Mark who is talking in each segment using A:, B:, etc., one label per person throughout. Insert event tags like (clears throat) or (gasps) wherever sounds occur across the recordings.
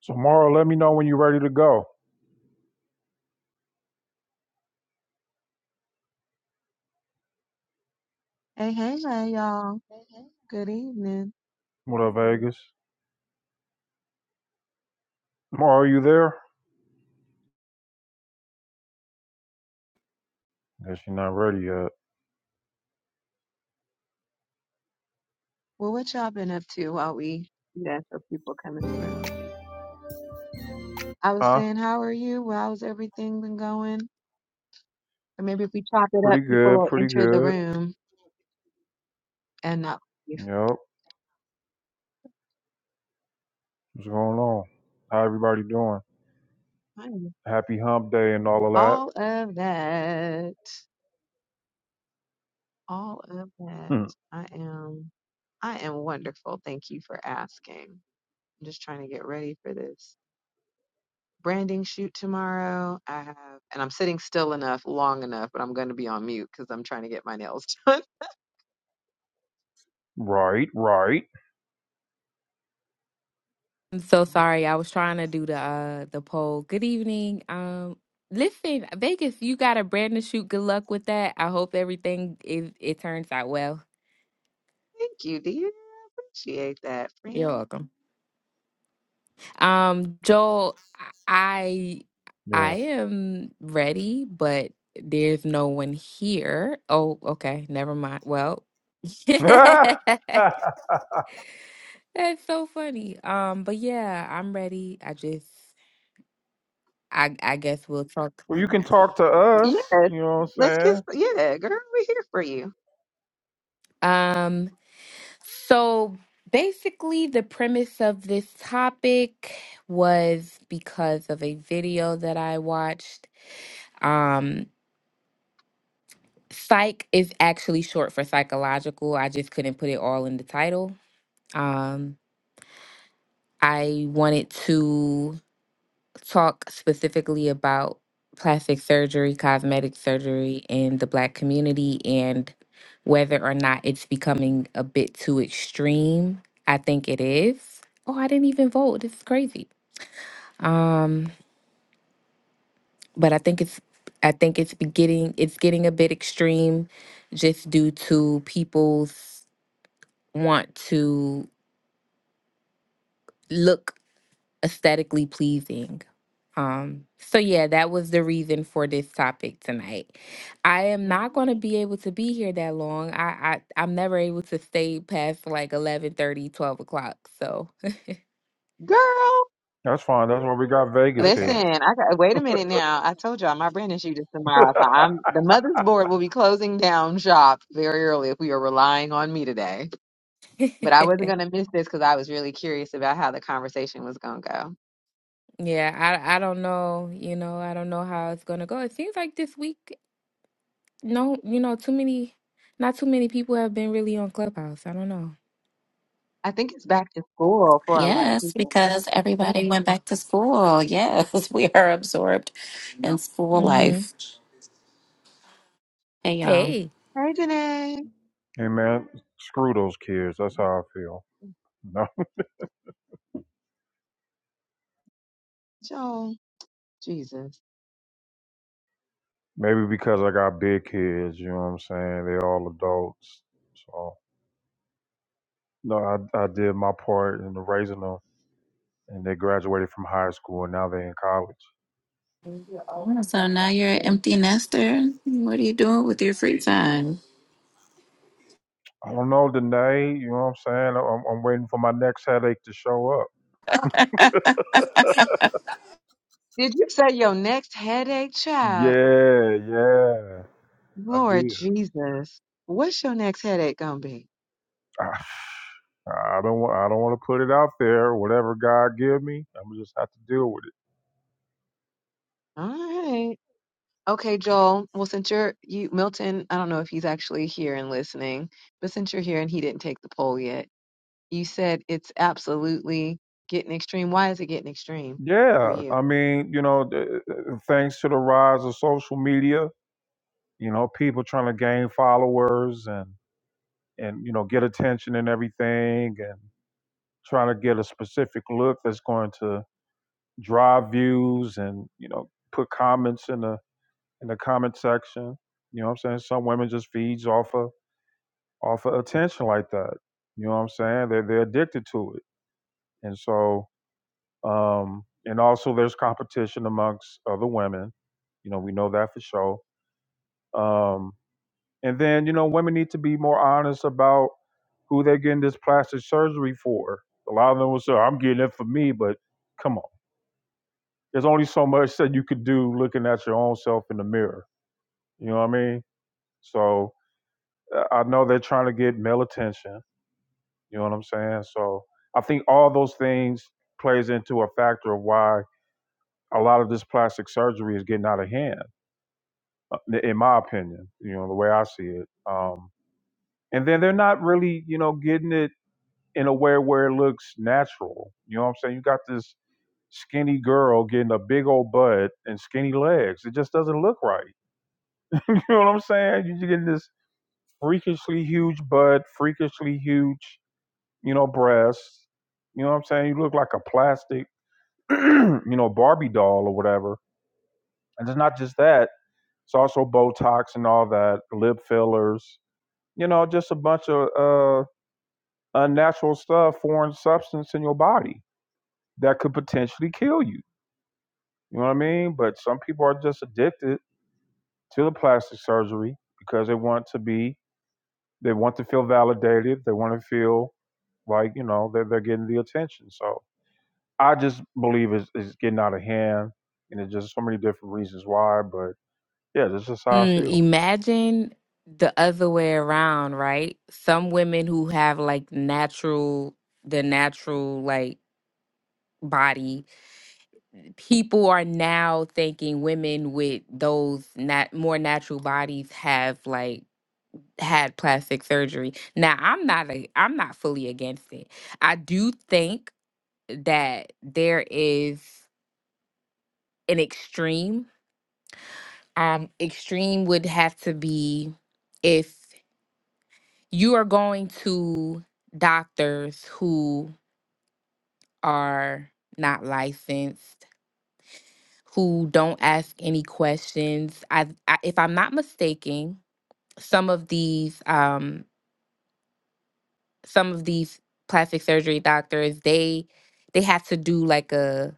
A: So, Mara, let me know when you're ready to go.
B: Hey, hey, hey, y'all. Good evening.
A: What up, Vegas? Mara, are you there? Guess you're not ready yet.
B: Well, what y'all been up to while we do that so people come in the room? I was
A: Huh?
B: saying, how are you? Well, how's everything been going? Or maybe if we chop it
A: Pretty
B: up, people
A: good,
B: will
A: pretty
B: enter the
A: good.
B: room and not leave.
A: Yep. What's going on? How everybody doing?
B: I
A: Happy hump day and all of that.
B: All of that. All of that.
A: Hmm.
B: I am. I am wonderful. Thank you for asking. I'm just trying to get ready for this. branding shoot tomorrow. I have, and I'm sitting still enough, long enough, but I'm going to be on mute because I'm trying to get my nails (laughs) done.
A: Right, right.
C: I'm so sorry. I was trying to do the uh the poll. Good evening. Um listen, Vegas, you got a brand new shoot. Good luck with that. I hope everything is it turns out well.
B: Thank you, dear. Appreciate that,
C: You're
B: friend.
C: welcome. Um Joel, I I
A: Yeah.
C: am ready, but there's no one here. Oh, okay. Never mind. Well, (laughs) that's so funny. Um but yeah, I'm ready. I just I I guess we'll talk.
A: (laughs) well, you can talk to us.
B: Yes,
A: You know what
B: let's
A: I'm
B: get.
A: saying?
B: Yeah, girl, we're here for you,
C: Um. So basically, the premise of this topic was because of a video that I watched. Um, psych is actually short for psychological. I just couldn't put it all in the title. Um, I wanted to. talk specifically about plastic surgery, cosmetic surgery in the black community and whether or not it's becoming a bit too extreme. I think it is. Oh, I didn't even vote. It's crazy. Um, but I think it's I think it's be- getting it's getting a bit extreme just due to people's want to look aesthetically pleasing Um, so yeah, that was the reason for this topic tonight. I am not going to be able to be here that long. I, I I'm never able to stay past like eleven thirty, twelve o'clock. So
B: girl.
A: That's fine. That's why we got Vegas
B: Listen,
A: here.
C: okay.
B: I got. Wait a minute now. I told y'all my branding shoot is tomorrow, so I'm the mother's board will be closing down shop very early if we are relying on me today.
C: (laughs)
B: But I wasn't going to miss this because I was really curious about how the conversation was going to go.
C: yeah, I I don't know. You know, I don't know how it's going to go. It seems like this week, no, you know, too many, not too many people have been really on Clubhouse. I don't know.
B: I think it's back to school for a lot of
D: Yes,
B: people.
D: because everybody went back to school. Yes, (laughs) we are absorbed in school
C: Mm-hmm.
D: life. Hey, y'all.
C: Hey.
B: Hey, Janae.
A: Hey, man, screw those kids. That's how I feel. No. (laughs)
B: Joan, Jesus.
A: Maybe because I got big kids, you know what I'm saying? They're all adults. So, No, I, I did my part in the raising them, and they graduated from high school, and now they're in college.
D: So now you're an empty nester. What are you doing with your free time?
A: I don't know, Danae. You know what I'm saying? I'm, I'm waiting for my next headache to show up.
B: Did you say your next headache, child?
A: Yeah, yeah, I
B: Lord
A: did.
B: Jesus. What's your next headache gonna be?
A: I, I don't want. I don't want to put it out there. Whatever God give me, I'm just have to deal with it.
B: All right. Okay, Joel. Well, since you're you Milton, I don't know if he's actually here and listening, but since you're here and he didn't take the poll yet, you said it's absolutely getting extreme. Why is it getting extreme for
A: Yeah,
B: you?
A: I mean, you know, th- th- thanks to the rise of social media, you know, people trying to gain followers and and you know get attention and everything, and. trying to get a specific look that's going to drive views and you know put comments in the in the comment section you know what i'm saying some women just feeds off of off of attention like that you know what i'm saying they're, they're addicted to it and so um and also there's competition amongst other women you know we know that for sure um and then you know women need to be more honest about who they're getting this plastic surgery for a lot of them will say i'm getting it for me but come on there's only so much that you could do looking at your own self in the mirror. You know what I mean? So uh, I know they're trying to get male attention. You know what I'm saying? So I think all those things plays into a factor of why a lot of this plastic surgery is getting out of hand, uh, in my opinion. You know the way I see it. Um, and then they're not really, you know, getting it in a way where it looks natural. You know what I'm saying? You got this skinny girl getting a big old butt and skinny legs. It just doesn't look right (laughs) You know what I'm saying? You just get this freakishly huge butt, freakishly huge, you know, breasts. You know what I'm saying? You look like a plastic, (clears throat) you know, Barbie doll or whatever. And it's not just that. It's also Botox and all that, lip fillers. You know, just a bunch of uh, unnatural stuff, foreign substance in your body that could potentially kill you. You know what I mean? But some people are just addicted to the plastic surgery because they want to be They want to feel validated. They want to feel like you know they're they're getting the attention. So I just believe it's, it's getting out of hand, and it's just so many different reasons why. But yeah, this is how I
C: Mm,
A: feel.
C: imagine the other way around, right? Some women who have like natural, the natural like body, people are now thinking women with those nat more natural bodies have like had plastic surgery. Now, I'm not a, I'm not fully against it. I do think that there is an extreme. Um, extreme would have to be if you are going to doctors who are not licensed, who don't ask any questions. I, I if I'm not mistaken, some of these um some of these plastic surgery doctors, they they have to do like a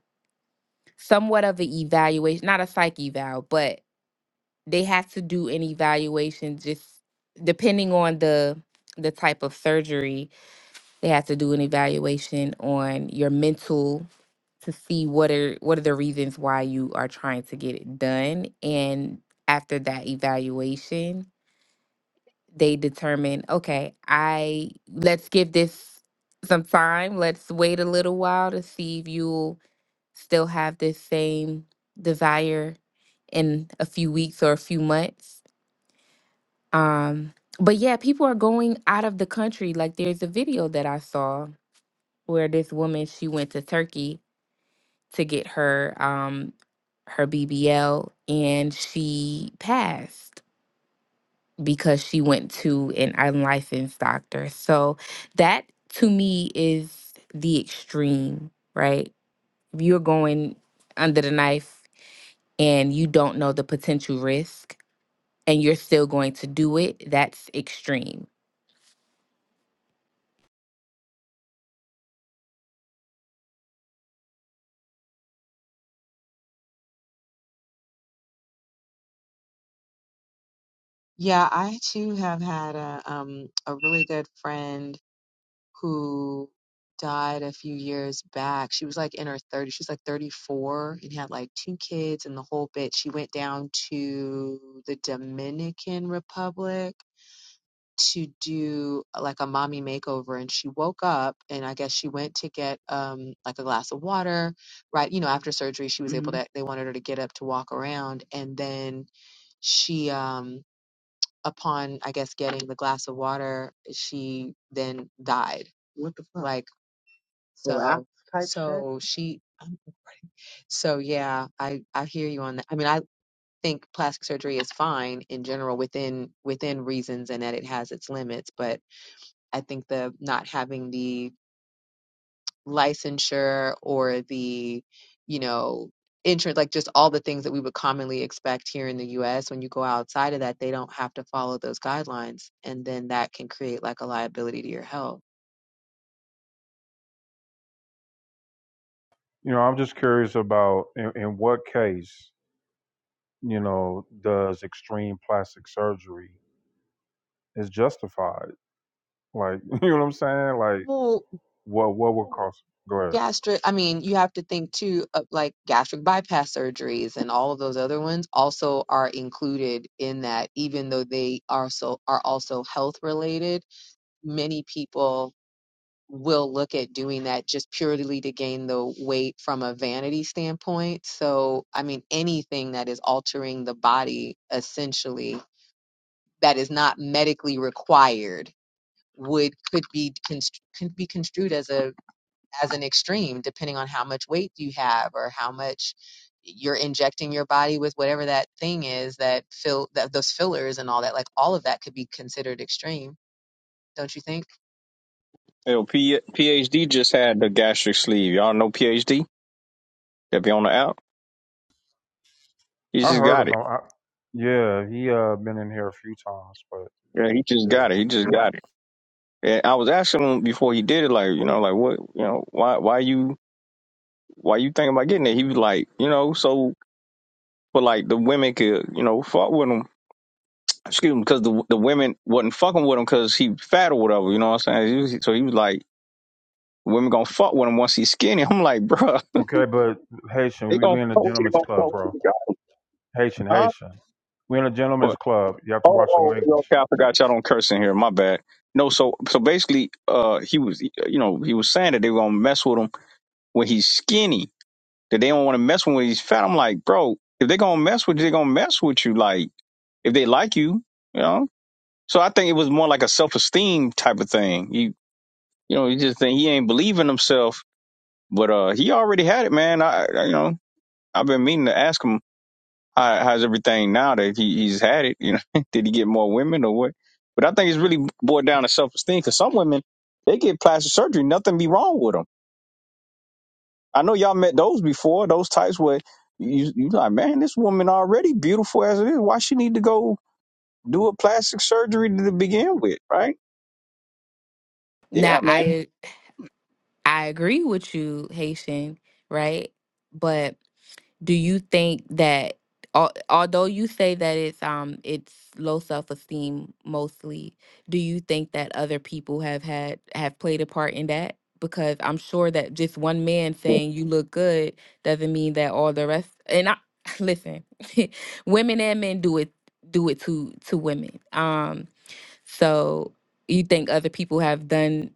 C: somewhat of an evaluation, not a psych eval, but they have to do an evaluation just depending on the the type of surgery They have to do an evaluation on your mental to see what are what are the reasons why you are trying to get it done. And after that evaluation, they determine, okay, I let's give this some time. Let's wait a little while to see if you'll still have this same desire in a few weeks or a few months. Um, but yeah, people are going out of the country. Like there's a video that I saw where this woman she went to Turkey to get her um her BBL and she passed because she went to an unlicensed doctor. So that to me is the extreme, right? If You're going under the knife and you don't know the potential risk and you're still going to do it, that's extreme.
B: Yeah, I too have had a um a really good friend who died a few years back. She was like in her 30s. She was like 34 and had like two kids and the whole bit. She went down to the Dominican Republic to do uh, like a mommy makeover and she woke up and I guess she went to get um like a glass of water right you know after surgery she was able Mhm. to they wanted her to get up to walk around and then she um upon I guess getting the glass of water she then died What the fuck? like so Relax so she so yeah, I I hear you on that. I mean, I think plastic surgery is fine in general within within reasons and that it has its limits, but I think the not having the licensure or the, you know, insurance like just all the things that we would commonly expect here in the US when you go outside of that they don't have to follow those guidelines and then that can create like a liability to your health.
A: You know, I'm just curious about in, in what case you know does extreme plastic surgery is justified? Like (laughs) you know what I'm saying? Like what what would cause? Go ahead.
B: gastric i mean you have to think too of like gastric bypass surgeries and all of those other ones also are included in that even though they are so are also health related many people will look at doing that just purely to gain the weight from a vanity standpoint so i mean anything that is altering the body essentially that is not medically required would could be constr- could be construed as a as an extreme, depending on how much weight you have or how much you're injecting your body with whatever that thing is that fill that those fillers and all that. Like all of that could be considered extreme, don't you think?
E: Yo, P- PhD just had the gastric sleeve. Y'all know PhD? If you on the app, he
A: I
E: just
A: heard of
E: got it.
A: him. I, yeah, he uh been in here a few times, but
E: Yeah, he just
A: yeah.
E: got it. He just got it. And I was asking him before he did it, like, you know, like what, you know, why, why you, why you thinking about getting it? He was like, you know, so, but like the women could, you know, fuck with him. Excuse me, because the the women wasn't fucking with him because he fat or whatever. You know what I'm saying? He was- so he was like, women gonna fuck with him once he's skinny. (laughs) I'm like, bruh,
A: Okay, but Haitian,
E: they
A: we
E: gonna
A: we in a
E: fuck with you.
A: gentleman's
E: They gonna
A: club,
E: fuck with
A: bro.
E: you, God.
A: Haitian,
E: Huh?
A: Haitian. We in a gentleman's club. You have to
E: Oh,
A: watch the
E: oh, no,
A: language.
E: okay, I forgot y'all don't curse in here. My bad. No, so so basically, uh, he was, you know, he was saying that they were gonna mess with him when he's skinny. That they don't want to mess with him when he's fat. I'm like, bro, if they gonna mess with you, they gonna mess with you. Like, if they like you, you know. So I think it was more like a self esteem type of thing. You, you know, you just think he ain't believing himself, but uh, he already had it, man. I, I you know, I've been meaning to ask him how, how's everything now that he, he's had it? You know, (laughs) did he get more women or what? But I think it's really boiled down to self esteem because some women they get plastic surgery, nothing be wrong with them. I know y'all met those before, those types where you you like, man, this woman already beautiful as it is. Why she need to go do a plastic surgery to begin with, right? Yeah,
C: Now
E: man.
C: I I agree with you, Haitian, right? But do you think that al- although you say that it's um it's low self-esteem mostly do you think that other people have had have played a part in that because i'm sure that just one man saying you look good doesn't mean that all the rest and i (laughs) listen (laughs) women and men do it do it to to women um so you think other people have done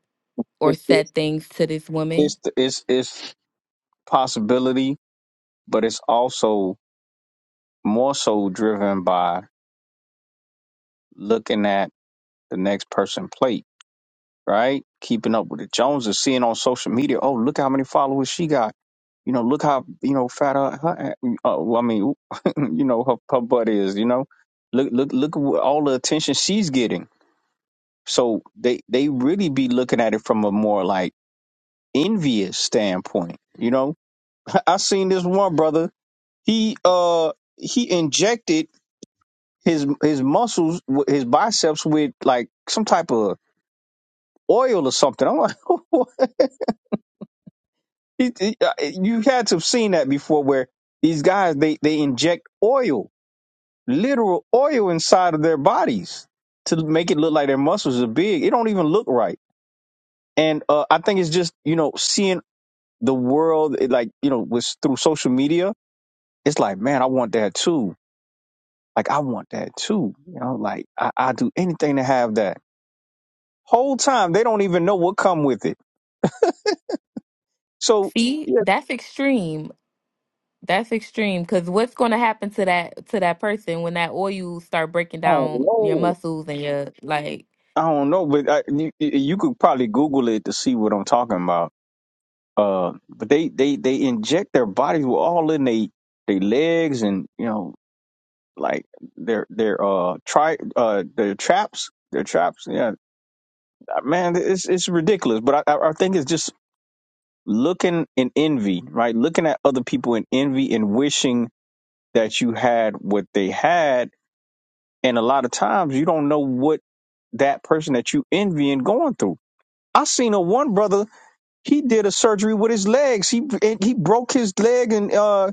C: or
E: It- It's
C: said things to this woman
E: it's it's, it's possibility, but it's also more so driven by looking at the next person plate right? Keeping up with the Joneses, seeing on social media, oh, look how many followers she got. You know, look how you know fat her. her uh, well, I mean, (laughs) you know, her, her butt is. You know, look, look, look at what- all the attention she's getting. So they they really be looking at it from a more like envious standpoint. You know, (laughs) I I seen this one brother. He uh he injected his his muscles, w- his biceps with like some type of oil or something. I'm like, (laughs) He- he- uh, You had to have seen that before, where these guys they they inject oil, literal oil inside of their bodies to make it look like their muscles are big. It don't even look right. And uh, I think it's just you know seeing the world it, like you know was through social media. It's like man, I want that too. Like I want that too. You know, like I, I do anything to have that. Whole time they don't even know what come with it. So
C: see
E: yeah,
C: that's extreme That's extreme because what's going to happen to that to that person when that oil start breaking
E: oh,
C: down your
E: no.
C: muscles and your like
E: I don't know, but I, you, you could probably Google it to see what I'm talking about. Uh, but they, they, they inject their bodies with all in they they legs and you know like their their uh try uh their traps their traps. Yeah, uh, man, it's it's ridiculous. But I I I think it's just looking in envy, right? Looking at other people in envy and wishing that you had what they had. And a lot of times you don't know what that person that you envy and going through. I seen a one brother he did a surgery with his legs. He and he broke his leg and uh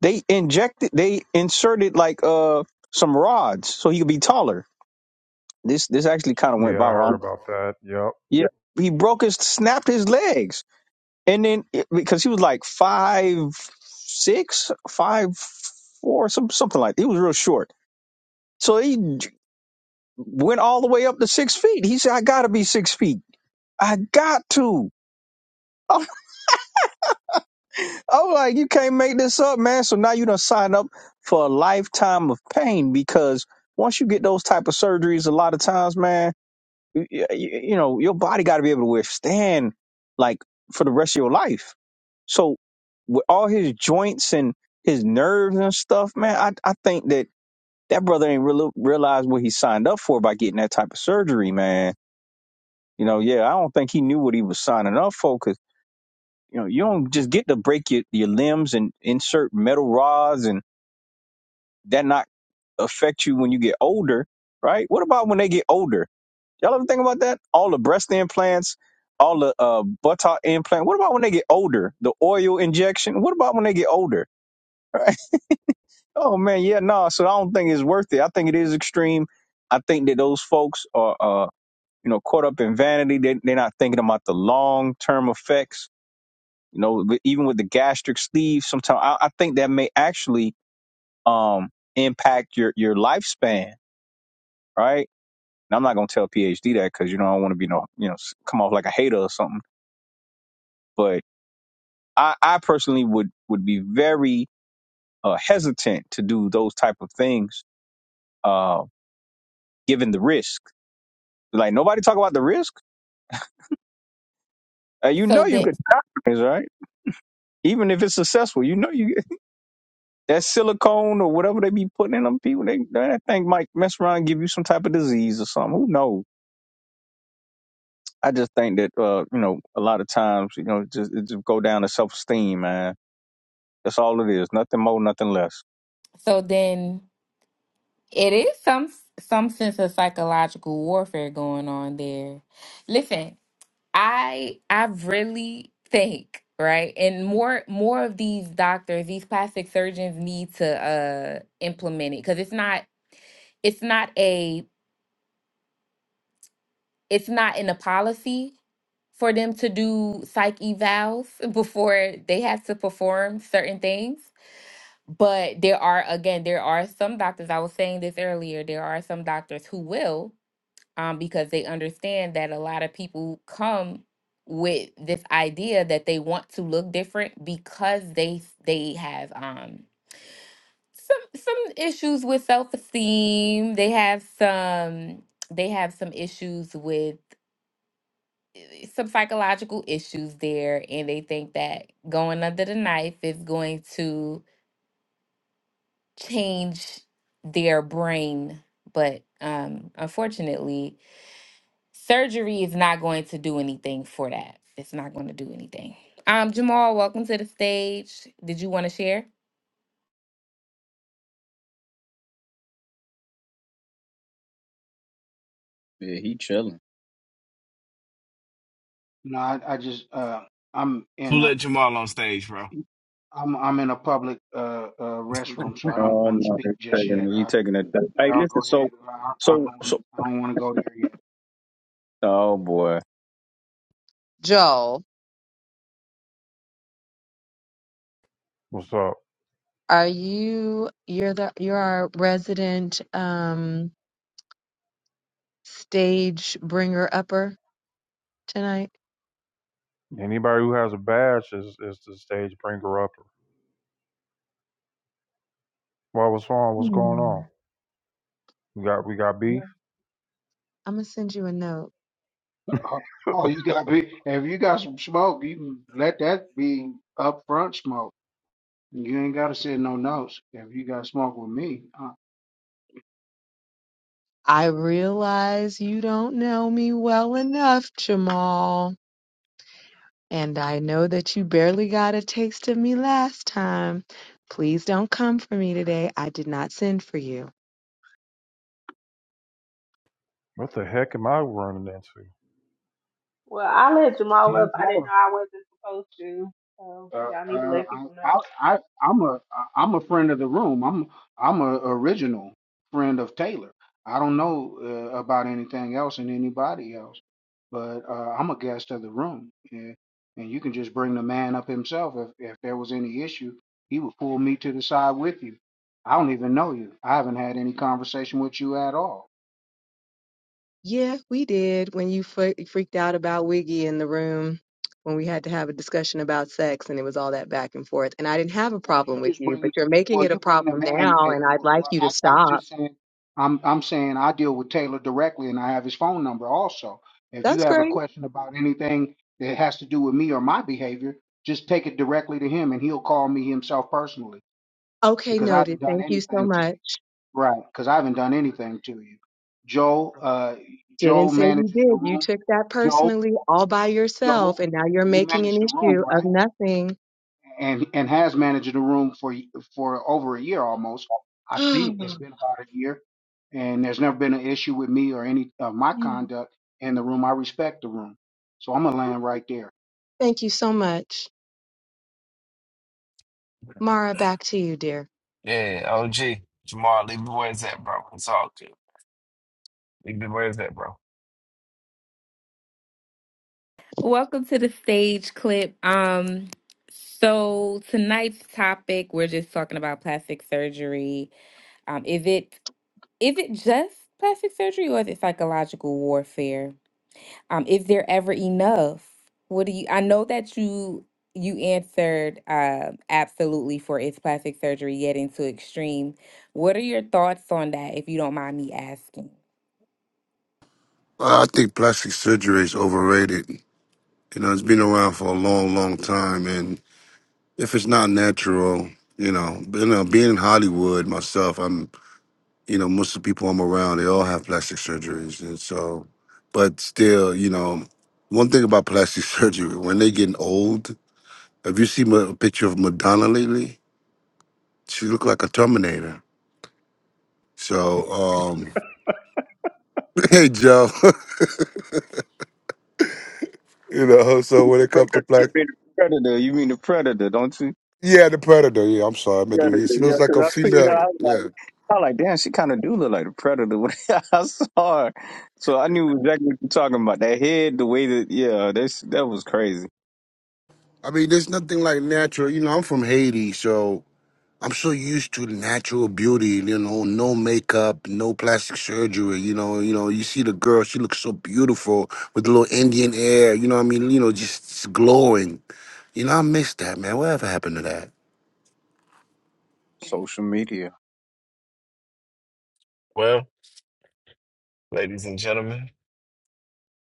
E: they injected they inserted like uh some rods so he could be taller. This this actually kind of
A: Yeah,
E: went
A: I heard
E: viral.
A: about that. Yep.
E: Yeah, he broke his snapped his legs and then because he was like five six five four some something like he was real short. So he j- went all the way up to six feet. He said, "I got to be six feet. I got to." Oh, like you can't make this up, man. So now you done sign up for a lifetime of pain because once you get those type of surgeries, a lot of times, man, you, you, you know your body got to be able to withstand like for the rest of your life. So with all his joints and his nerves and stuff, man, I I think that that brother ain't really realize what he signed up for by getting that type of surgery, man. You know, yeah, I don't think he knew what he was signing up for 'cause you know, you don't just get to break your, your limbs and insert metal rods and that not affect you when you get older, right? What about when they get older? Y'all ever think about that? All the breast implants, all the uh, buttock implant. What about when they get older? The oil injection. What about when they get older? Right? (laughs) Oh man, yeah, no. so I don't think it's worth it. I think it is extreme. I think that those folks are, uh, you know, caught up in vanity. They, they're not thinking about the long term effects You know, but even with the gastric sleeve, sometimes I, I think that may actually um impact your your lifespan, right? And I'm not gonna tell PhD that because you know I don't want to be no you know s- come off like a hater or something. But I I personally would would be very uh, hesitant to do those type of things, uh, given the risk. Like nobody talk about the risk. Uh, you
C: so
E: know you
C: then
E: could (laughs) die, right? Even if it's successful, you know you. That silicone or whatever they be putting in them people, they that thing might mess around and give you some type of disease or something. Who knows? I just think that uh, you know, a lot of times, you know, just it just go down to self esteem, man. That's all it is. Nothing more, nothing less.
C: so then it is some some sense of psychological warfare going on there. Listen, I I really think right and more more of these doctors these plastic surgeons need to uh implement it because it's not it's not a it's not in the policy for them to do psych evals (laughs) before they have to perform certain things. But there are, again, there are some doctors, I was saying this earlier, there are some doctors who will um, because they understand that a lot of people come with this idea that they want to look different because they they have um some some issues with self-esteem they have some they have some issues with some psychological issues there and they think that going under the knife is going to change their brain but um unfortunately surgery is not going to do anything for that it's not going to do anything um jamal welcome to the stage did you want to share
E: Yeah, he chilling.
F: No, I, I just uh, I'm
G: Who
F: in a
G: let Jamal on stage, bro?
F: I'm I'm in a public uh, uh, restroom, so I don't
E: Oh
F: want to
E: no,
F: speak
E: he's
F: just
E: taking
F: yet.
E: he
F: Uh,
E: taking it. back. Hey,
F: y'all go
E: listen, so
F: ahead. I, I don't
E: so
F: want
E: so
F: I don't want to go there yet.
E: Oh boy.
B: Joel,
A: What's up?
B: are you you're the you're our resident um stage bringer upper tonight?
A: Anybody who has a badge is is the stage bringer upper. Well, what's wrong? What's going
B: Hmm.
A: on? We got we got
B: I'm
A: beef.
B: gonna send you a note.
F: (laughs)
A: (laughs)
F: Oh, you got be if you got some smoke, you can let that be upfront smoke. You ain't got to send no notes if you got smoke with me. Uh,
B: I realize you don't know me well enough, Jamal. And I know that you barely got a taste of me last time. Please don't come for me today. I did not send for you.
A: What the heck am I running into?
H: Well, I let Jamal up.
F: 10
H: I didn't know I wasn't supposed to. So
F: Uh,
H: y'all need to
F: uh,
H: let people know.
F: I, I, I'm a, I'm a friend of the room. I'm, I'm a original friend of Taylor. I don't know uh, about anything else and anybody else, but uh, I'm a guest of the room, and, and you can just bring the man up himself. If, if there was any issue, he would pull me to the side with you. I don't even know you. I haven't had any conversation with you at all.
B: Yeah, we did when you fre- freaked out about Wiggy in the room when we had to have a discussion about sex and it was all that back and forth. And I didn't have a
F: Well, you
B: problem with
F: just
B: you,
F: bring
B: but you're making
F: well,
B: it a
F: you bring the
B: problem
F: man.
B: now
F: eh,
B: and I'd
F: Well,
B: like
F: well,
B: you to
F: I, I'm
B: stop.
F: just saying, I'm I'm saying I deal with Taylor directly, and I have his phone number also. If you
B: That's
F: have a
B: great.
F: question about anything that has to do with me or my behavior, just take it directly to him, and he'll call me himself personally
B: Okay,
F: because I
B: noted.
F: haven't done
B: Thank you so
F: anything to you.
B: much.
F: Right? Because I haven't done anything to you. Joe, uh,
B: Didn't
F: Joe
B: say you
F: manages the
B: did. You
F: room.
B: took that
F: Joe,
B: personally all by yourself
F: Joe,
B: and now you're
F: you
B: making
F: manage
B: an
F: the room,
B: issue of
F: right?
B: nothing.
F: and and has managed the room for for over a year almost. I think
B: (gasps) (sighs)
F: it's been about a year, and there's never been an issue with me or any of my
B: Mm.
F: conduct in the room. I respect the room, so I'm gonna land right there.
B: Thank you so much. Mara, back to you, dear.
G: Yeah, OG. Jamal, leave it where it's at, bro. It's all good. Leave it where it's at, bro.
C: welcome to the stage clip um so tonight's topic we're just talking about plastic surgery um is it if it just plastic surgery or if it's psychological warfare um is there ever enough what do you i know that you you answered uh, absolutely for it's plastic surgery getting to extreme what are your thoughts on that if you don't mind me asking
I: Uh, I think plastic surgery is overrated. You know, it's been around for a long, long time, and if it's not natural, you know, but, you know, being in Hollywood myself, I'm, you know, most of the people I'm around, they all have plastic surgeries, and so, but still, you know, one thing about plastic (laughs) surgery, when they getting old, have you seen a picture of Madonna lately? She look like a Terminator. So, um, (laughs) hey Joe, (laughs) you know, so when it comes to
E: Predator, you
I: plastic.
E: mean the predator, you mean the predator, don't you?
I: Yeah, the predator. Yeah, I'm sorry. I meant
E: Predator,
I: to- She
E: yeah,
I: looks like
E: because
I: a
E: I seen
I: female.
E: her.
I: Yeah.
E: I was like, damn, she kind of do look like a predator when (laughs) I saw her. So I knew exactly what you're talking about. That head, the way that, yeah, that's, that was crazy.
I: I mean, there's nothing like natural. You know, I'm from Haiti, so I'm so used to natural beauty. You know, no makeup, no plastic surgery. You know, you know, you see the girl. She looks so beautiful with a little Indian air. You know, what I mean, you know, just just glowing. You know, I miss that, man. Whatever happened to that?
E: Social media.
G: Well, ladies and gentlemen,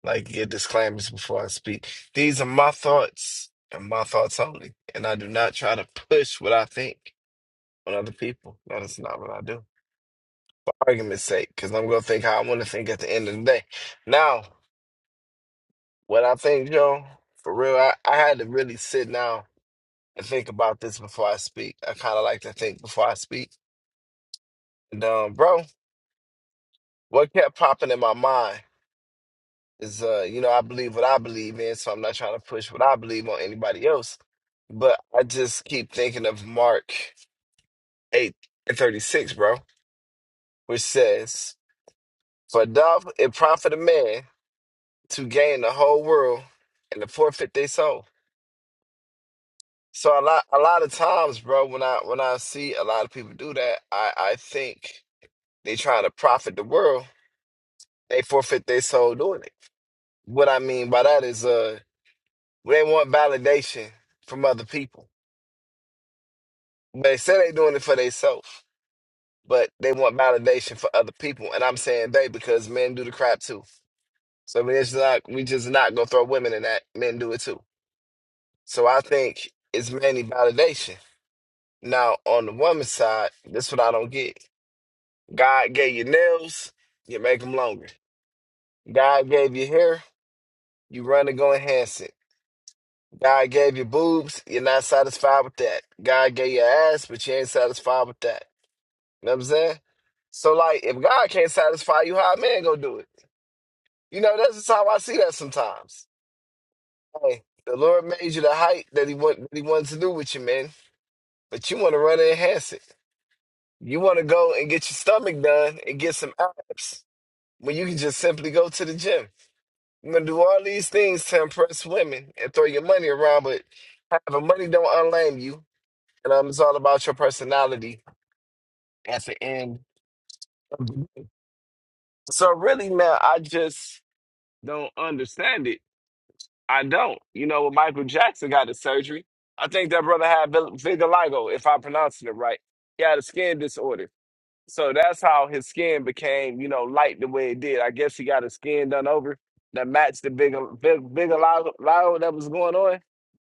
G: like to get disclaimers before I speak. These are my thoughts and my thoughts only. And I do not try to push what I think on other people. That is not what I do. Argument's sake, because I'm going to think how I want to think at the end of the day. Now, what I think, Joe, for real, I, I had to really sit down and think about this before I speak. I kind of like to think before I speak And, um, bro, what kept popping in my mind is, uh, you know, I believe what I believe in, so I'm not trying to push what I believe on anybody else. But I just keep thinking of Mark 8 and 36, bro, which says, For doth it profit a man to gain the whole world and to forfeit their soul. So a lot a lot of times, bro, when I when I see a lot of people do that, I, I think they trying to profit the world, they forfeit their soul doing it. What I mean by that is uh They want validation from other people. They say they're doing it for themselves, but they want validation for other people. And I'm saying they because men do the crap too. So I mean, it's not we just not gonna throw women in that. Men do it too. So I think it's mainly validation. Now on the woman's side, that's what I don't get. God gave you nails, you make them longer. God gave you hair, you run and go enhance it. God gave you boobs, you're not satisfied with that. God gave you ass, but you ain't satisfied with that. You know what I'm saying? So like if God can't satisfy you, how a man gonna do it? You know, that's just how I see that sometimes. Hey, the Lord made you the height that he want that he wanted to do with you, man. But you wanna run and enhance it. You wanna go and get your stomach done and get some abs when you can just simply go to the gym. You gonna do all these things to impress women and throw your money around, but having money don't unlame you. And um, it's all about your personality at the end. of the- So really, man, I just don't understand it. I don't. You know, when Michael Jackson got the surgery, I think that brother had vil- vitiligo, if I'm pronouncing it right. He had a skin disorder. So that's how his skin became, you know, light the way it did. I guess he got his skin done over that matched the big, big, vitiligo that was going on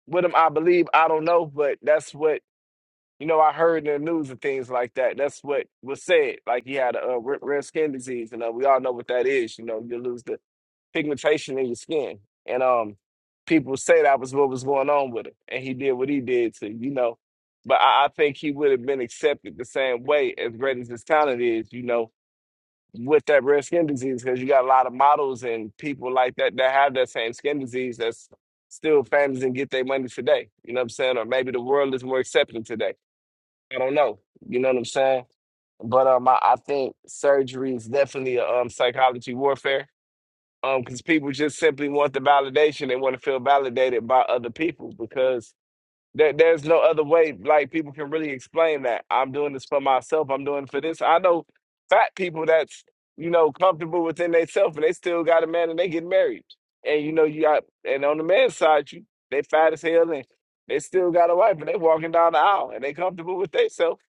G: with him. I believe, I don't know, but that's what, you know, I heard in the news and things like that. That's what was said. Like he had a, uh, rare rare skin disease. And uh, we all know what that is. You know, you lose the pigmentation in your skin. And um, people say that was what was going on with it, and he did what he did to you know. But I accept you know with the skin models and people like that that have that same skin disease that's still famous and get their money today. You know what I'm saying? Or maybe the world is more accepting today. I don't know. You know what I'm saying? But um, I, I think surgery is definitely a um psychology warfare. Um, because people just simply want the validation. They want to feel validated by other people because There, there's no other way. Like people can really explain that I'm doing this for myself. I'm doing it for this. I know fat people that's you know comfortable within themselves, and they still got a man, and they get married. And you know you got, and on the man's side, you they fat as hell, and they still got a wife, and they walking down the aisle, and they comfortable with themselves.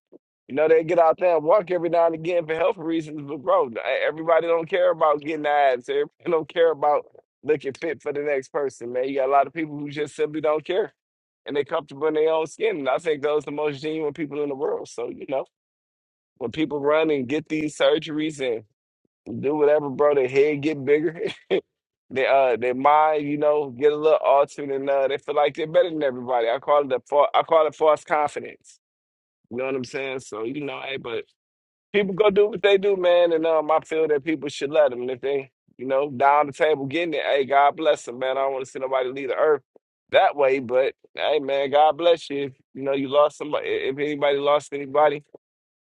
G: You know they get out there and walk every now and again for health reasons, but bro, e, everybody don't care about getting abs. Everybody don't care about looking fit for the next person, man. You got a lot of people who just simply don't care and they're comfortable in their own skin. And I think those are the most genuine people in the world. So, you know, when people run and get these surgeries and do whatever, bro, their head get bigger, (laughs) their uh their mind, you know, get a little altered and uh they feel like they're better than everybody. I call it the fa- I call it false confidence. You know what I'm saying? So, you know, hey, but people go do what they do, man, and um, I feel that people should let them. And if they, you know, down the table getting it, hey, God bless them, man. I don't want to see nobody leave the earth that way, but hey, man, God bless you. If you know you lost somebody, if anybody lost anybody,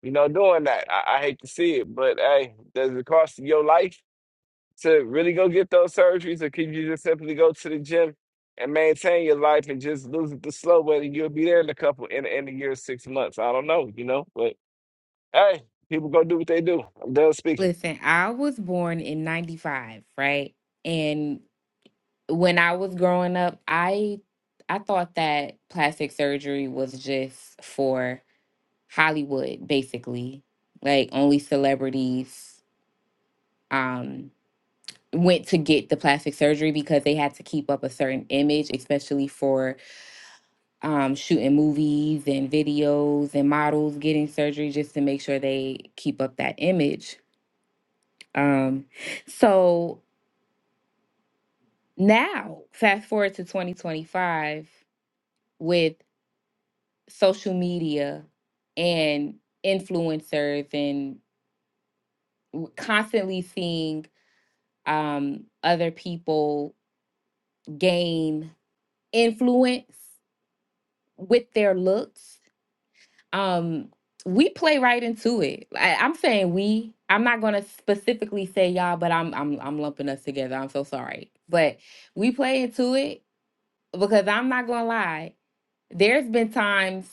G: you know, doing that, I, I hate to see it, but hey, does it cost your life to really go get those surgeries, or can you just simply go to the gym? And maintain your life and just lose it the slow way, and you'll be there in a couple in in a year, six months. I don't know, you know, but Hey, people go do what they do. I'm done speaking.
C: listen i was born in 95 right and when i was growing up i i thought that plastic surgery was just for Hollywood, basically. Like only celebrities um went to get the plastic surgery because they had to keep up a certain image, especially for um shooting movies and videos and models getting surgery just to make sure they keep up that image. Um so now fast forward to 2025 with social media and influencers and we're constantly seeing um, other people gain influence with their looks. Um, we play right into it. I, I'm saying we. I'm not gonna specifically say y'all, but I'm I'm I'm lumping us together. I'm so sorry, but we play into it because I'm not gonna lie. There's been times.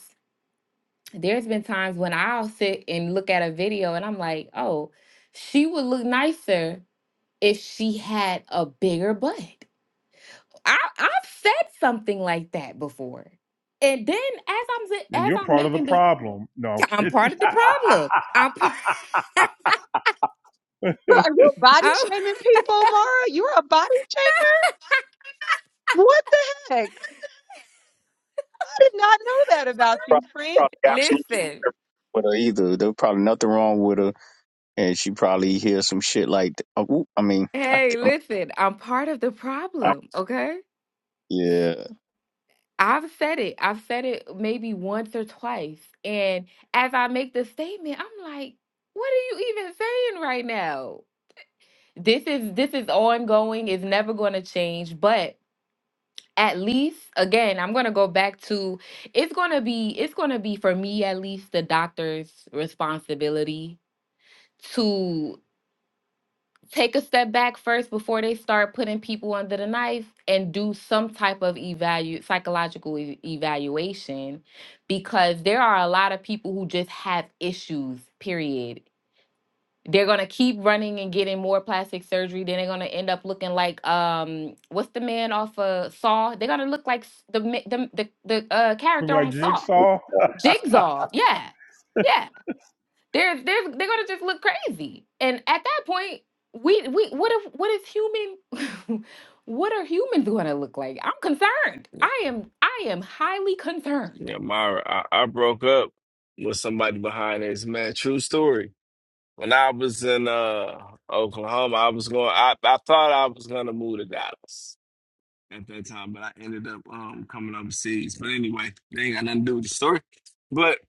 C: There's been times when I'll sit and look at a video and I'm like, oh, she would look nicer if she had a bigger butt. I I've said something like that before. And then as I'm si-
A: And
C: as
A: you're
C: I'm
A: part of the
C: making the
A: problem. No, I'm
C: (laughs) I'm
A: kidding.
C: part
A: (laughs)
C: of the problem. I'm p-
B: Bro, are you
C: (laughs)
B: body
C: I'm
B: shaming people, Mara? You're a body shamer? What the heck? I did not know that about you,
E: Probably,
C: (laughs)
B: friend.
E: probably absolutely
C: listen.
E: perfect with her either. There was probably nothing wrong with her. And she probably hears some shit like, that. Oh, I mean, I,
C: Hey,
E: can't-
C: listen. I'm part of the
E: I
C: problem, okay?
E: yeah.
C: I've said it. I've said it maybe once or twice. And as I make the statement, I'm like, what are you even saying right now? This is this is ongoing. It's never going to change, but at least again i'm going to go back to it's going to be it's going to be for me at least the doctor's responsibility to take a step back first before they start putting people under the knife and do some type of evalu psychological e- evaluation because there are a lot of people who just have issues period they're gonna keep running and getting more plastic surgery. Then they're gonna end up looking like um, what's the man off of Saw? They're gonna look like s- the ma- the the, the uh,
A: Look
C: character
A: like
C: on Saw,
A: jigsaw.
C: Jigsaw. Yeah, yeah. They're they're they're gonna just look crazy. And at that point, we we what if what if human, (laughs) what are humans gonna look like? I'm concerned. I am I am highly concerned.
G: Yeah, Myra, I, I broke up with somebody behind this man. True story. When I was in uh Oklahoma, I was going. I, I thought I was gonna move to Dallas at that time, but I ended up um coming overseas. But anyway, they ain't got nothing to do with the story. But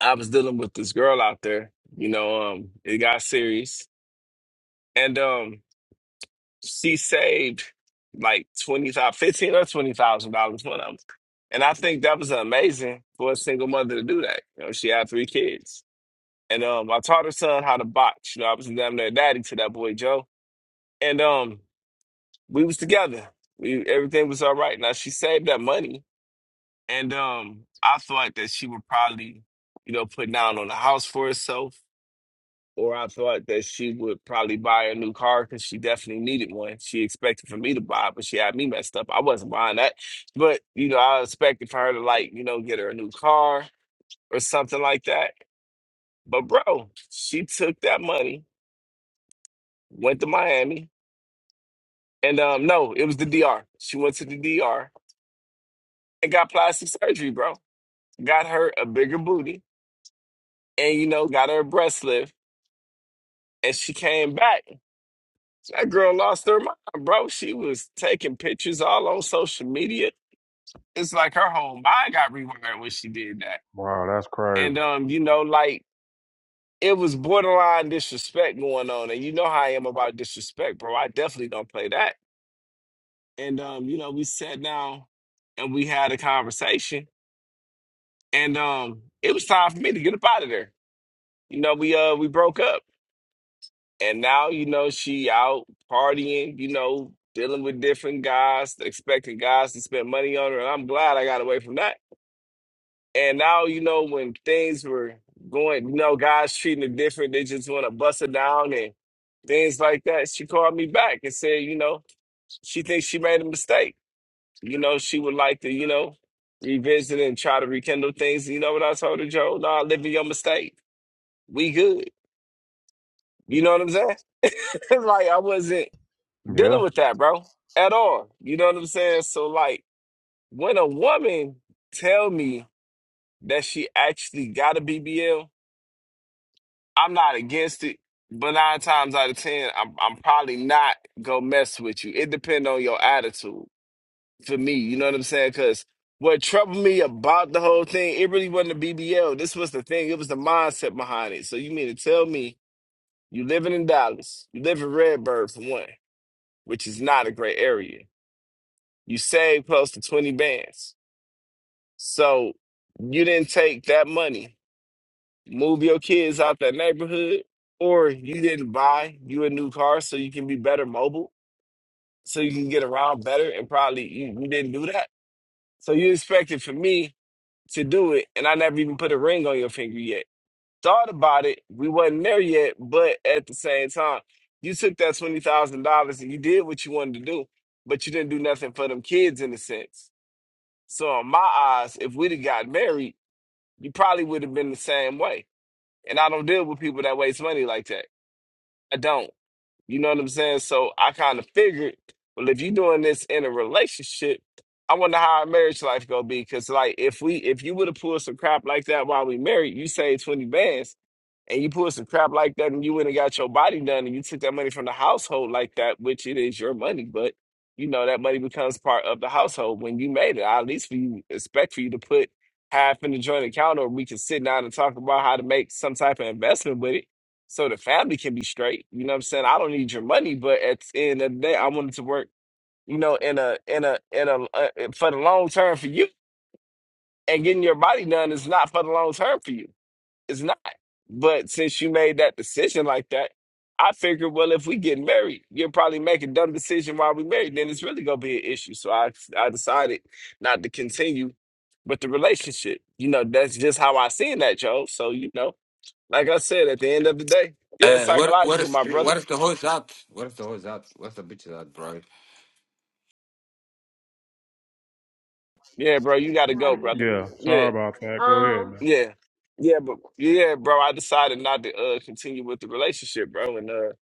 G: I was dealing with this girl out there. You know, um, it got serious, and um. she saved like twenty thousand, fifteen or twenty thousand dollars one of them. And I think that was amazing for a single mother to do that. You know, she had three kids. And um I taught her son how to box. You know, I was damn near daddy to that boy Joe. And um we was together. We everything was all right. Now she saved that money and um I thought that she would probably, you know, put down on a house for herself or I thought that she would probably buy a new car because she definitely needed one. She expected for me to buy, but she had me messed up. I wasn't buying that, but you know, I expected for her to like, you know, get her a new car or something like that. But bro, she took that money, went to Miami, and um, no, it was the DR. She went to the DR and got plastic surgery, bro. Got her a bigger booty, and you know, got her a breast lift, and she came back. That girl lost her mind, bro. She was taking pictures all on social media. It's like her whole mind got rewired when she did that.
A: Wow, that's
G: And
A: crazy.
G: um, you know, like it was borderline disrespect going on. And you know how I am about disrespect, bro. I definitely don't play that. And um, you know, we sat down and we had a conversation. And um, it was time for me to get up out of there. You know, we uh we broke up. And now, you know, she out partying, you know, dealing with different guys, expecting guys to spend money on her. And I'm glad I got away from that. And now, you know, when things were going, you know, guys treating her different, they just want to bust her down and things like that. She called me back and said, you know, she thinks she made a mistake. You know, she would like to, you know, revisit and try to rekindle things. You know what I told her, Joe? Nah, live in your mistake. We good. You know what I'm saying? (laughs) like I wasn't. dealing
A: Yeah.
G: with that, bro, at all. You know what I'm saying? So like when a woman tell me that she actually got a BBL, I'm not against it. But nine times out of ten, I'm I'm probably not gonna mess with you. It depends on your attitude for me. You know what I'm saying? Cause what troubled me about the whole thing, it really wasn't the BBL. This was the thing. It was the mindset behind it. So you mean to tell me you living in Dallas, you live in Redbird for one, which is not a great area You saved close to 20 bands. So you didn't take that money, move your kids out that neighborhood, or you didn't buy you a new car so you can be better mobile, so you can get around better, and probably you, you didn't do that. So you expected for me to do it, and I never even put a ring on your finger yet. Thought about it, we wasn't there yet, but at the same time, you took that twenty thousand dollars and you did what you wanted to do, but you didn't do nothing for them kids in a sense. So in my eyes, if we'd have got married, you probably would have been the same way. And I don't deal with people that waste money like that. I don't. You know what I'm saying? So I kind of figured, well, if you're doing this in a relationship, I wonder how our marriage life gonna be. Cause like if we if you would have pulled some crap like that while we married, you saved 20 bands and you pull some crap like that and you went and got your body done and you took that money from the household like that, which it is your money, but you know that money becomes part of the household when you made it. I at least for you expect for you to put half in the joint account or we can sit down and talk about how to make some type of investment with it so the family can be straight. You know what I'm saying? I don't need your money, but at the end of the day, I wanted to work, you know, in a in a in a uh, for the long term for you. And getting your body done is not for the long term for you. It's not. But since you made that decision like that, I figured, well, if we get married, you'll probably make a dumb decision while we married. Then it's really gonna be an issue. So I I decided not to continue with the relationship. You know, that's just how I seen that, Joe. So you know, like I said, at the end of the day, yeah, it's
J: Uh, what what
G: psychological,
J: if
G: my
J: what
G: brother.
J: if the hoes out? What if the hoes out? What's the bitch out, bro?
G: Yeah, bro, you gotta
H: Not
G: go,
H: an
G: brother.
H: issue.
A: Yeah. Sorry
G: Yeah,
A: about that. Go ahead,
H: Um,
A: man.
G: yeah, yeah, but yeah, bro, I decided not to uh continue with the relationship, bro, and uh.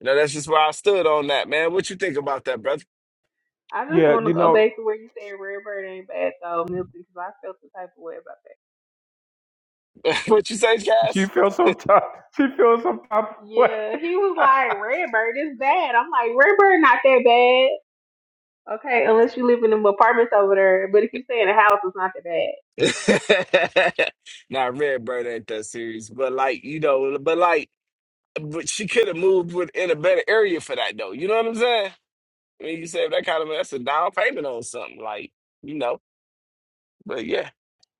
G: You know, that's just where I stood on that, man. What you think about that, brother?
H: I just
A: Yeah,
H: want to
A: you
H: go
A: know.
H: back to where you said Redbird ain't bad though, Milton, because I felt the type of way about that.
G: (laughs) what you say,
A: She
G: Cass?
A: feels some type. She feels some type of way.
H: Yeah, he was like Redbird is bad. I'm like Redbird not that bad. Okay, unless you live in them apartments over there. But if you stay in a house, it's not that bad.
G: (laughs) nah, Redbird ain't that serious. But like, you know, but like, but she could have moved with, in a better area for that though. You know what I'm saying? I mean, you save that kind of that's a down payment on something, like you know. But yeah,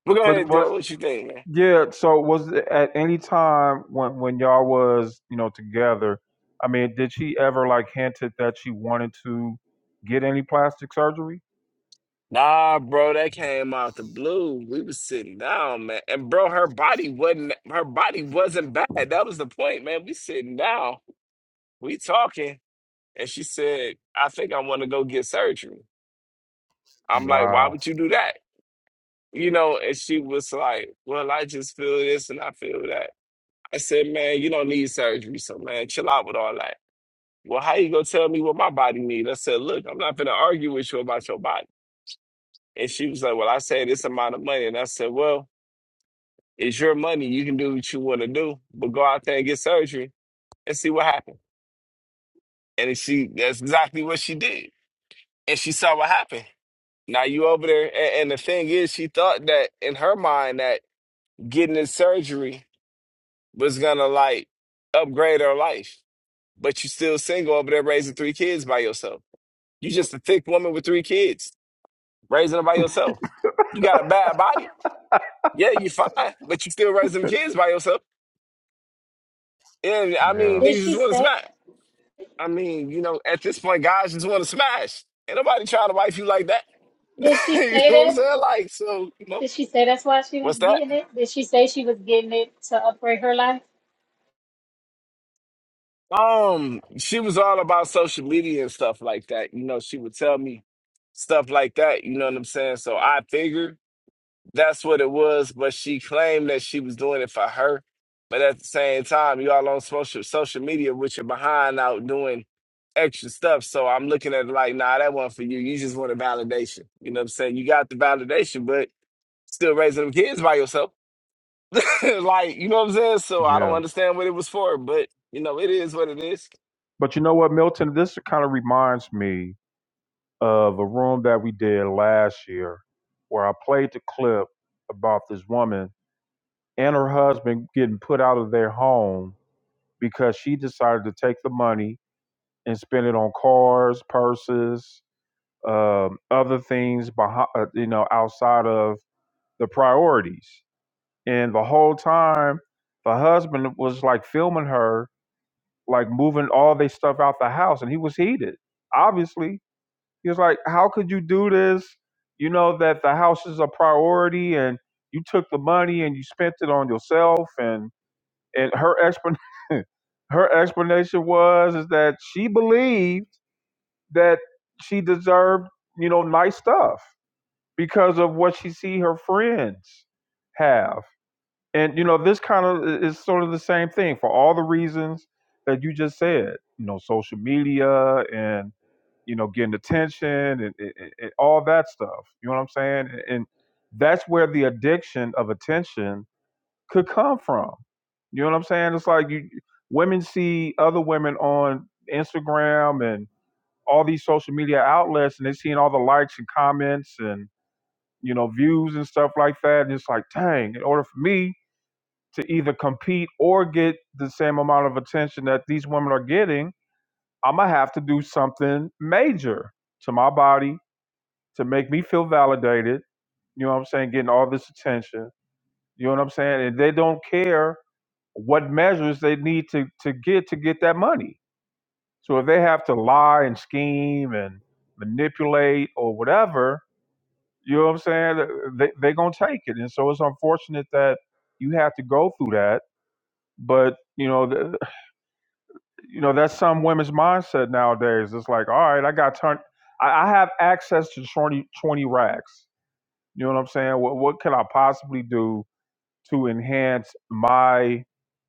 G: but go
A: But
G: ahead, Joe.
A: but
G: What you think, man?
A: yeah. So was it at any time when when y'all was you know together? I mean, did she ever like hinted that she wanted to get any plastic surgery?
G: Nah, bro, that came out the blue. We was sitting down, man, and bro, her body wasn't her body wasn't bad. That was the point, man. We sitting down, we talking, and she said, "I think I want to go get surgery." I'm like, why
A: Wow.
G: would you do that? You know, and she was like, well, I just feel this and I feel that. I said, man, you don't need surgery, so man, chill out with all that. Well, how you gonna tell me what my body needs? I said, look, I'm not gonna argue with you about your body. And she was like, well, I said this amount of money, and I said, well, it's your money. You can do what you want to do, but go out there and get surgery and see what happens. And she, that's exactly what she did. And she saw what happened. Now you over there, and, and the thing is, she thought that in her mind that getting this surgery was gonna like upgrade her life. But you still single over there raising three kids by yourself. You just a thick woman with three kids, raising them by yourself. You got a bad body. Yeah, you fine, but you still raising them kids by yourself. And I
A: Yeah.
G: mean,
K: Did
G: niggas
K: she
G: just wanna
K: say?
G: smash. I mean, you know, at this point, guys just wanna smash. Ain't nobody trying to wife you like that. (laughs)
K: Did she
G: you
K: say
G: know what I'm
K: that?
G: saying? Like, so, you know,
K: Did she say that's why she was
G: what's that?
K: getting it? Did she say she was getting it to upgrade her life?
G: Um, she was all about social media and stuff like that. You know, she would tell me stuff like that. You know what I'm saying? So I figured that's what it was, but she claimed that she was doing it for her. But at the same time, y'all on social social media with your behind out doing extra stuff. So I'm looking at it like, nah, that wasn't for you. You just wanted validation. You know what I'm saying? You got the validation, but still raising them kids by yourself. (laughs) like, you know what I'm saying? So I don't
A: Yeah.
G: understand what it was for, but you know, it is what it is.
A: But you know what, Milton? This kind of reminds me of a room that we did last year, where I played the clip about this woman and her husband getting put out of their home because she decided to take the money and spend it on cars, purses, um, other things, behind, uh, you know, outside of the priorities. And the whole time, the husband was like filming her, like moving all their stuff out the house, and he was heated. Obviously, he was like, "How could you do this? You know that the house is a priority, and you took the money and you spent it on yourself." And and her explanation, (laughs) her explanation was is that she believed that she deserved, you know, nice stuff because of what she see her friends have. And you know, this kind of is sort of the same thing for all the reasons that you just said. You know, social media and you know getting attention and, and, and all that stuff. You know what I'm saying? And that's where the addiction of attention could come from. You know what I'm saying? It's like you women see other women on Instagram and all these social media outlets and they're seeing all the likes and comments and you know views and stuff like that and it's like dang in order for me to either compete or get the same amount of attention that these women are getting i'm gonna have to do something major to my body to make me feel validated you know what i'm saying getting all this attention you know what i'm saying and they don't care what measures they need to to get to get that money so if they have to lie and scheme and manipulate or whatever, you know what I'm saying? They they're gonna take it, and so it's unfortunate that you have to go through that. But you know, the, you know that's some women's mindset nowadays. It's like, all right, I got turned. I I have access to 20 20 racks. You know what I'm saying? What, what can I possibly do to enhance my,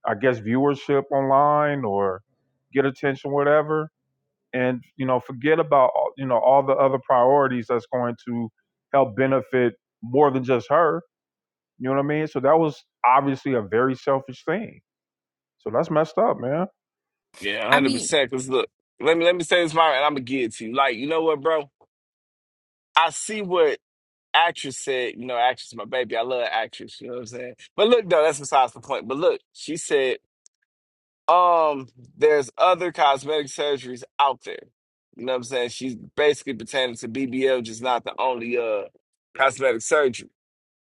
A: I guess, viewership online or get attention, whatever? and you know forget about you know all the other priorities that's going to help benefit more than just her you know what i mean so that was obviously a very selfish thing so that's messed up man
G: Yeah,
C: I
G: hundred
C: mean,
G: percent. Cause look, let me let me say this, Myron, and I'm gonna give it to you. Like, you know what, bro? I see what actress said. You know, actress, my baby. I love actress. You know what I'm saying? But look, though, that's besides the point. But look, she said, um, there's other cosmetic surgeries out there. You know what I'm saying? She's basically pertaining to BBL, just not the only uh cosmetic surgery.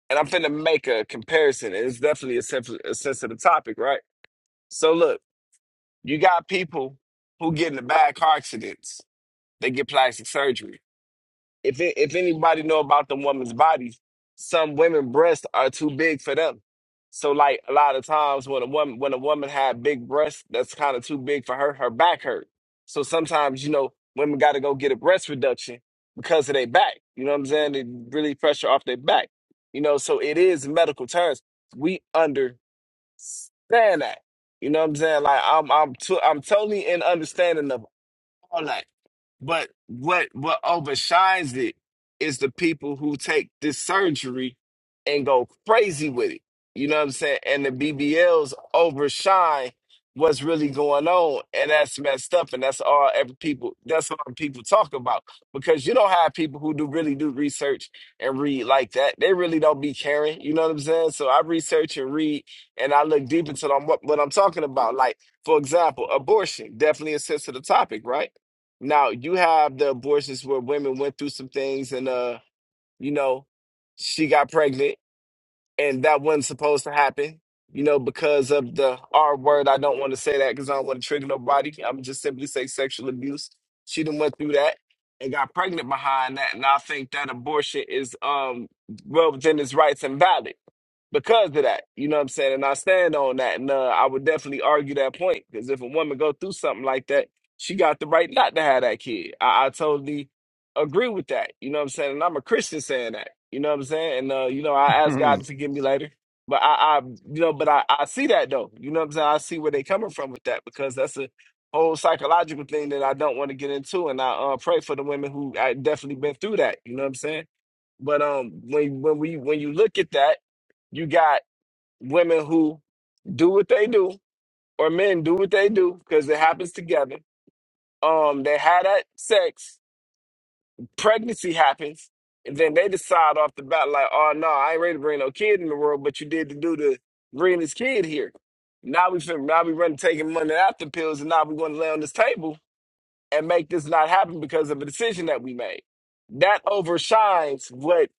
G: And I'm finna make a comparison, and it's definitely a, sensitive a sensitive topic, right? So look, you got people who get into bad car accidents They get plastic surgery. If it, if anybody know about them women's bodies, some women breasts are too big for them. So like a lot of times when a woman when a woman had big breasts that's kind of too big for her, her back hurt. So sometimes you know women got to go get a breast reduction because of their back. You know what I'm saying? They really pressure off their back. You know, so it is medical terms. We understand that. You know what I'm saying? Like I'm I'm to, I'm totally in understanding of it all that. But what what overshines it is the people who take this surgery and go crazy with it. You know what I'm saying? And the BBLs overshine what's really going on, and that's messed up. And that's all every people. That's all people talk about because you don't have people who do really do research and read like that. They really don't be caring. You know what I'm saying? So I research and read, and I look deep into them, what what I'm talking about. Like for example, abortion, definitely a sensitive topic, right? Now you have the abortions where women went through some things and uh, you know, she got pregnant and that wasn't supposed to happen, you know, because of the R word. I don't want to say that because I don't want to trigger nobody. I'm just simply say sexual abuse. She done went through that and got pregnant behind that. And I think that abortion is um well within its rights and valid because of that. You know what I'm saying? And I stand on that. And uh, I would definitely argue that point because if a woman go through something like that, she got the right not to have that kid. I, I totally agree with that. You know what I'm saying? And I'm a Christian saying that. You know what I'm saying? And uh, you know, I ask God
A: (laughs)
G: to forgive me later. But I, I you know, but I, I see that though. You know what I'm saying? I see where they coming from with that because that's a whole psychological thing that I don't want to get into. And I uh, pray for the women who I definitely been through that. You know what I'm saying? But um, when when we when you look at that you got women who do what they do, or men do what they do, because it happens together. Um, they had that sex, pregnancy happens, and then they decide off the bat, like, oh no, I ain't ready to bring no kid in the world, but you did to do to bring this kid here. Now we fin- now we running taking money after pills, and now we going to lay on this table and make this not happen because of a decision that we made. That overshines what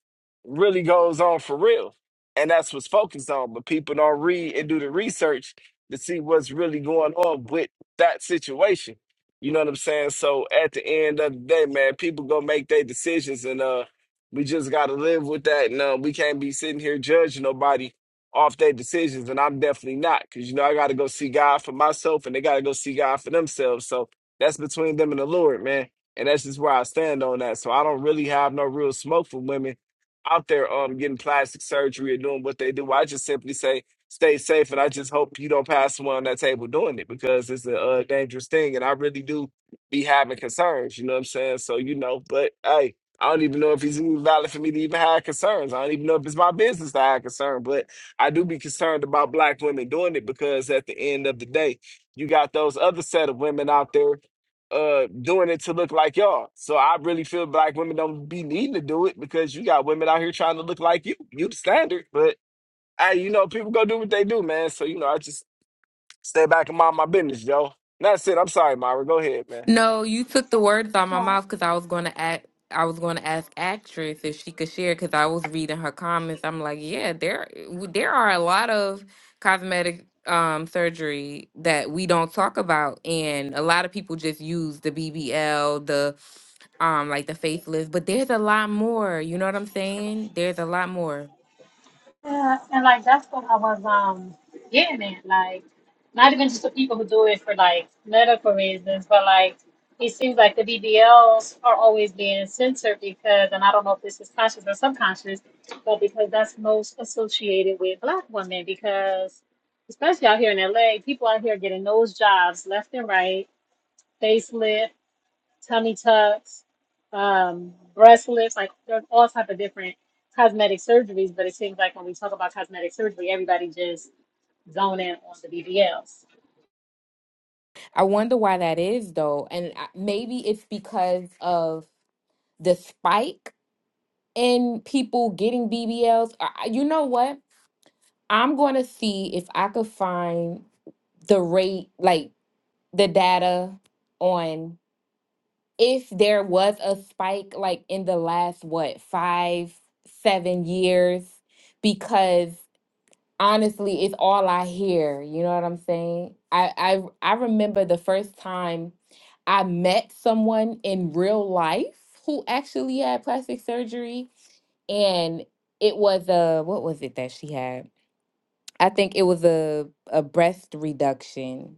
G: really goes on for real. And that's what's focused on. But people don't read and do the research to see what's really going on with that situation. You know what I'm saying? So at the end of the day, man, people go make their decisions and uh we just gotta live with that and uh, we can't be sitting here judging nobody off their decisions and I'm definitely not because you know I gotta go see God for myself and they gotta go see God for themselves. So that's between them and the Lord, man. And that's just where I stand on that. So I don't really have no real smoke for women out there um getting plastic surgery or doing what they do. I just simply say stay safe, and I just hope you don't pass someone on that table doing it because it's a uh, dangerous thing. And I really do be having concerns. You know what I'm saying? So you know, but hey. I don't even know if it's even valid for me to even have concerns. I don't even know if it's my business to have concern, but I do be concerned about black women doing it because at the end of the day, you got those other set of women out there uh doing it to look like y'all. So I really feel black women don't be needing to do it because you got women out here trying to look like you. You the standard, but hey, you know people go do what they do, man. So you know I just stay back and mind my business, yo. And That's it. I'm sorry, Myra. Go ahead, man.
C: No, you took the words out of my
K: Oh,
C: mouth because I was going to act. I was going to ask actress if she could share because I was reading her comments. I'm like, yeah, there w- there are a lot of cosmetic um surgery that we don't talk about, and a lot of people just use the BBL, the um like the facelift, but there's a lot more. You know what I'm saying? There's a lot more.
K: yeah, and like that's what I was um getting at. Like, not even just the people who do it for like medical reasons, but like it seems like the BBLs are always being censored because, and I don't know if this is conscious or subconscious, but because that's most associated with black women because. Especially out here in LA, people out here getting nose jobs left and right facelift. tummy tucks, um, breast lifts, like there's all type of different cosmetic surgeries. But it seems like when we talk about cosmetic surgery, everybody just zone in on the BBLs.
C: I wonder why that is though, and I- maybe it's because of the spike and people getting BBLs. I, I- you know what? I'm going to see if I could find the rate, like the data on if there was a spike, like in the last, what, five, seven years, because honestly, it's all I hear. You know what I'm saying? I, I, I remember the first time I met someone in real life who actually had plastic surgery and it was a what was it that she had? I think it was a a breast reduction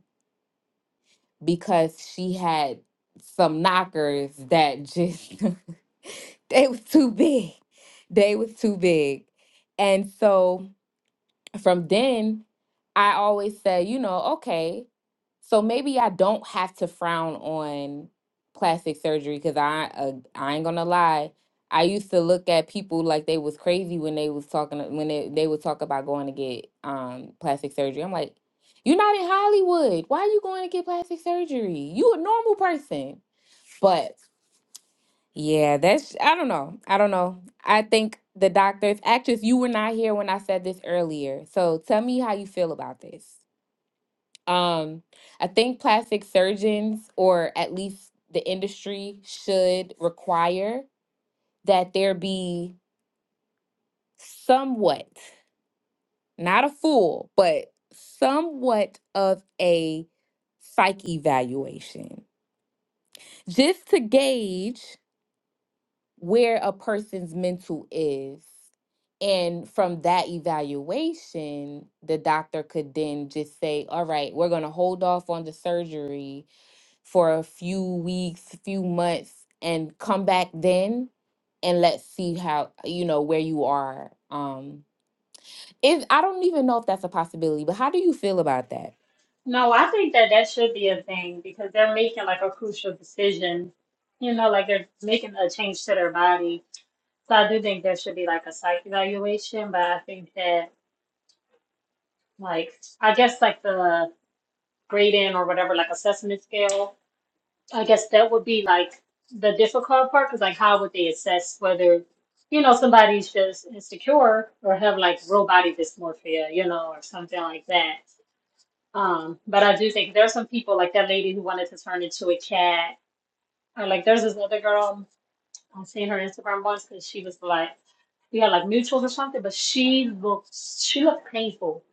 C: because she had some knockers that just (laughs) they was too big. They was too big. And so from then I always said, you know, okay, so maybe I don't have to frown on plastic surgery because I uh, I ain't gonna lie. I used to look at people like they was crazy when they was talking when they, they would talk about going to get um plastic surgery. I'm like, you're not in Hollywood. Why are you going to get plastic surgery? You a normal person. But yeah, that's, I don't know. I don't know. I think the doctors, actually, if you were not here when I said this earlier. So tell me how you feel about this. Um, I think plastic surgeons, or at least the industry, should require that there be somewhat, not a full, but somewhat of a psych evaluation just to gauge. where a person's mental is. And from that evaluation, the doctor could then just say, all right, we're going to hold off on the surgery for a few weeks, few months, and come back then and let's see how, you know, where you are. Um, if I don't even know if that's a possibility, but how do you feel about that?
K: No, I think that that should be a thing because they're making like a crucial decision. You know, like they're making a change to their body. So I do think there should be like a psych evaluation, but I think that like I guess like the grading or whatever, like assessment scale. I guess that would be like the difficult part because, like, how would they assess whether, you know, somebody's just insecure or have like real body dysmorphia, you know, or something like that. Um, but I do think there's some people like that lady who wanted to turn into a cat, or like there's this other girl I've seen her Instagram once because she was like, we had like mutuals or something, but she looked she looked painful.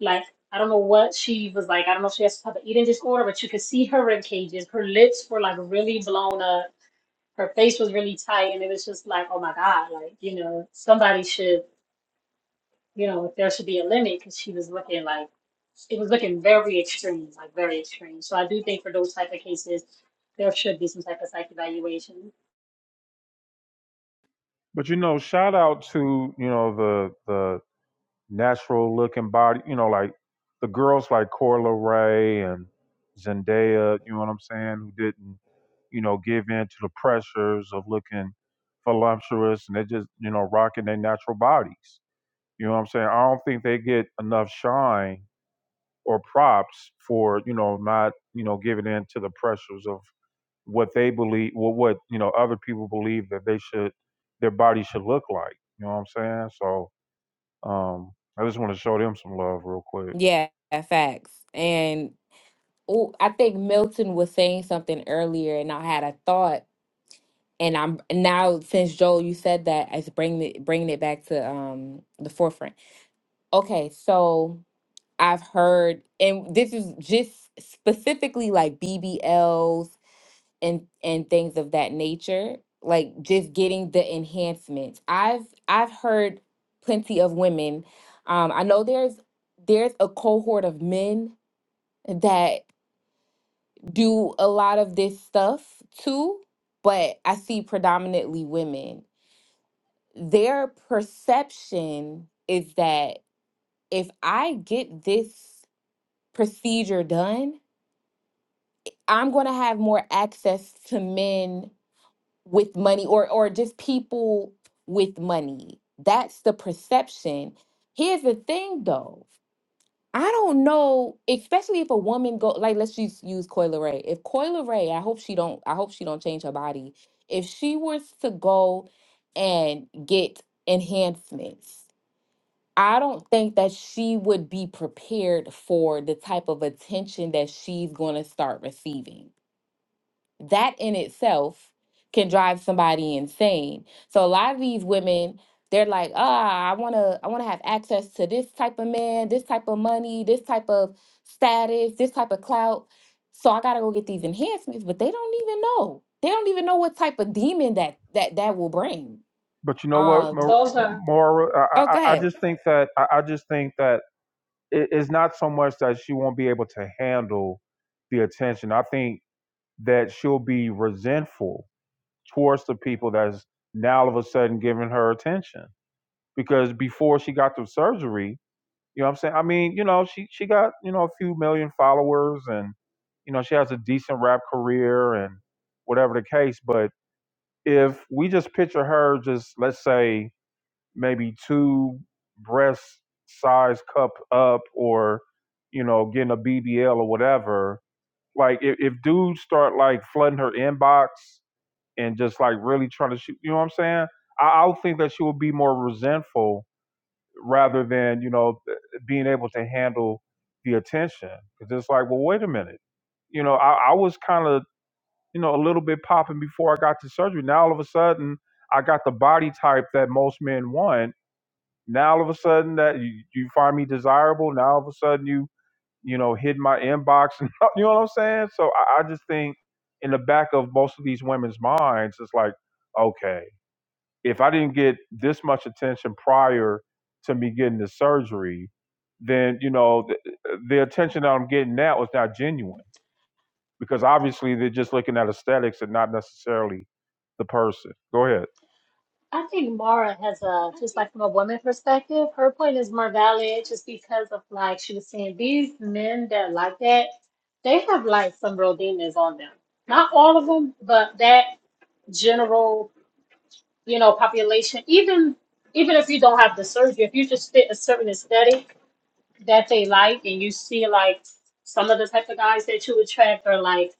K: Like I don't know what she was like. I don't know if she has some type of eating disorder, but you could see her rib cages. Her lips were like really blown up her face was really tight and it was just like oh my god like you know somebody should you know there should be a limit because she was looking like it was looking very extreme like very extreme so i do think for those type of cases there should be some type of psych evaluation
A: but you know shout out to you know the the natural looking body. You know, like the girls like Corla Ray and Zendaya. You know what I'm saying? Who didn't, you know, give in to the pressures of looking voluptuous and they just, you know, rocking their natural bodies. You know what I'm saying? I don't think they get enough shine or props for, you know, not, you know, giving in to the pressures of what they believe, what, what you know, other people believe that they should, their body should look like. You know what I'm saying? So um, I just want to show them some love real quick.
C: Yeah, facts. And oh, I think Milton was saying something earlier, and I had a thought And I'm now since Joel, you said that it's bringing it, bringing it back to um the forefront. Okay, so I've heard, and this is just specifically like BBLs and and things of that nature, like just getting the enhancements. I've I've heard plenty of women. Um, I know there's there's a cohort of men that do a lot of this stuff too, but I see predominantly women their perception is that if I get this procedure done, I'm going to have more access to men with money or or just people with money. That's the perception. Here's the thing though. I don't know, especially if a woman go like let's just use Coil Ray. If Coil Ray, I hope she don't I hope she don't change her body. If she was to go and get enhancements, I don't think that she would be prepared for the type of attention that she's going to start receiving. That in itself can drive somebody insane. So a lot of these women, they're like, "Ah, I want to I want to have access to this type of man, this type of money, this type of status, this type of clout. So I got to go get these enhancements, but they don't even know. They don't even know what type of demon that that that will bring."
A: But you know what,
K: so
C: Um,
A: Ma-
K: also
A: Maura, I, I, I
C: okay.
A: just think that I, I just think that it, it's not so much that she won't be able to handle the attention. I think that she'll be resentful towards the people that's now all of a sudden giving her attention because before she got the surgery, you know what I'm saying? I mean, you know, she she got you know a few million followers and you know she has a decent rap career and whatever the case, but if we just picture her just let's say maybe two breast size cup up or you know getting a bbl or whatever like if, if dudes start like flooding her inbox and just like really trying to shoot you know what i'm saying i, I would think that she would be more resentful rather than you know being able to handle the attention because it's like well wait a minute you know i, I was kind of you know, a little bit popping before I got to surgery. Now all of a sudden, I got the body type that most men want. Now all of a sudden, that you, you find me desirable. Now all of a sudden, you you know, hit my inbox, (laughs) and you know what I'm saying. So I, I just think in the back of most of these women's minds, it's like, okay, if I didn't get this much attention prior to me getting the surgery, then you know, the, the attention that I'm getting now is not genuine because obviously they're just looking at aesthetics and not necessarily the person. Go ahead.
K: i think mara has a just like from a woman perspective her point is more valid just because of like she was saying these men that like that they have like some real demons on them not all of them but that general you know, population, even even if you don't have the surgery, if you just fit a certain aesthetic that they like and you see like some of the type of guys that you attract are like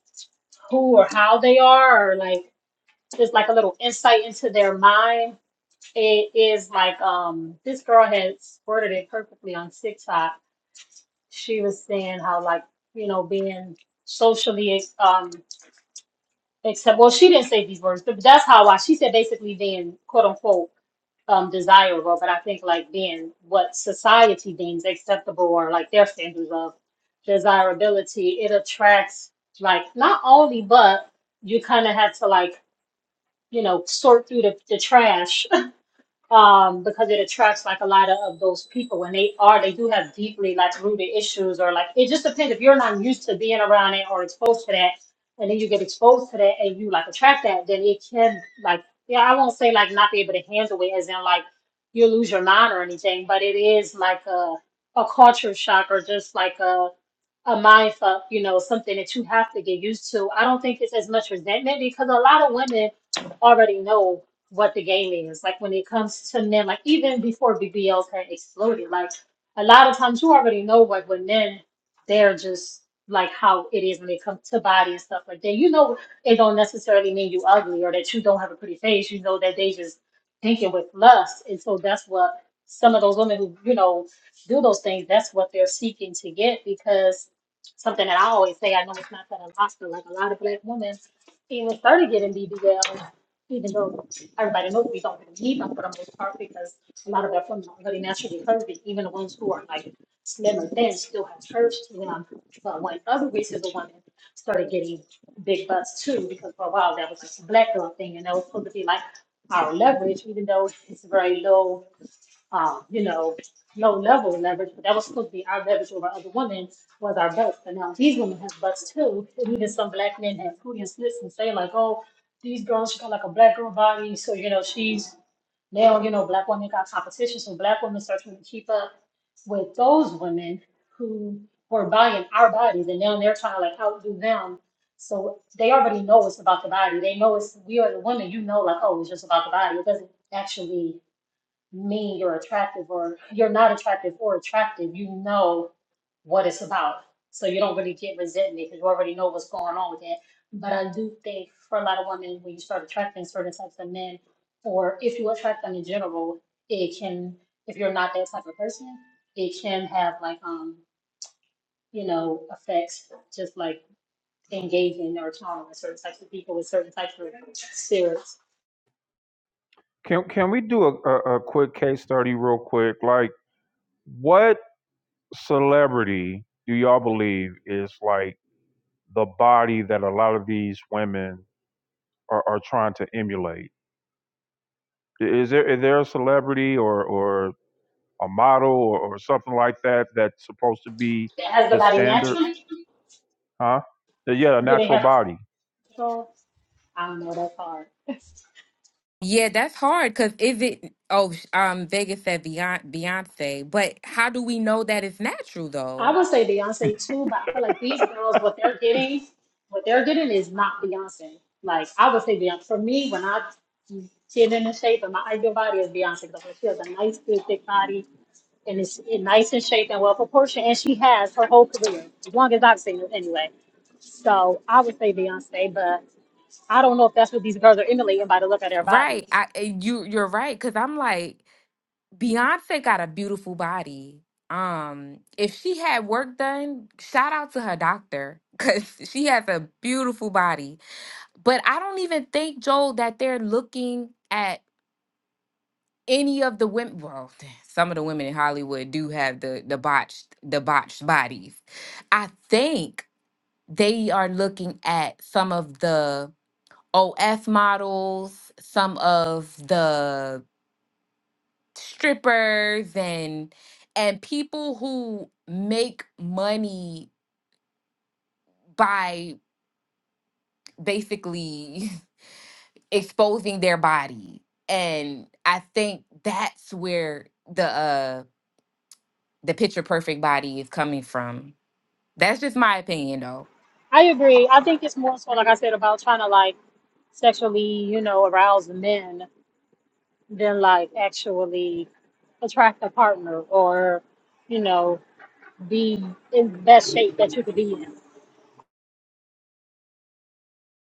K: who or how they are or like just like a little insight into their mind. It is like um this girl has worded it perfectly on TikTok. She was saying how like, you know, being socially um Except, well, she didn't say these words, but that's how I. She said basically being quote unquote um, desirable, but I think like being what society deems acceptable or like their standards of desirability, it attracts like not only, but you kind of have to like you know sort through the, the trash um, because it attracts like a lot of, of those people and they are they do have deeply like rooted issues or like it just depends if you're not used to being around it or exposed to that and then you get exposed to that and you like attract that then it can like yeah i won't say like not be able to handle it as in like you lose your mind or anything but it is like a a culture shock or just like a a mind fuck you know something that you have to get used to i don't think it's as much resentment because a lot of women already know what the game is. Like when it comes to men, like even before BBL had exploded, like a lot of times you already know what when men they're just like how it is when it comes to body and stuff like that. You know it don't necessarily mean you ugly or that you don't have a pretty face. You know that they just thinking with lust. And so that's what some of those women who, you know, do those things, that's what they're seeking to get because something that I always say, I know it's not that a lot, but like a lot of black women, even started getting BBL, even though everybody knows we don't really need them for the most part because a lot of our women are really naturally curvy. Even the ones who are like slim or thin still have curves to them. But when other races of women started getting big butts too, because for a while that was like a black girl thing and that was supposed to be like our leverage, even though it's very low um, you know, low level leverage, but that was supposed to be our leverage over other women was our butts. And now these women have butts too. And even some black men have booty and slits and say like, oh, these girls, she got like a black girl body. So, you know, she's now, you know, black women got competition. So black women start trying to keep up with those women who were buying our bodies and now they're trying to like outdo them. So they already know it's about the body. They know it's we are the women, you know like, oh, it's just about the body. It doesn't actually mean you're attractive or you're not attractive or attractive. You know what it's about. So you don't really get resentment because you already know what's going on with it. But I do think for a lot of women, when you start attracting certain types of men, or if you attract them in general, it can, if you're not that type of person, it can have like, um, you know, effects just like engaging or tolerance with certain types of people with certain types of spirits.
A: Can can we do a, a, a quick case study real quick? Like what celebrity do y'all believe is like the body that a lot of these women are, are trying to emulate? Is there is there a celebrity or, or a model or, or something like that that's supposed to be
K: Has the
A: the
K: body
A: standard?
K: naturally?
A: Huh? Uh, Yeah, a
K: Do they
A: natural
K: have
A: body.
K: control? I don't know. That's hard. (laughs)
C: Yeah, that's hard because if it oh sh- um Vegas said Beyonce, Beyonce, but how do we know that it's natural
K: I
C: though?
K: would say Beyonce too, but I feel like these girls, what they're getting, what they're getting is not Beyonce. Like I would say Beyonce. For me, when I get in the shape, and my ideal body is Beyonce because she has a nice, good, thick body, and it's in nice in shape and well proportioned, and she has her whole career, as long as I've seen it anyway. So I would say Beyonce, but I don't know if that's what these girls are emulating by the look of their
C: Right,
K: bodies.
C: I uh, you you're right because I'm like Beyonce got a beautiful body. Um, if she had work done, shout out to her doctor because (laughs) she has a beautiful body. But I don't even think Joel that they're looking at any of the women. Well, (laughs) (sighs) some of the women in Hollywood do have the the botched the botched bodies. I think. they are looking at some of the OF models, some of the strippers and and people who make money by basically (laughs) exposing their body. And I think that's where the uh the picture perfect body is coming from. That's just my opinion though.
K: I agree. I think it's more so, like I said, about trying to like sexually, you know, arouse the men than like actually attract a partner or, you know, be in the best shape that you could be in.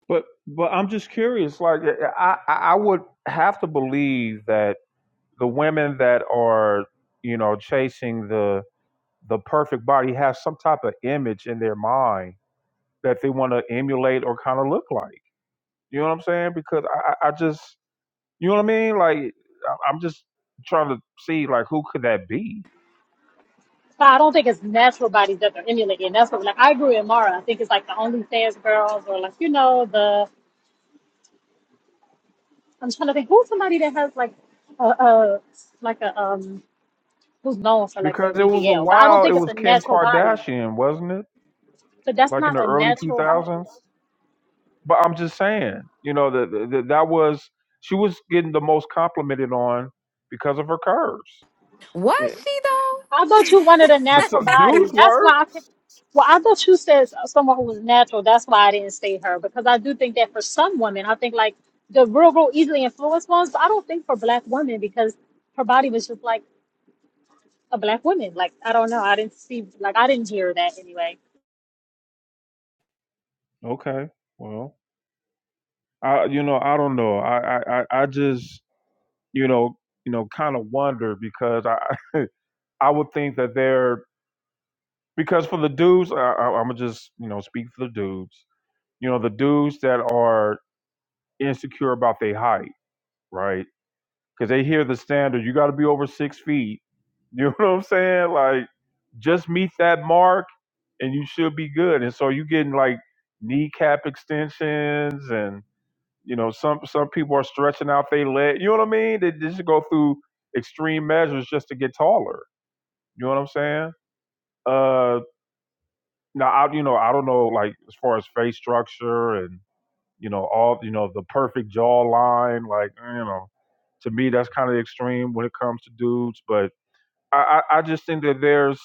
A: But but I'm just curious. Like eh, eh, I I I would have to believe that the women that are you know chasing the the perfect body have some type of image in their mind that they want to emulate or kind of look like. You know what I'm saying? Because I I I just you know what I mean. Like I- I'm just trying to see like who could that be?
K: So I don't think it's natural bodies that they're emulating. That's what, like, I agree with Mara. I think it's like the OnlyFans girls or like, you know, the, I'm trying to think who's somebody that has like a, a like a, um, who's known for like their
A: Because it was a
K: BBL, but I don't
A: while, it
K: think it's
A: was
K: a
A: Kim
K: natural body.
A: Kardashian, wasn't it?
K: But that's
A: Like in the
K: not a
A: early
K: natural body.
A: 2000s. But I'm just saying, you know, that that that was she was getting the most complimented on because of her curves.
C: Was
A: Eh,
C: she
K: I
C: though?
K: thought
C: (laughs)
K: you wanted a
A: But
K: natural
A: so,
K: body.
A: dudes
K: That's
A: were
K: why I could. Well, I thought you said someone who was natural. That's why I didn't say her because I do think that for some women, I think like the real, real easily influenced ones. But I don't think for black women because her body was just like a black woman. Like I don't know. I didn't see like I didn't hear that anyway.
A: okay. Well, I you know I don't know. I I I I just you know, you know, kind of wonder because I (laughs) I would think that they're because for the dudes, I, I, I'm gonna just you know speak for the dudes. You know, the dudes that are insecure about their height, right? Because they hear the standard, you got to be over six feet. You know (laughs) what I'm saying? Like, just meet that mark, and you should be good. And so you getting like kneecap extensions and You know, some some people are stretching out their leg. You know what I mean? They, just go through extreme measures just to get taller. You know what I'm saying? Uh, now I you know I don't know like as far as face structure and you know all you know the perfect jawline. Like you know, to me that's kind of extreme when it comes to dudes. But I I, I just think that there's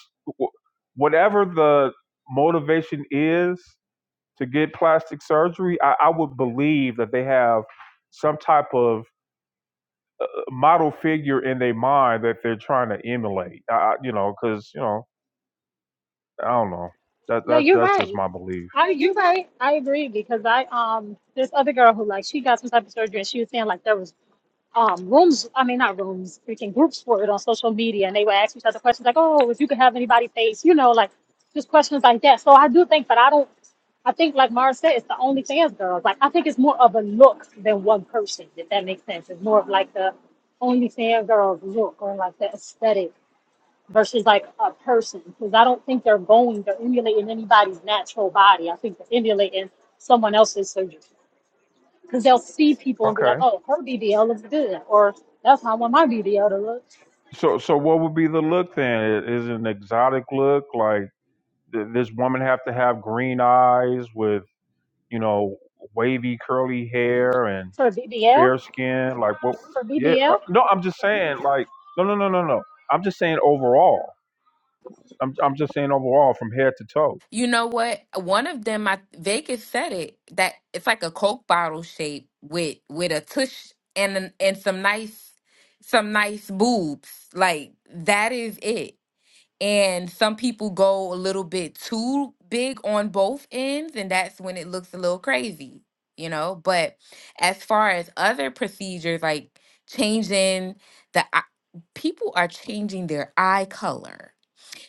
A: whatever the motivation is to get plastic surgery, I, I would believe that they have some type of model figure in their mind that they're trying to emulate. I, you know, because you know, I don't know. That
K: No,
A: that
K: you're
A: that's just
K: right.
A: my belief.
K: I you're right. I agree because I um this other girl who like she got some type of surgery and she was saying like there was um, rooms, I mean, not rooms, freaking groups for it on social media. And they would ask each other questions like, oh, if you could have anybody face, you know, like just questions like that. So I do think, but I don't, I think, like Mara said, it's the only fans girls. Like, I think it's more of a look than one person, if that makes sense. It's more of like the only fan girls look or like the aesthetic versus like a person. Because I don't think they're going, they're emulating anybody's natural body. I think they're emulating someone else's surgery because they'll see people and be like,
A: Okay.
K: "Oh, her BBL looks good," or "That's how I want my BBL to look."
A: So so what would be the look then? Is it an exotic look like th- this woman have to have green eyes with you know wavy curly hair and
K: For BBL,
A: fair skin? Like what?
K: for
A: Yeah. Uh,
K: BBL,
A: no, I'm just saying like no no no no no. I'm just saying overall. I'm I'm just saying overall from head to toe.
C: You know what? One of them, I Vegas said it that it's like a Coke bottle shape with with a tush and an- and some nice some nice boobs. Like that is it. And some people go a little bit too big on both ends, and that's when it looks a little crazy, you know. But as far as other procedures, like changing the eye- people are changing their eye color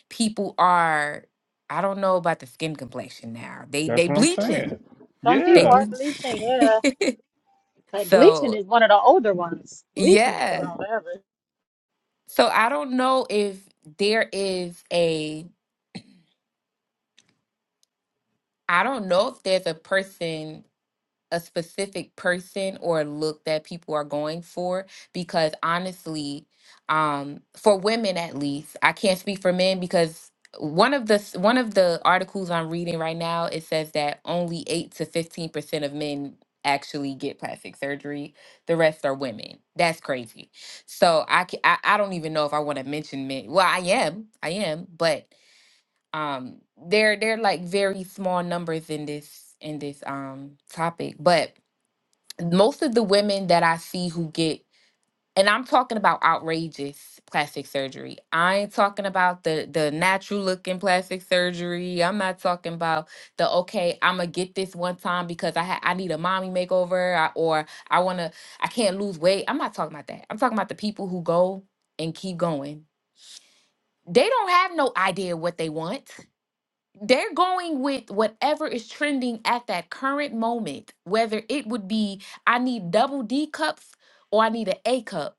C: people are I don't know about the skin complexion now. They
A: That's
C: they
A: what I'm
C: bleaching.
A: saying.
K: some
C: They
K: people
A: Yeah.
K: are
C: bleach.
K: bleaching. Yeah,
C: (laughs)
K: like bleaching
C: so
K: is one of the older ones. Bleaching's been
C: yeah.
K: around forever.
C: So I don't know if there is a I don't know if there's a person a specific person or look that people are going for because honestly um for women at least i can't speak for men because one of the s- one of the articles i'm reading right now it says that only 8 to 15% of men actually get plastic surgery the rest are women that's crazy so i ca- i, I don't even know if i want to mention men well i am i am but um they're they're like very small numbers in this in this um topic but most of the women that I see who get, and I'm talking about outrageous plastic surgery. I ain't talking about the the natural looking plastic surgery. I'm not talking about the okay, I'm gonna get this one time because I ha- I need a mommy makeover I, or I wanna I can't lose weight. I'm not talking about that. I'm talking about the people who go and keep going. They don't have no idea what they want they're going with whatever is trending at that current moment, whether it would be I need double D cups or I need an A cup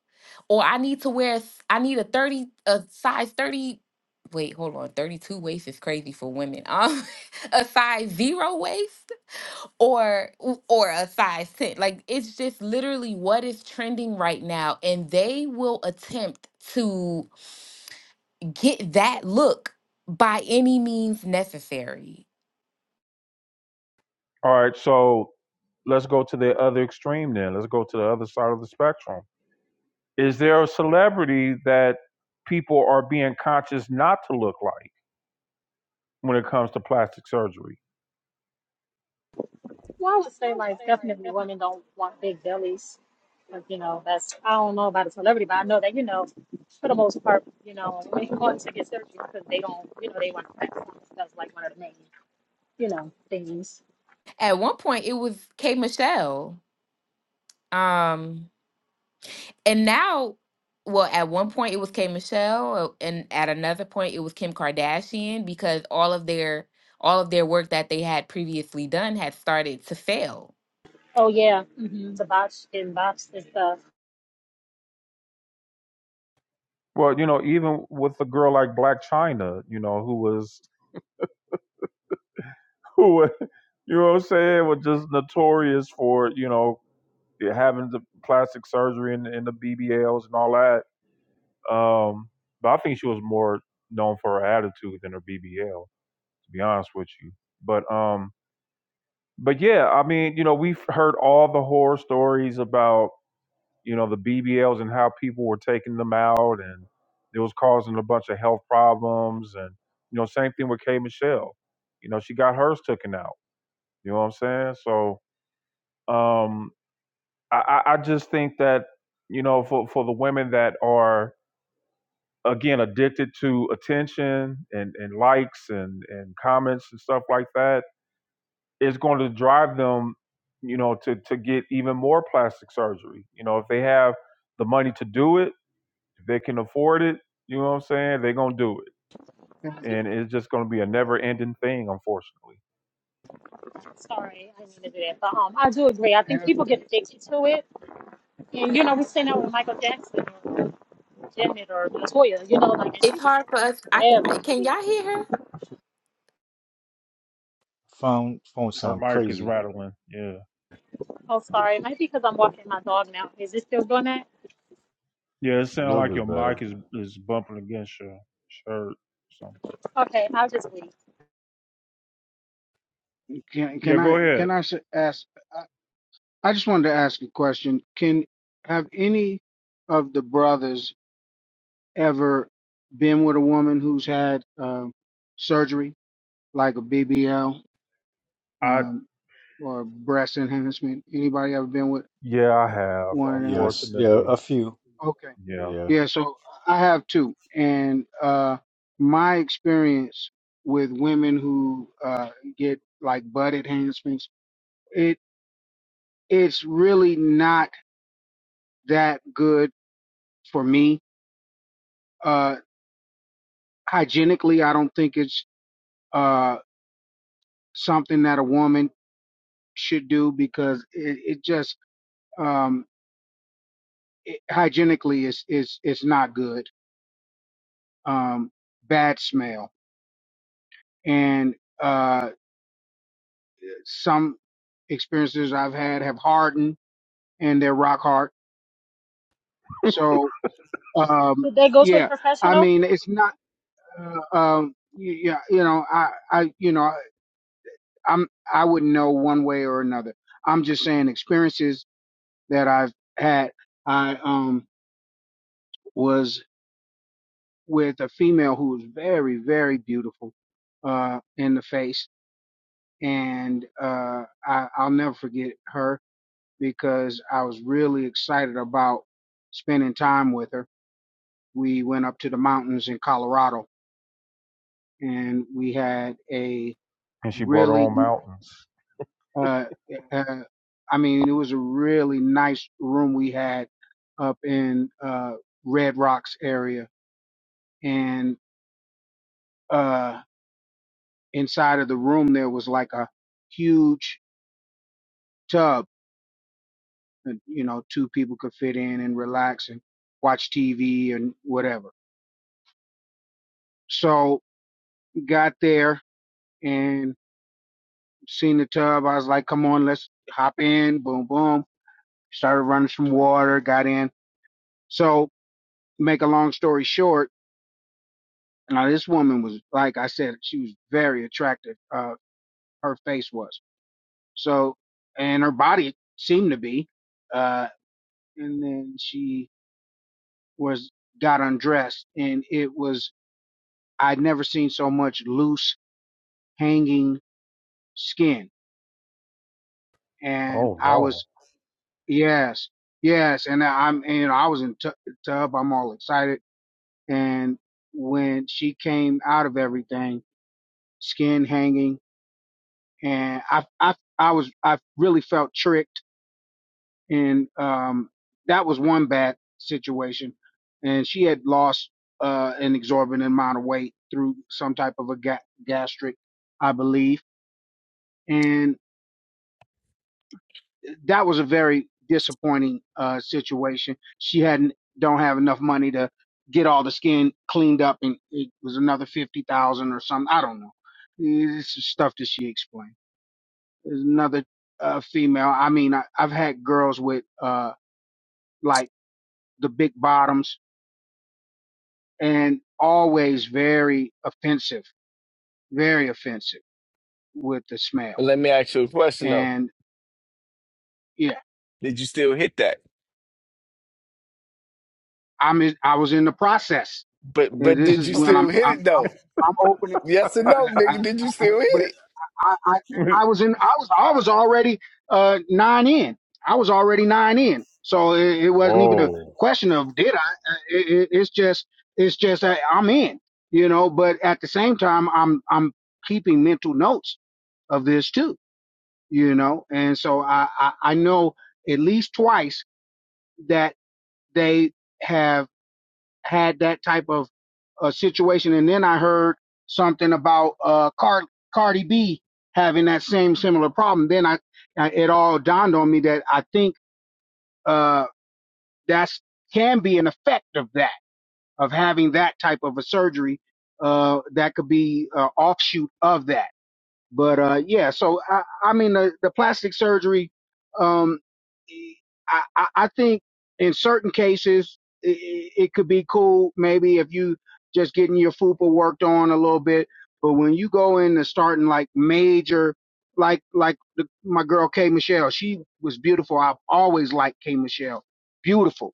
C: or I need to wear s- I need a 30 a size 30 wait, hold on, 32 waist is crazy for women. Um (laughs) a size 0 waist or or a size 10. Like it's just literally what is trending right now and they will attempt to get that look by any means necessary.
A: All right. So let's go to the other extreme then. Let's go to the other side of the spectrum. Is there a celebrity that people are being conscious not to look like when it comes to plastic surgery?
K: Well, I would say like definitely women don't want big bellies. Like you know, that's I don't know about a celebrity, but I know that you know, for the most part, you know, women want to get surgery because they don't, you know, they want to practice. That's like one of the main, you know, things.
C: At one point, it was K Michelle. Um, and now, well, at one point it was K Michelle, uh, and at another point it was Kim Kardashian because all of their all of their work that they had previously done had started to fail.
K: Oh yeah, hmm the botch and box and stuff.
A: Well, you know, even with a girl like Black China, you know, who was (laughs) who were- you know what I'm saying was just notorious for you know having the plastic surgery and, and the BBLs and all that. Um, but I think she was more known for her attitude than her BBL, to be honest with you. But um, but yeah, I mean, you know, we've heard all the horror stories about you know the BBLs and how people were taking them out and it was causing a bunch of health problems and you know same thing with K Michelle. You know, she got hers taken out. You know what I'm saying? So Um, I, I just think that you know for for the women that are again addicted to attention and and likes and and comments and stuff like that, it's going to drive them you know to to get even more plastic surgery. You know if they have the money to do it, if they can afford it, you know what I'm saying, they're gonna do it.
F: Um,
A: And it's just gonna be a never ending thing, unfortunately.
K: Sorry, I didn't mean to do that. But um, I do agree. I think
F: have-
K: people get addicted to it. And, you know, we seen that with Michael Jackson or Janet or Latoya, you know, like, and she
C: It's
K: was
C: hard for us. I
K: bad
C: I-
K: on
C: can
K: TV.
C: y'all hear her?
L: Phone phone
A: Her
L: sound
A: mic is
L: crazy.
A: rattling. Yeah.
K: Oh, sorry. Maybe because I'm walking my dog now. Is it still doing that?
A: Yeah, it
L: A
A: sounds
L: little
A: like your
L: bit better.
A: mic is is bumping against your shirt. So
K: Okay, I'll just leave.
F: Can
A: Yeah,
F: can
A: go
F: I
A: ahead.
F: can I s- ask? I I just wanted to ask a question. Can have any of the brothers ever been with a woman who's had um surgery like a BBL?
A: I
F: um, or breast enhancement. Anybody ever been with
A: yeah, I have
F: one of them?
L: Yes. Yeah.
A: unfortunately.
L: A few.
F: Okay.
A: Yeah,
L: Yeah.
F: Yeah, so I have two. And uh my experience with women who uh get like butt enhancements, it it's really not that good for me. Uh hygienically, I don't think it's uh something that a woman should do because it, it just um it, hygienically is is it's it's- it's not good um, bad smell. And uh, some experiences I've had have hardened and they're rock hard. So um,
K: Did they go to a
F: yeah, I
K: professional?
F: mean it's not. Uh, um, y- yeah, you know, I, I, you know, I'm I wouldn't know one way or another. I'm just saying experiences that I've had. I um was with a female who was very very beautiful uh in the face and uh I, I'll never forget her because I was really excited about spending time with her. We went up to the mountains in Colorado and we had a
A: and she brought her
F: really,
A: own mountains.
F: uh, uh, I mean, it was a really nice room we had up in uh, Red Rocks area. And uh, inside of the room, there was like a huge tub that, you know, two people could fit in and relax and watch TV and whatever. So got there and seen the tub. I was like, come on, let's hop in. Boom, boom. Started running some water, got in. So, make a long story short, now this woman was, like I said, she was very attractive. Uh, her face was. So, and her body seemed to be. Uh, and then she was, got undressed and it was, I'd never seen so much loose hanging skin. And
A: Oh
F: I was
A: no!
F: Yes, yes, and I- I'm and, you know I was in tu tub. I'm all excited, and when she came out of everything, skin hanging, and I I I was I really felt tricked, and um that was one bad situation, and she had lost uh an exorbitant amount of weight through some type of a ga gastric, I believe, that was a very disappointing uh, situation. She hadn't don't have enough money to get all the skin cleaned up, and it was another fifty thousand or something. I don't know. It's just stuff that she explained. There's another uh, female. I mean, I, I've had girls with uh, like the big bottoms, and always very offensive, very offensive with the smell.
G: But let me ask you a question though.
F: And yeah,
G: Did you still hit that?
F: I'm in, I was in the process.
G: But
F: And
G: but
F: this
G: did
F: is
G: you
F: when
G: still
F: I'm
G: hit
F: I'm
G: it
F: I'm
G: though?
F: I'm opening.
G: Yes
F: Uh,
G: or no,
F: I, I,
G: nigga? Did you
F: I,
G: still hit
F: but
G: it?
F: I, I
A: (laughs)
F: I was in I was I was already uh nine in. I was already nine in. So it, it wasn't even a
A: Whoa!
F: question of did I. Uh, It, it, it's just it's just that I'm in. You know. But at the same time, I'm I'm keeping mental notes of this too. You know. And so I I, I know at least twice that they have had that type of uh, situation. And then I heard something about uh, Card- Cardi B having that same similar problem. Then I, I it all dawned on me that I think uh, that's can be an effect of that of having that type of a surgery uh, that could be uh, offshoot of that but uh yeah so i i mean the, the plastic surgery um I, I I think in certain cases it, it could be cool maybe if you just getting your fupa worked on a little bit but when you go into starting like major like like the, my girl K Michelle she was beautiful I've always liked K Michelle beautiful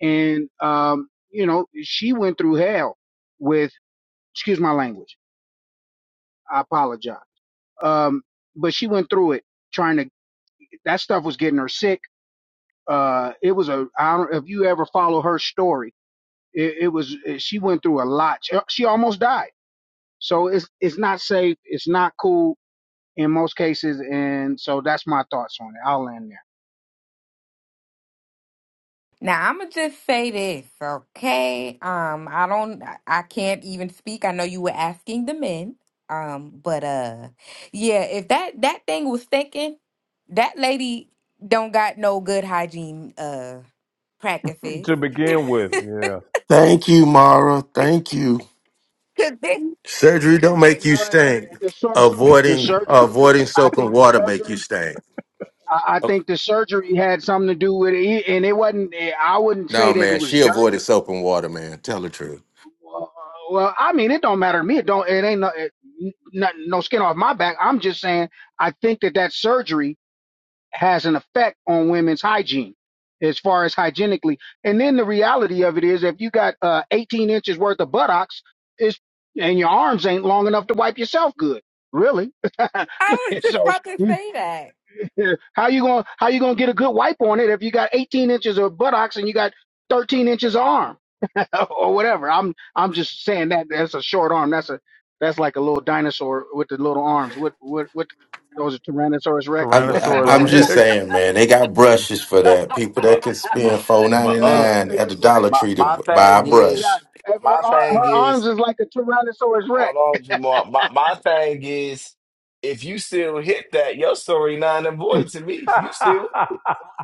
F: and um you know she went through hell with excuse my language I apologize um, but she went through it trying to, that stuff was getting her sick. Uh, it was a, I don't, if you ever follow her story, it, it was, she went through a lot. She, she almost died. So it's, it's not safe. It's not cool in most cases. And so that's my thoughts on it. I'll land there.
C: Now I'm gonna just say this, okay? Um, I don't, I I can't even speak. I know you were asking the men, um, but uh, yeah, if that that thing was thinking, that lady don't got no good hygiene uh practices.
A: To begin with, yeah,
M: Thank you, Mara. Thank you.
C: (laughs) 'Cause this,
M: Surgery don't make you
F: No,
M: stink.
F: the, sur- the
M: Avoiding
F: surgery,
M: avoiding
F: this, I
M: soap
F: think
M: and
F: the
M: water make you
F: surgery,
M: stink.
F: I, I
M: Oh,
F: think the surgery had something to do with it. And it wasn't, I wouldn't say
M: no,
F: that it
M: man.
F: was
M: She
F: dirty
M: avoided soap and water, man. Tell the truth.
F: Well, well, I mean, it don't matter to me. It don't. It ain't no, it, no no skin off my back. I'm just saying. I think that that surgery has an effect on women's hygiene, as far as hygienically. And then the reality of it is, if you got uh, 18 inches worth of buttocks, it's and your arms ain't long enough to wipe yourself good, really. (laughs)
C: I was just
F: so
C: about to
F: (laughs)
C: say that.
F: how you gonna how you gonna get a good wipe on it if you got 18 inches of buttocks and you got 13 inches of arm? (laughs) or or whatever. I'm I'm just saying that that's a short arm. That's a that's like a little dinosaur with the little arms. What what what? Those are Tyrannosaurus Rex.
M: I'm
G: But
M: I-
A: Tyrannosaurus
M: I'm
G: but
M: just
A: Rex.
M: saying, man. They got brushes for that. People that
G: but
M: can
G: but
M: spend four ninety
G: but
F: Uh,
G: uh,
M: nine
F: is
M: at the
F: it bright?
M: Dollar
G: my
M: Tree to
G: my
M: b- buy a
G: thing is
F: Now,
M: brush.
F: if her
G: my
F: ar-
G: thing
F: her arms
G: is.
F: is like a Tyrannosaurus Rex.
G: Hold on, Jamal. My my thing is, if you still hit that, your story nine and void to me. You still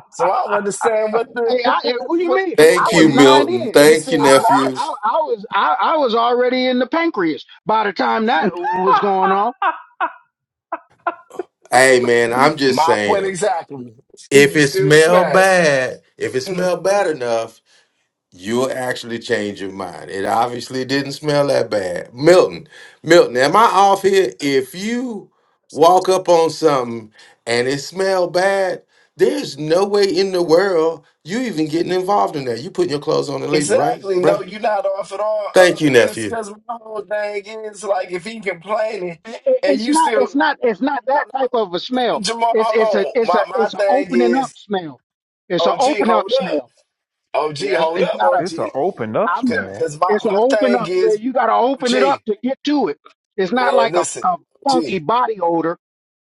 G: so I don't understand what the
F: Hey, I, eh,
G: (laughs)
F: what do you
G: what the
F: mean? I
M: Thank
G: complaint
F: was
M: you,
G: is.
F: nine
M: Milton.
F: in.
G: You
M: Thank you,
G: still
F: I I,
M: nephew.
G: smash?
F: I I was I, I was already in the pancreas by the time that was going on.
M: Hey, man.
G: M-
M: I'm just
G: My point
M: saying,
G: exactly. (laughs)
M: if
G: You
M: it
G: still
M: smell
G: smash.
M: bad, if it smell bad enough. You'll actually change your mind. It obviously didn't smell that bad. Milton, Milton, am I off here? If you walk up on something and it smell bad, there's no way in the world you even getting involved in that. You putting your clothes on and leaving, right,
G: Exactly. No,
M: bruh?
G: you're not off at all. Uh,
M: Thank you,
G: cause
M: nephew.
G: cause my whole thing is like if he complaining
F: Eh, eh,
G: and
F: It's
G: you
F: not
G: still
F: it's
G: no,
F: not it's not that type of a
G: no,
F: smell.
G: Jamal,
F: It's
G: hold
F: it's a
G: on.
F: it's
G: My
F: a
G: my
F: it's an
G: thing
F: opening up
G: is,
F: smell. It's an
G: OG,
F: open up
G: hold up.
F: smell
G: OG,
F: That's,
G: hold
F: it's
G: up,
F: not
A: (laughs)
F: a,
G: OG.
A: it's an open up
F: I'm
G: Cause
F: done.
A: smell.
G: my,
F: It's an
G: my
F: open
G: thing
F: up. You,
G: is
F: you got to open it up
G: G,
F: to get to it. It's not
G: man,
F: like a,
G: listen,
F: a
G: G,
F: funky body odor.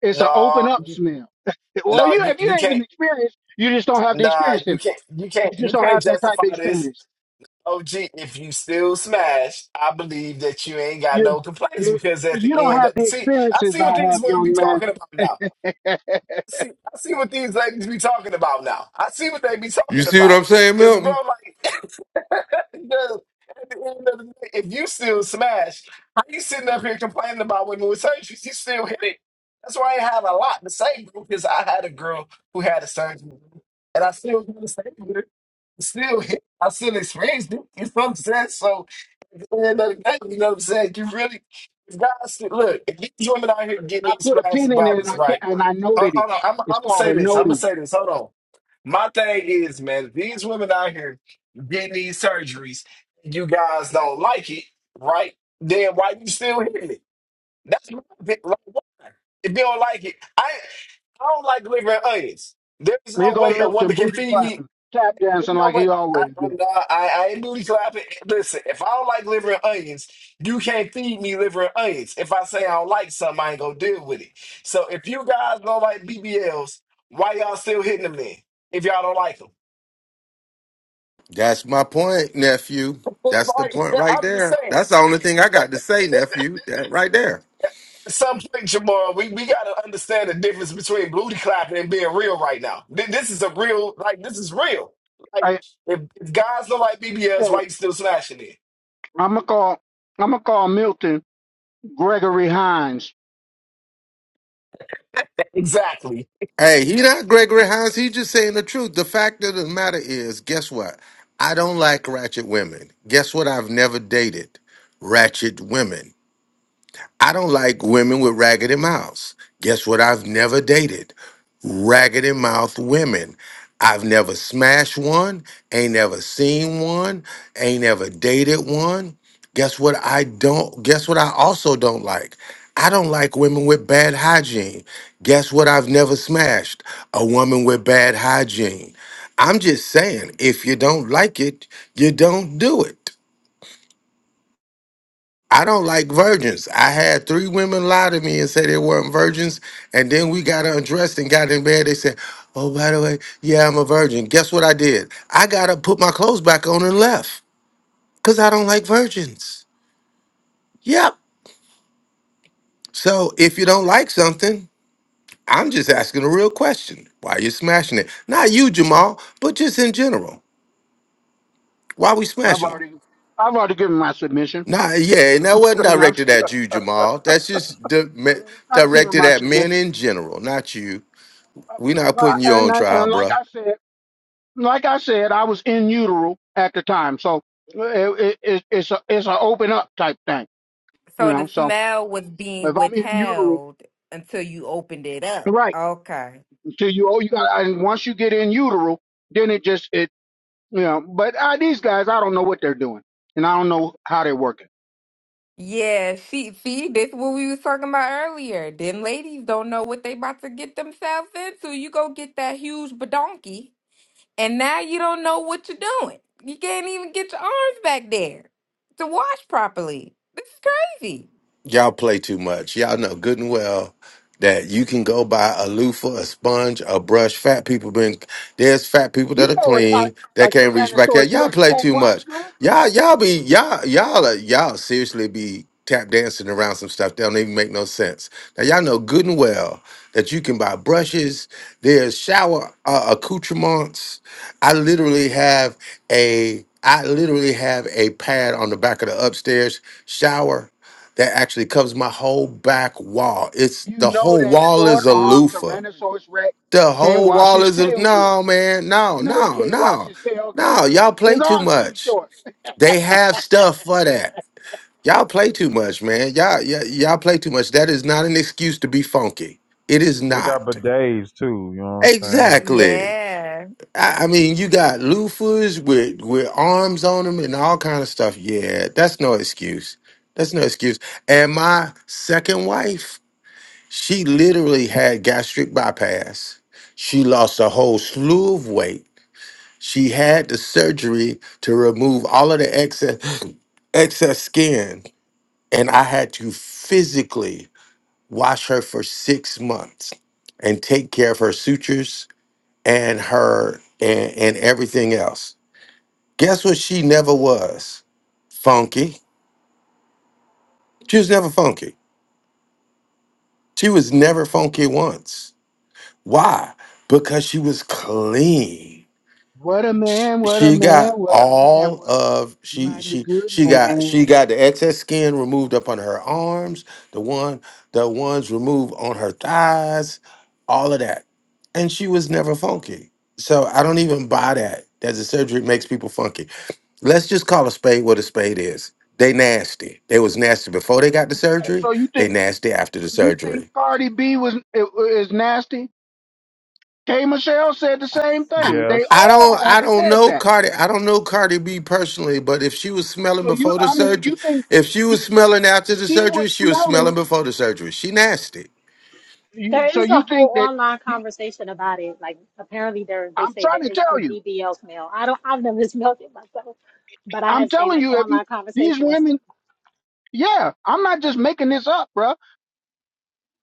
F: It's an open
G: nah,
F: up
G: you-
F: smell. (laughs) Well,
G: nah,
F: you
G: you
F: if you
G: you
F: ain't even
G: can't,
F: experienced, you just don't have the
G: nah,
F: experience in
G: you
F: it.
G: can't, you
F: You
G: can't, you
F: just don't
G: can't
F: have that type of
G: justify this.
F: experience.
G: Oh, G, if you still smash, I believe that you ain't got
F: You
G: no complaints
F: you
G: because at
F: you
G: the
F: don't
G: end,
F: have the
G: see, I
F: experiences
G: see what
F: I
G: these
F: have,
G: women be
F: young man.
G: talking about now.
F: (laughs) I
G: See, I see what these ladies be talking about now. I see what they be
M: You
G: talking
M: see what
G: about.
M: I'm saying,
G: Cause,
M: Milton?
G: bro, Because at the end of the day, if you still smash, how you sitting up here complaining about women with surgeries? You still hit it. That's why I have a lot to say, bro, because I had a girl who had a surgery, and I still got to say it still (laughs) I still experienced it. You know what I'm saying? So at the end of the day, you know what I'm saying? You really if God said, look, if these women out here getting these
F: put a pin
G: plastic
F: in it and
G: bodies,
F: I can
G: right?
F: and I
G: Hold,
F: noted it.
G: hold on, I'm, I'm
F: It's
G: gonna
F: called
G: say
F: a
G: this. I'm gonna
F: noting.
G: say this. Hold on. My thing is, man, if these women out here getting these surgeries, you guys don't like it, right? Then why you still hitting it? That's my opinion. Like, why? If you don't like it, I I don't like liver and onions. There's
F: Here
G: no
F: go
G: way a
F: Milton
G: woman can
F: booty
G: feed me
F: clapping, tap dancing
G: you know
F: like he
G: what? I,
F: always
G: I,
F: do.
G: no, I ain't booty clapping. Listen, if I don't like liver and onions, you can't feed me liver and onions. If I say I don't like something, I ain't gonna deal with it. So if you guys don't like BBLs, why y'all still hitting them then? If y'all don't like them,
M: That's my point, nephew.
G: Well,
M: That's the
G: right?
M: point
G: (laughs)
M: right
G: I'm just
M: there.
G: saying.
M: That's the only thing I got to say, nephew. That right there.
G: At some point, Jamal, we, we gotta understand the difference between booty clapping and being real right now. Th- This is a real, like this is real. Like if, if guys don't like BBLs, why you still smashing it?
F: I'm gonna call. I'm gonna call Milton Gregory Hines.
G: Exactly.
M: Hey, he not Gregory Hines. He just saying the truth. The fact of the matter is, guess what? I don't like ratchet women. Guess what? I've never dated ratchet women. I don't like women with raggedy mouths. Guess what? I've never dated raggedy mouth women. I've never smashed one, ain't never seen one, ain't never dated one. Guess what? I don't, guess what? I also don't like. I don't like women with bad hygiene. Guess what? I've never smashed a woman with bad hygiene. I'm just saying, if you don't like it, you don't do it. I don't like virgins. I had three women lie to me and say they weren't virgins, and then we got undressed and got in bed. They said, "Oh, by the way, yeah, I'm a virgin." Guess what I did? I gotta put my clothes back on and left because I don't like virgins. Yep. So if you don't like something, I'm just asking a real question: Why you smashing it? Not you, Jamal, but just in general. Why we
F: I've
M: smashing it?
F: already, I've already given my submission,
M: Nah, yeah, and that wasn't
F: and I've
M: directed
F: shared.
M: at you, Jamal. That's just di- me-
F: I've given
M: directed
F: my
M: at men
F: submission,
M: in general, not you. we not
F: uh,
M: putting you
F: and
M: on
F: I,
M: trial,
F: and like
M: bruh.
F: I said, like I said, I was in utero at the time, so it, it, it, it's a it's a open up type thing, you
C: So the
F: know. So
C: smell was being
F: if I'm in utero,
C: withheld until you opened it up.
F: right?
C: Okay.
F: Until you oh you got and once you get in utero, then it just it you know. But uh, these guys, I don't know what they're doing, and I don't know how they work. it.
C: Yeah, see, see, this what we was talking about earlier. Them ladies don't know what they about to get themselves into. You go get that huge badonkey, and now you don't know what you're doing. You can't even get your arms back there to wash properly. This is crazy.
M: y'all play too much. Y'all know good and well that you can go buy a loofah, a sponge, a brush. Fat people been there's fat people
F: You
M: that are
F: know a, ty-
M: clean that
F: a
M: can't reach back there.
F: Tyrannosaurus
M: Y'all
F: Rex
M: play
F: can't
M: too
F: wash
M: much.
F: good.
M: Y'all y'all be y'all y'all are- y'all seriously be tap dancing around some stuff that don't even make no sense. Now y'all know good and well that you can buy brushes. There's shower uh, accoutrements. I literally have a I literally have a pad on the back of the upstairs shower that actually covers my whole back wall. It's
F: You
M: the
F: know
M: whole
F: that
M: wall
F: short
M: is a
F: armed
M: loofah.
F: Tyrannosaurus Rex
M: The
F: can't
M: whole
F: wash
M: wall
F: his
M: is a
F: tail good.
M: no man,
F: You
M: no,
F: know he
M: no,
F: can't wash
M: no,
F: his tail good.
M: no. Y'all
F: His
M: play too
F: arm's too
M: much.
F: short.
M: They have stuff for that. Y'all play too much, man. Y'all, y'all, y'all play too much. That is not an excuse to be funky. It is
A: They got
M: not.
A: bidets too. You know what I'm saying?
M: Exactly.
C: Yeah.
M: I, I mean, you got loofahs with with arms on them and all kind of stuff. Yeah, that's no excuse. That's no excuse. And my second wife She literally had gastric bypass. She lost a whole slew of weight. She had the surgery to remove all of the excess (clears throat) excess skin, and I had to physically wash her for six months and take care of her sutures and her and, and everything else. Guess what? She never was funky. She was never funky. She was never funky once. Why? Because she was clean.
F: What a man, what a
M: she
F: man,
M: got
F: what a man,
M: all
F: what a
M: of she
F: mighty
M: she
F: good
M: she got
F: man.
M: she got the excess skin removed up on her arms the one the ones removed on her thighs all of that and she was never funky so i don't even buy that that the surgery makes people funky let's just call a spade what a spade is they nasty they was nasty before they got the
F: Uh,
M: surgery
F: So you
M: they
F: think
M: nasty after the
F: you think
M: surgery
F: Cardi B was is nasty? K Michelle said the same
M: I
F: thing. They
A: Yes,
M: I don't
F: all have
M: I don't
F: said
M: know
F: that.
M: Cardi I don't know Cardi B personally, but if she was smelling
F: So you
M: before the
F: I mean you
M: surgery,
F: think
M: if she
F: you,
M: was smelling after the
F: she
M: surgery,
F: was
M: she was smelling
F: smelling
M: before the surgery. She nasty.
F: you,
K: There
F: so
K: is a
F: you think
K: whole
F: that
K: online conversation about it. Like, apparently, they they
F: I'm
K: say
F: trying
K: that
F: to
K: it's the
F: tell you.
K: DBL smell. I don't, I've never (laughs) smelled it myself, but I
F: I'm
K: have seen
F: telling
K: like
F: you, if you
K: online
F: these
K: conversations
F: women, yeah, I'm not just making this up, bruh.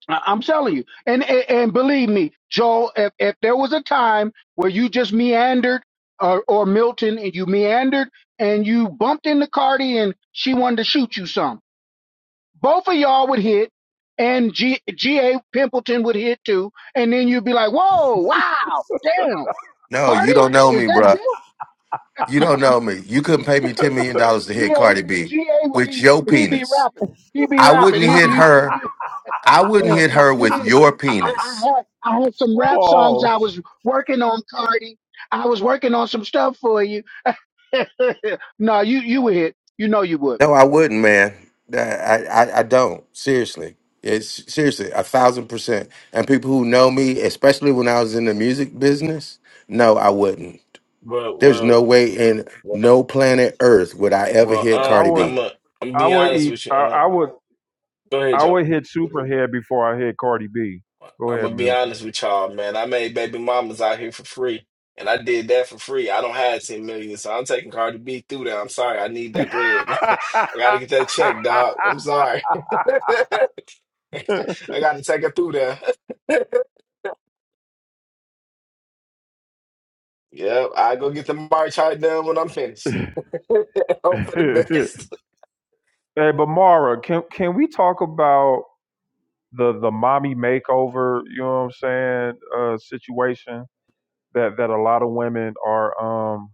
F: I- I'm telling you, and and, and believe me, Joel, if if there was a time where you just meandered. Or, or Milton, and you meandered and you bumped into Cardi and she wanted to shoot you some. Both of y'all would hit, and G G A Pimpleton would hit too. And then you'd be like, whoa, wow, damn,
M: No,
F: Cardi,
M: you don't know
F: is
M: me,
F: that
M: bruh.
F: you?
M: You don't know me. You couldn't pay me ten million dollars to
F: G
M: hit
F: A
M: Cardi B
F: G A would
M: with
F: be,
M: your
F: he'd be
M: penis.
F: rapping. He'd be
M: I
F: rapping.
M: wouldn't
F: He'd be,
M: hit
F: you, you
M: her.
F: be,
M: I wouldn't
F: uh,
M: hit her
F: you
M: with
F: be,
M: your
F: I, I
M: penis.
F: had, I had some rap songs
A: Paul.
F: I was working on, Cardi. I was working on some stuff for you. (laughs) no, you, you would hit. You know you would.
M: No, I wouldn't, man. That- I, I, I don't. Seriously. It's seriously a thousand percent. And people who know me, especially when I was in the music business, no, I wouldn't. There's
G: Well,
M: no way in
G: well.
M: no planet Earth would I ever
G: Well,
M: hit
A: I
G: Aunt,
M: Cardi
A: would,
G: I'm
M: B.
G: a, I'm gonna
A: I
G: be
A: would
G: honest
A: eat.
G: with you.
A: I,
G: Aunt.
A: I would,
G: go ahead,
A: I
G: Joe.
A: would hit Superhead before I hit Cardi B. Go
G: I'm
A: ahead,
G: gonna be
A: Milton.
G: honest with y'all, man. I made baby mamas out here for free, and I did that for free. I don't have ten million, so I'm taking Cardi B through there. I'm sorry, I need that bread, (laughs) man. I gotta get that check, dog. I'm sorry. (laughs) I gotta take her through there. (laughs) Yep, I go get the march hard done when I'm finished. (laughs) Hope
A: (laughs)
G: for the best.
A: hey, but Mara, can can we talk about the the mommy makeover? You know what I'm saying? Uh, situation that that a lot of women are um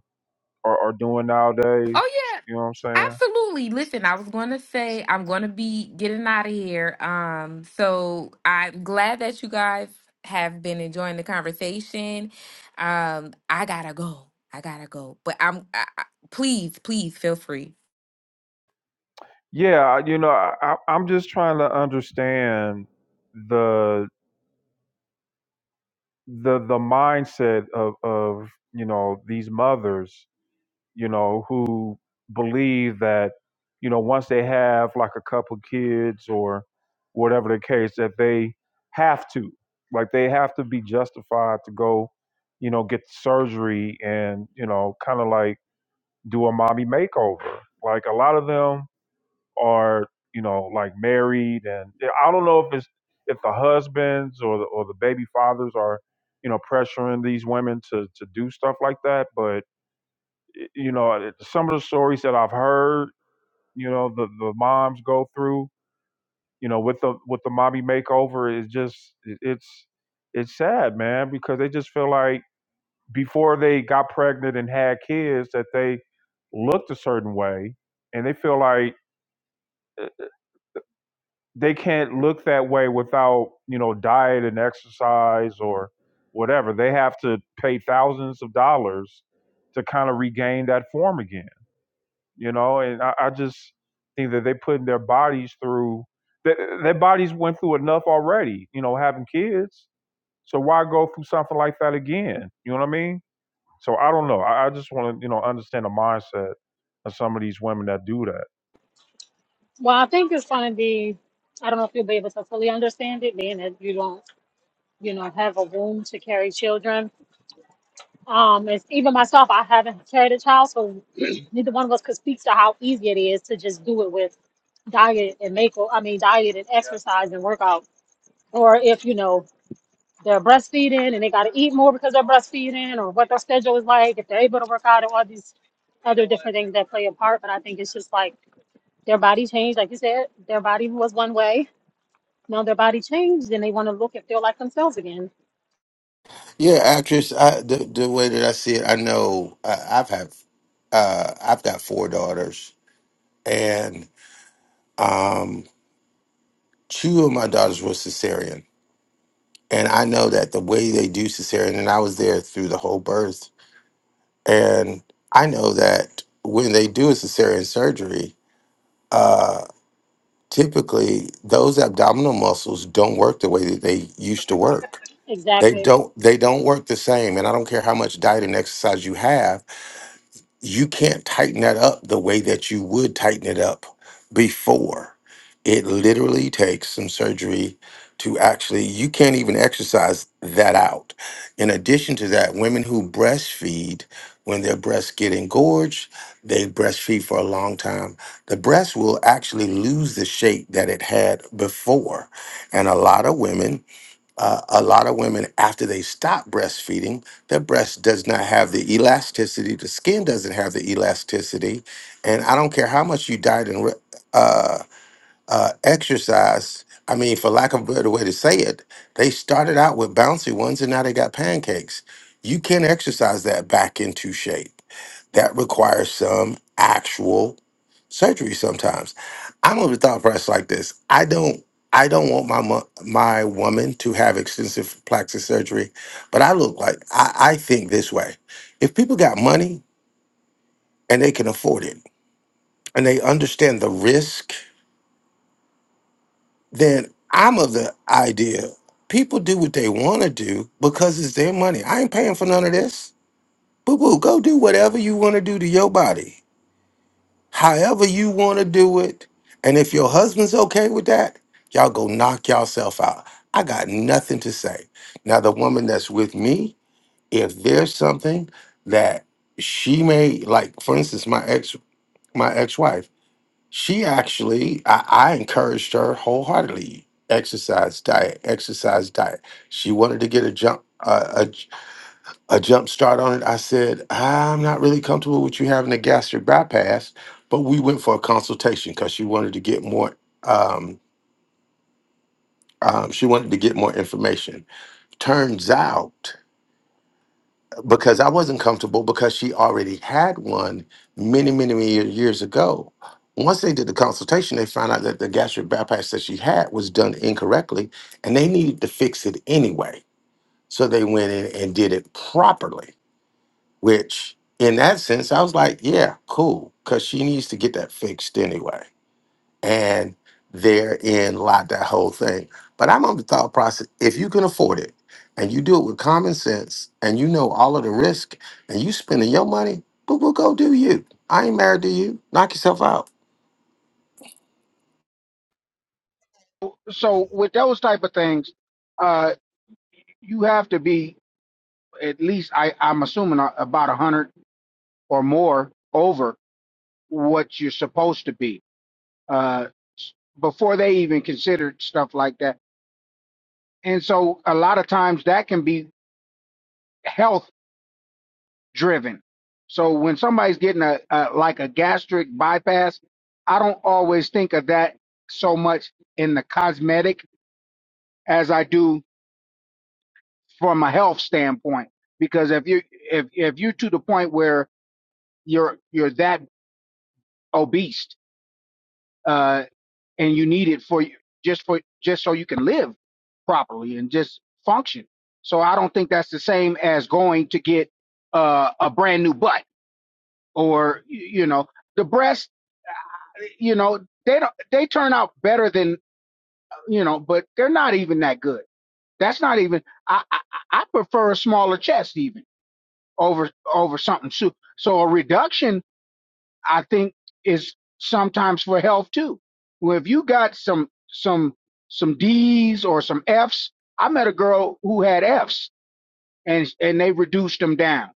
A: are, are doing nowadays.
C: Oh
A: You know what I'm saying?
C: Absolutely. Listen, I was going to say I'm going to be getting out of here. Um, so I'm glad that you guys have been enjoying the conversation. Um, I gotta go. I gotta go. But I'm I, I- please, please feel free.
A: Yeah, you know, I, I- I'm just trying to understand the. the the mindset of of you know these mothers you know who believe that you know once they have like a couple kids or whatever the case that they have to like they have to be justified to go you know get surgery and you know kind of like do a mommy makeover like a lot of them are you know like married and yeah, i don't know if it's if the husbands or the, or the baby fathers are you know pressuring these women to to do stuff like that but you know it- some of the stories that i've heard you know the the moms go through you know with the with the mommy makeover is just it- it's it's sad man because they just feel like before they got pregnant and had kids that they looked a certain way and they feel like eh, they can't look that way without you know diet and exercise or whatever they have to pay thousands of dollars to kind of regain that form again you know and i, I just think that they're putting their bodies through their, their bodies went through enough already you know having kids so why go through something like that again you know what i mean so i don't know i, I just want to you know understand the mindset of some of these women that do that
K: Well, I think it's going to be, I don't know if you'll be able to fully understand it, being that you don't, you know, have a womb to carry children. Um, it's even myself, I haven't carried a child, so (clears throat) neither one of us could speak to how easy it is to just do it with diet and make, I mean, diet and exercise and workout. Or if, you know, they're breastfeeding and they got to eat more because they're breastfeeding or what their schedule is like, if they're able to work out and all these other different things that play a part. But I think it's just like their body changed. Like you said, their body was one way Now their body changed and they want to look and feel like themselves again.
M: Yeah, actress. I, the the way that I see it, I know uh, I've had uh, I've got four daughters, and um, two of my daughters were cesarean, and I know that the way they do cesarean, and I was there through the whole birth And I know that when they do a cesarean surgery, uh, typically those abdominal muscles don't work the way that they used to work. They
K: Exactly.
M: don't. They don't work the same. And I don't care how much diet and exercise you have you can't tighten that up the way that you would tighten it up before. It literally takes some surgery to actually, you can't even exercise that out. In addition to that, women who breastfeed, when their breasts get engorged, they breastfeed for a long time. The breast will actually lose the shape that it had before. And a lot of women uh, a lot of women after they stop breastfeeding their breast does not have the elasticity the skin doesn't have the elasticity and i don't care how much you diet and re- uh, uh, exercise. I mean, for lack of a better way to say it, they started out with bouncy ones and now they got pancakes. You can exercise that back into shape. That requires some actual surgery sometimes. I'm of the thought process like this. I don't I don't want my mo- my woman to have extensive plastic surgery, but I look like I, I think this way. If people got money and they can afford it and they understand the risk then I'm of the idea people do what they want to do because it's their money. I ain't paying for none of this. Boo boo, go do whatever you want to do to your body, however you want to do it. And if your husband's okay with that, y'all go knock yourself out. I got nothing to say. Now, the woman that's with me, if there's something that she may like, for instance, my ex, my ex-wife. She actually, I, I encouraged her wholeheartedly. Exercise diet, exercise diet. She wanted to get a jump uh, a, j- a jump start on it. I said, I'm not really comfortable with you having a gastric bypass, but we went for a consultation because she wanted to get more. Um, um, she wanted to get more information. Turns out because I wasn't comfortable because she already had one many, many, many ye- years ago. Once they did the consultation, they found out that the gastric bypass that she had was done incorrectly and they needed to fix it anyway. So they went in and did it properly, which in that sense, I was like, yeah, cool, because she needs to get that fixed anyway and therein lied that whole thing. But I'm on the thought process if you can afford it and you do it with common sense and you know all of the risk and you spending your money, boo boo, go do you. I ain't married to you. Knock yourself out.
F: So with those type of things, uh, you have to be at least, I, I'm assuming a- about a hundred or more over what you're supposed to be. Uh, s- before they even considered stuff like that And so a lot of times that can be health driven. So when somebody's getting a, a like a gastric bypass, I don't always think of that so much in the cosmetic as I do from a health standpoint. Because if you if if you to the point where you're you're that obese uh, and you need it for you just for just so you can live properly and just function. So I don't think that's the same as going to get uh, a brand new butt or you know the breasts, you know they don't they turn out better than you know but they're not even that good that's not even i i, I prefer a smaller chest even over over something so so a reduction i think is sometimes for health too well if you got some some some d's or some f's i met a girl who had f's and and they reduced them down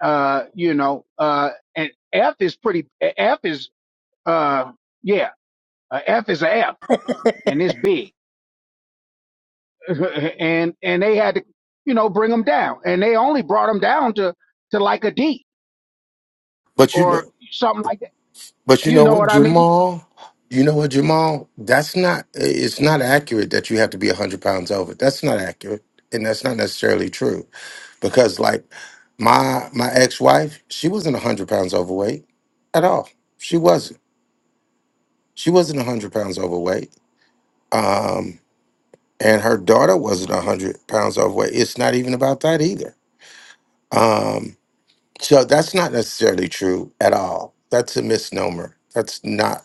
F: uh you know uh and f is pretty f is uh yeah A F is a F, and it's big. (laughs) and and they had to, you know, bring them down, and they only brought them down to to like a D
M: But you
F: or
M: know,
F: something like that.
M: but you
F: You
M: know
F: know
M: what,
F: what I mean?
M: Jamal? You know what, Jamal? That's not, it's not accurate that you have to be 100 pounds over. That's not accurate. And that's not necessarily true because, like, my my ex wife, she wasn't 100 pounds overweight at all. She wasn't She wasn't 100 pounds overweight. Um, and her daughter wasn't 100 pounds overweight. It's not even about that either. Um, so that's not necessarily true at all. That's a misnomer. That's not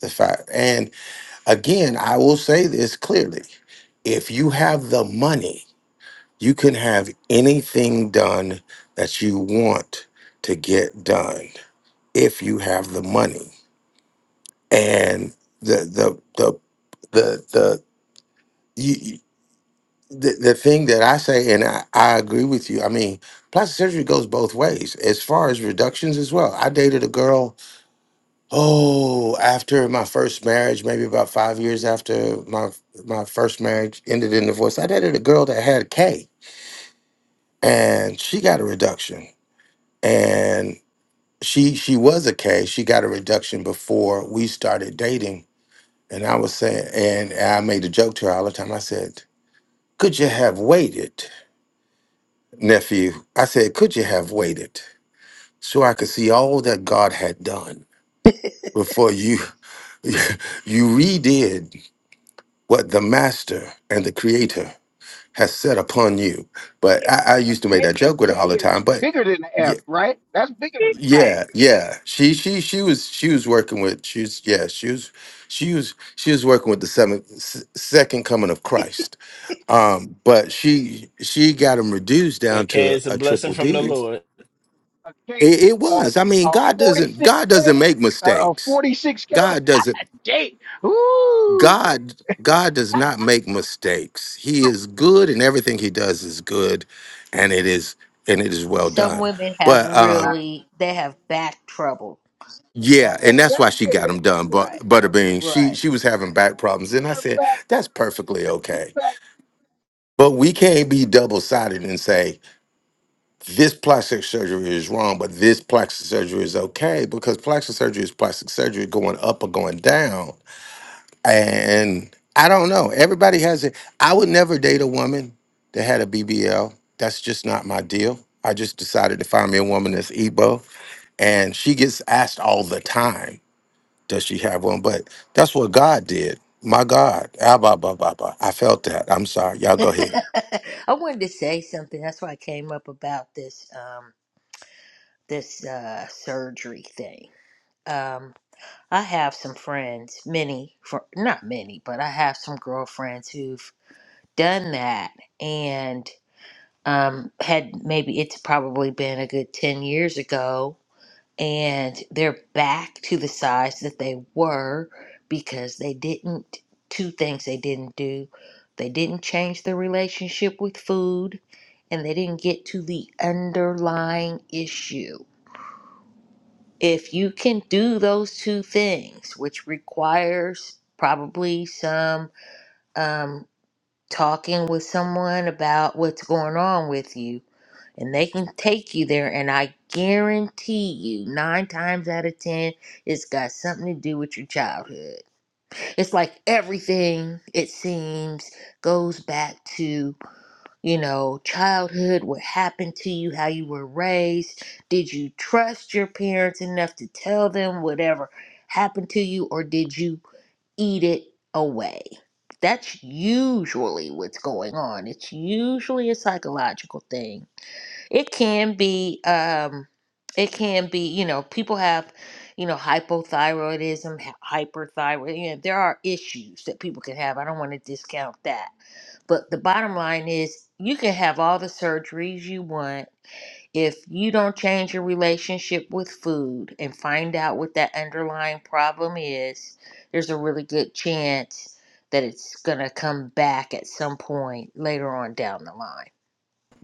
M: the fact. And again, I will say this clearly if you have the money, you can have anything done that you want to get done if you have the money. And the, the, the, the, the, the, the thing that I say, and I, I agree with you. I mean, plastic surgery goes both ways as far as reductions as well. I dated a girl, oh, after my first marriage, maybe about five years after my my first marriage ended in divorce. I dated a girl that had K, and she got a reduction, and she she was a K. She got a reduction before we started dating, and I was saying, and I made a joke to her all the time. I said, "Could you have waited?" nephew, I said, could you have waited so I could see all that God had done before you (laughs) you redid what the master and the creator has set upon you? But I, I
F: A
M: used to make
F: K
M: that
F: a
M: joke with
F: K
M: her all the
F: is
M: time. But
F: bigger than an
M: yeah,
F: F, right? That's bigger than
M: yeah, yeah. She she she was she was working with she was yeah, she was she was she was working with the seven, s- second coming of Christ. Um, but she she got him reduced down
G: Okay,
M: to
G: it's a
M: a
G: blessing
M: triple
G: from the
M: D
G: Lord.
F: a a K.
M: It, it
F: Uh,
M: was. I mean,
F: a
M: God
F: forty
M: doesn't
F: six
M: God doesn't
F: K.
M: make
F: uh, A
M: mistakes.
F: forty six K.
M: God doesn't
F: Date. Ooh.
M: God God does not make mistakes. He is good and everything he does is good and it is and it is well
N: Some
M: done.
N: women have
M: But uh
F: Uh,
N: really they have back trouble.
M: yeah,
N: That's
M: and
F: yeah,
M: that's
F: that's
M: why she got
F: yeah.
M: him done. But
N: right.
F: Her,
M: Butterbean, she
N: Right.
M: she was having back problems. And I
F: her
M: said,
F: back,
M: that's perfectly
F: that big
M: okay.
F: back.
M: But we can't be double-sided and say this plastic surgery is wrong, but this plastic surgery is okay, because plastic surgery is plastic surgery going up or going down And I don't know. Everybody has it. I would never date a woman that had a BBL. That's just not my deal. I just decided to find me a woman that's Igbo. And she gets asked all the time, does she have one? But that's what God did. My God. Ah, bah, bah, bah, bah. I felt that. I'm sorry. Y'all
N: (laughs)
M: go ahead.
N: I wanted to say something. That's why I came up about this um this uh surgery thing. Um, I have some friends, many, fr- not many, but I have some girlfriends who've done that and um, had maybe it's probably been a good 10 years ago, and they're back to the size that they were because they didn't, two things they didn't do. They didn't change their relationship with food, and they didn't get to the underlying issue if you can do those two things, which requires probably some um, talking with someone about what's going on with you, and they can take you there, and I guarantee you, nine times out of ten, it's got something to do with your childhood. It's like everything, it seems, goes back to you know, childhood, what happened to you, how you were raised. Did you trust your parents enough to tell them whatever happened to you, or did you eat it away? That's usually what's going on. It's usually a psychological thing. It can be, um, it can be, you know, people have, you know, hypothyroidism, hy- hyperthyroid. You know, there are issues that people can have. I don't want to discount that but the bottom line is, you can have all the surgeries you want. If you don't change your relationship with food and find out what that underlying problem is, there's a really good chance that it's going to come back at some point later on down the line.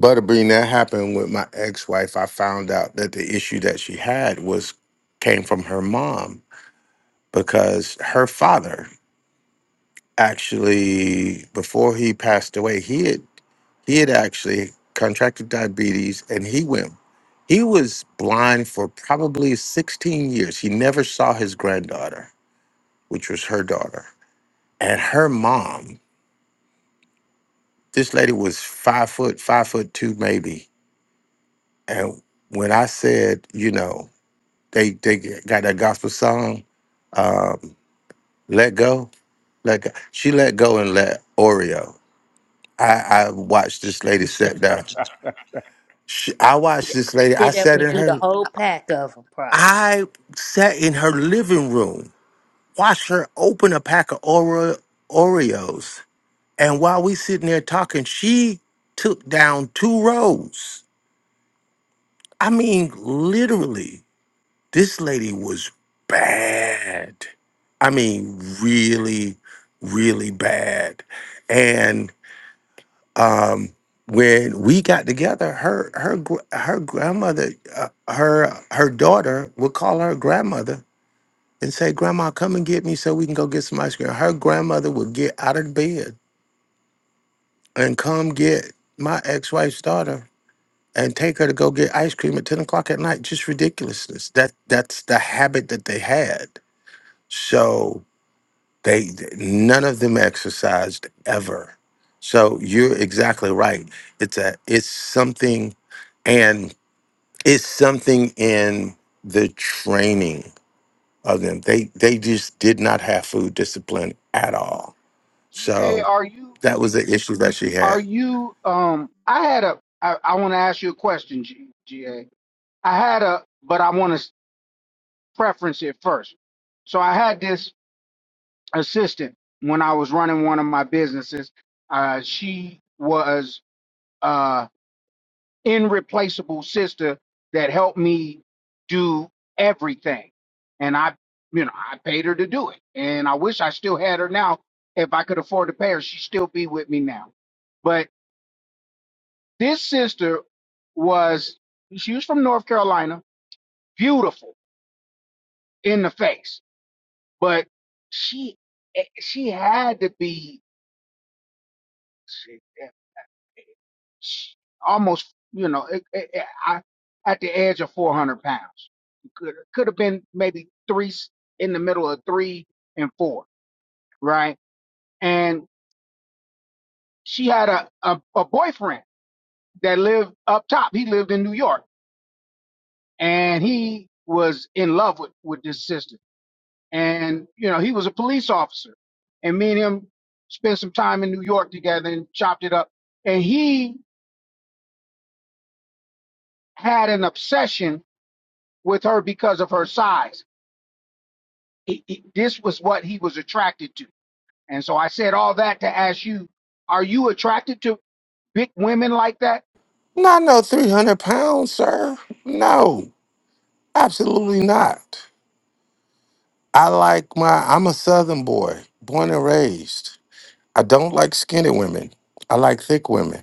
M: Butterbean, that happened with my ex-wife. I found out that the issue that she had was came from her mom because her father actually before he passed away he had he had actually contracted diabetes and he went he was blind for probably 16 years he never saw his granddaughter which was her daughter and her mom this lady was five foot five foot two maybe and when i said you know they they got that gospel song um let go let go she let go and let oreo i i watched this lady sit down
A: (laughs)
M: She, I watched this lady. I
N: Sit up
M: sat
N: and
M: in
N: eat
M: her.
N: a whole pack of them, probably.
M: I sat in her living room, watched her open a pack of Ore- Oreos, and while we sitting there talking, she took down two rows. I mean, literally, this lady was bad. I mean, really, really bad. um, when we got together, her her gr- her grandmother, uh, her her daughter would call her grandmother and say, "Grandma, come and get me so we can go get some ice cream." Her grandmother would get out of bed and come get my ex-wife's daughter and take her to go get ice cream at ten o'clock at night. Just ridiculousness. That that's the habit that they had. So They none of them exercised ever. So you're exactly right. It's a it's something and it's something in the training of them. They they just did not have food discipline at all.
F: G A
M: So
F: R U.
M: that was the issue that she
F: Are
M: had.
F: you? Um, I had a. I, I want to ask you a question, G, GA. I had a, but I want to preference it first. So I had this assistant when I was running one of my businesses. Uh, she was uh irreplaceable sister that helped me do everything, and I, you know, I paid her to do it, and I wish I still had her now. If I could afford to pay her, she'd still be with me now But This sister was she was from North Carolina, beautiful in the face, but she eh, she had to be she- almost you know it, it, it- I, at the edge of 400 pounds could could have been maybe three s- in the middle of three and four right and she had a, a a boyfriend that lived up top he lived in new york and he was in love with with this sister and you know he was a police officer and me and him spent some time in new york together and chopped it up and he had an obsession with her because of her size He- he- this was what he was attracted to and so i said all that to ask you are you attracted to big women like that
M: Not no three hundred pounds, sir. No, absolutely not. I like my. I'm a Southern boy, born and raised. I don't like skinny women. I like thick women.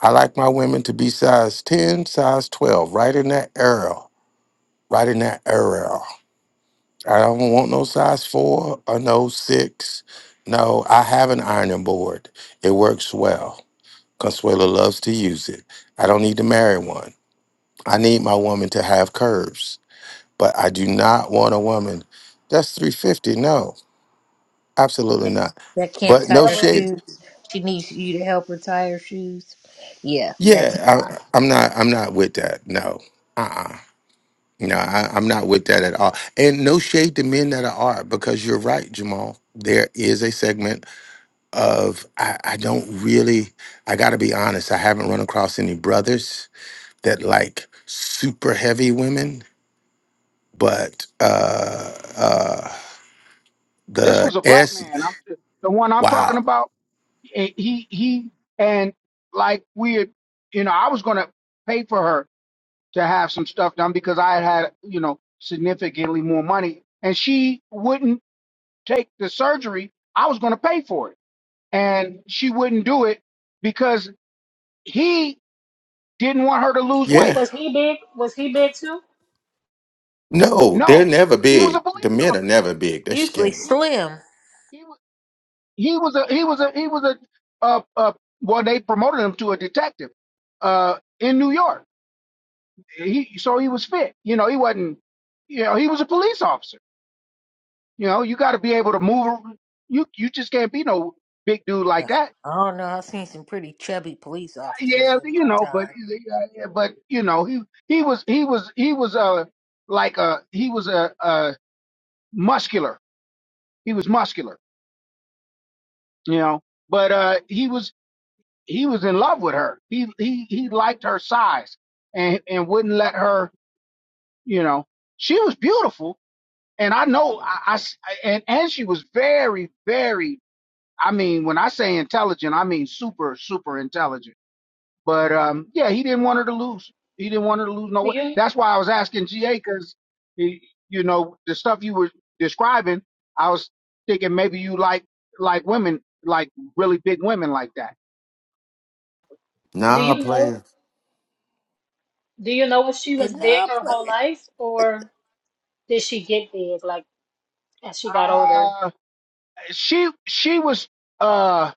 M: I like my women to be size 10, size 12, right in that area, right in that area. I don't want no size 4 or no 6. No, I have an ironing board. It works well. Consuela loves to use it. I don't need to marry one. I need my woman to have curves, but I do not want a woman that's 350. No, absolutely not.
N: That can't
M: But
N: tie
M: no
K: That
N: her
K: was,
M: shade.
N: shoes. She needs you to help her tie her shoes. Yeah, that's
M: Yeah, I, I'm not. I'm not with that. No. Uh. uh No, I, I'm not with that at all. And no shade to men that are, art, because you're right, Jamal. There is a segment of, I, I don't really, I got to be honest, I haven't run across any brothers that like super heavy women, but uh, uh,
F: this
M: the
F: was a black
M: S,
F: man i'm the one i'm talking
M: wow.
F: about he he he- and like we had, you know i was going to pay for her to have some stuff done because I had had, you know, significantly more money. And she wouldn't take the surgery. I was going to pay for it. And she wouldn't do it because he didn't want her to lose weight.
M: Yeah.
K: was he big? Was he big too?
M: No, they're
F: No,
M: never
F: he was a
M: big. The
F: police
M: men are
F: officer.
M: never big. They're
N: usually
M: skinny.
F: He was,
N: slim
F: he was, he was a, he was a, he was a, uh, uh, well, they promoted him to a detective, uh, in New York. He, so he was fit. You know, he wasn't, you know, he was a police officer You know, you got to be able to move. ar- You you just can't be no big dude
N: I
F: like that.
N: don't know. I've seen some pretty chubby police officers
F: Yeah,
N: in
F: you
N: my
F: know, but
N: time.
F: uh, but you know, he he was he was he was uh like a he was a, a muscular. He was muscular, you know. But uh he was he was in love with her. He he he liked her size and and wouldn't let her, you know. She was beautiful, and I know I, I s- and and she was very very I mean, when I say intelligent, I mean super, super intelligent But um, yeah, he didn't want her to lose. He didn't want her to lose no
K: Do
F: way.
K: you
F: That's why I was asking GA because, you know, the stuff you were describing, I was thinking maybe you like like women, like really big women like that.
K: do
M: Nah,
K: you know
M: player.
K: do you know if she was
N: And no,
K: big
N: I'm
K: her whole
N: playing.
K: life or did she get big like as she got older?
F: Uh, she she was uh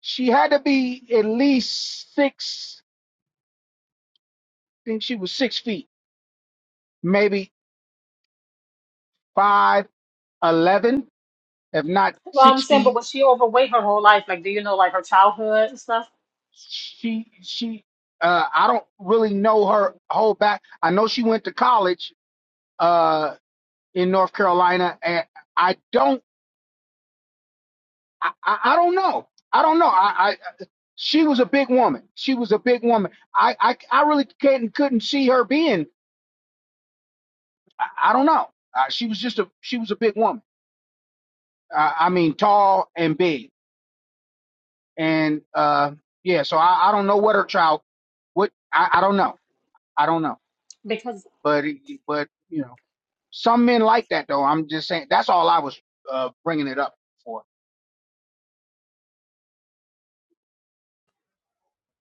F: she had to be at least six. I think she was six feet, maybe five eleven, if not
K: Well, I'm
F: six
K: saying,
F: feet
K: but was she overweight her whole life? Like, do you know like her childhood and stuff?
F: she she uh I don't really know her whole back. I know she went to college uh in North Carolina and I don't I, I I don't know. I don't know. I, I she was a big woman. She was a big woman. I I, I really can't couldn't see her being I, I don't know. Uh, she was just a she was a big woman. Uh, I mean tall and big. And uh yeah, so I, I don't know what her child what I, I don't know. I don't know.
K: Because
F: But but you know Some men like that though. I'm just saying. That's all I was uh, bringing it up for.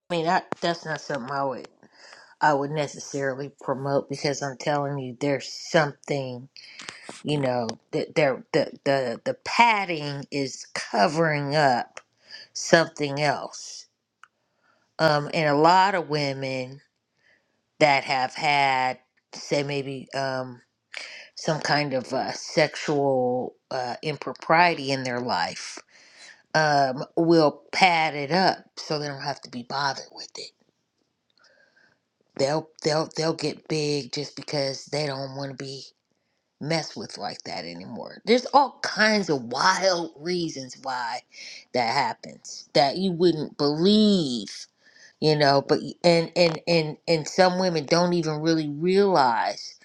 N: I mean, I, that's not something I would I would necessarily promote because I'm telling you, there's something you know that there the the the padding is covering up something else. Um, and a lot of women that have had say maybe um some kind of uh, sexual uh, impropriety in their life um, will pad it up so they don't have to be bothered with it. They'll they'll they'll get big just because they don't want to be messed with like that anymore. There's all kinds of wild reasons why that happens that you wouldn't believe, you know. But and and and and some women don't even really realize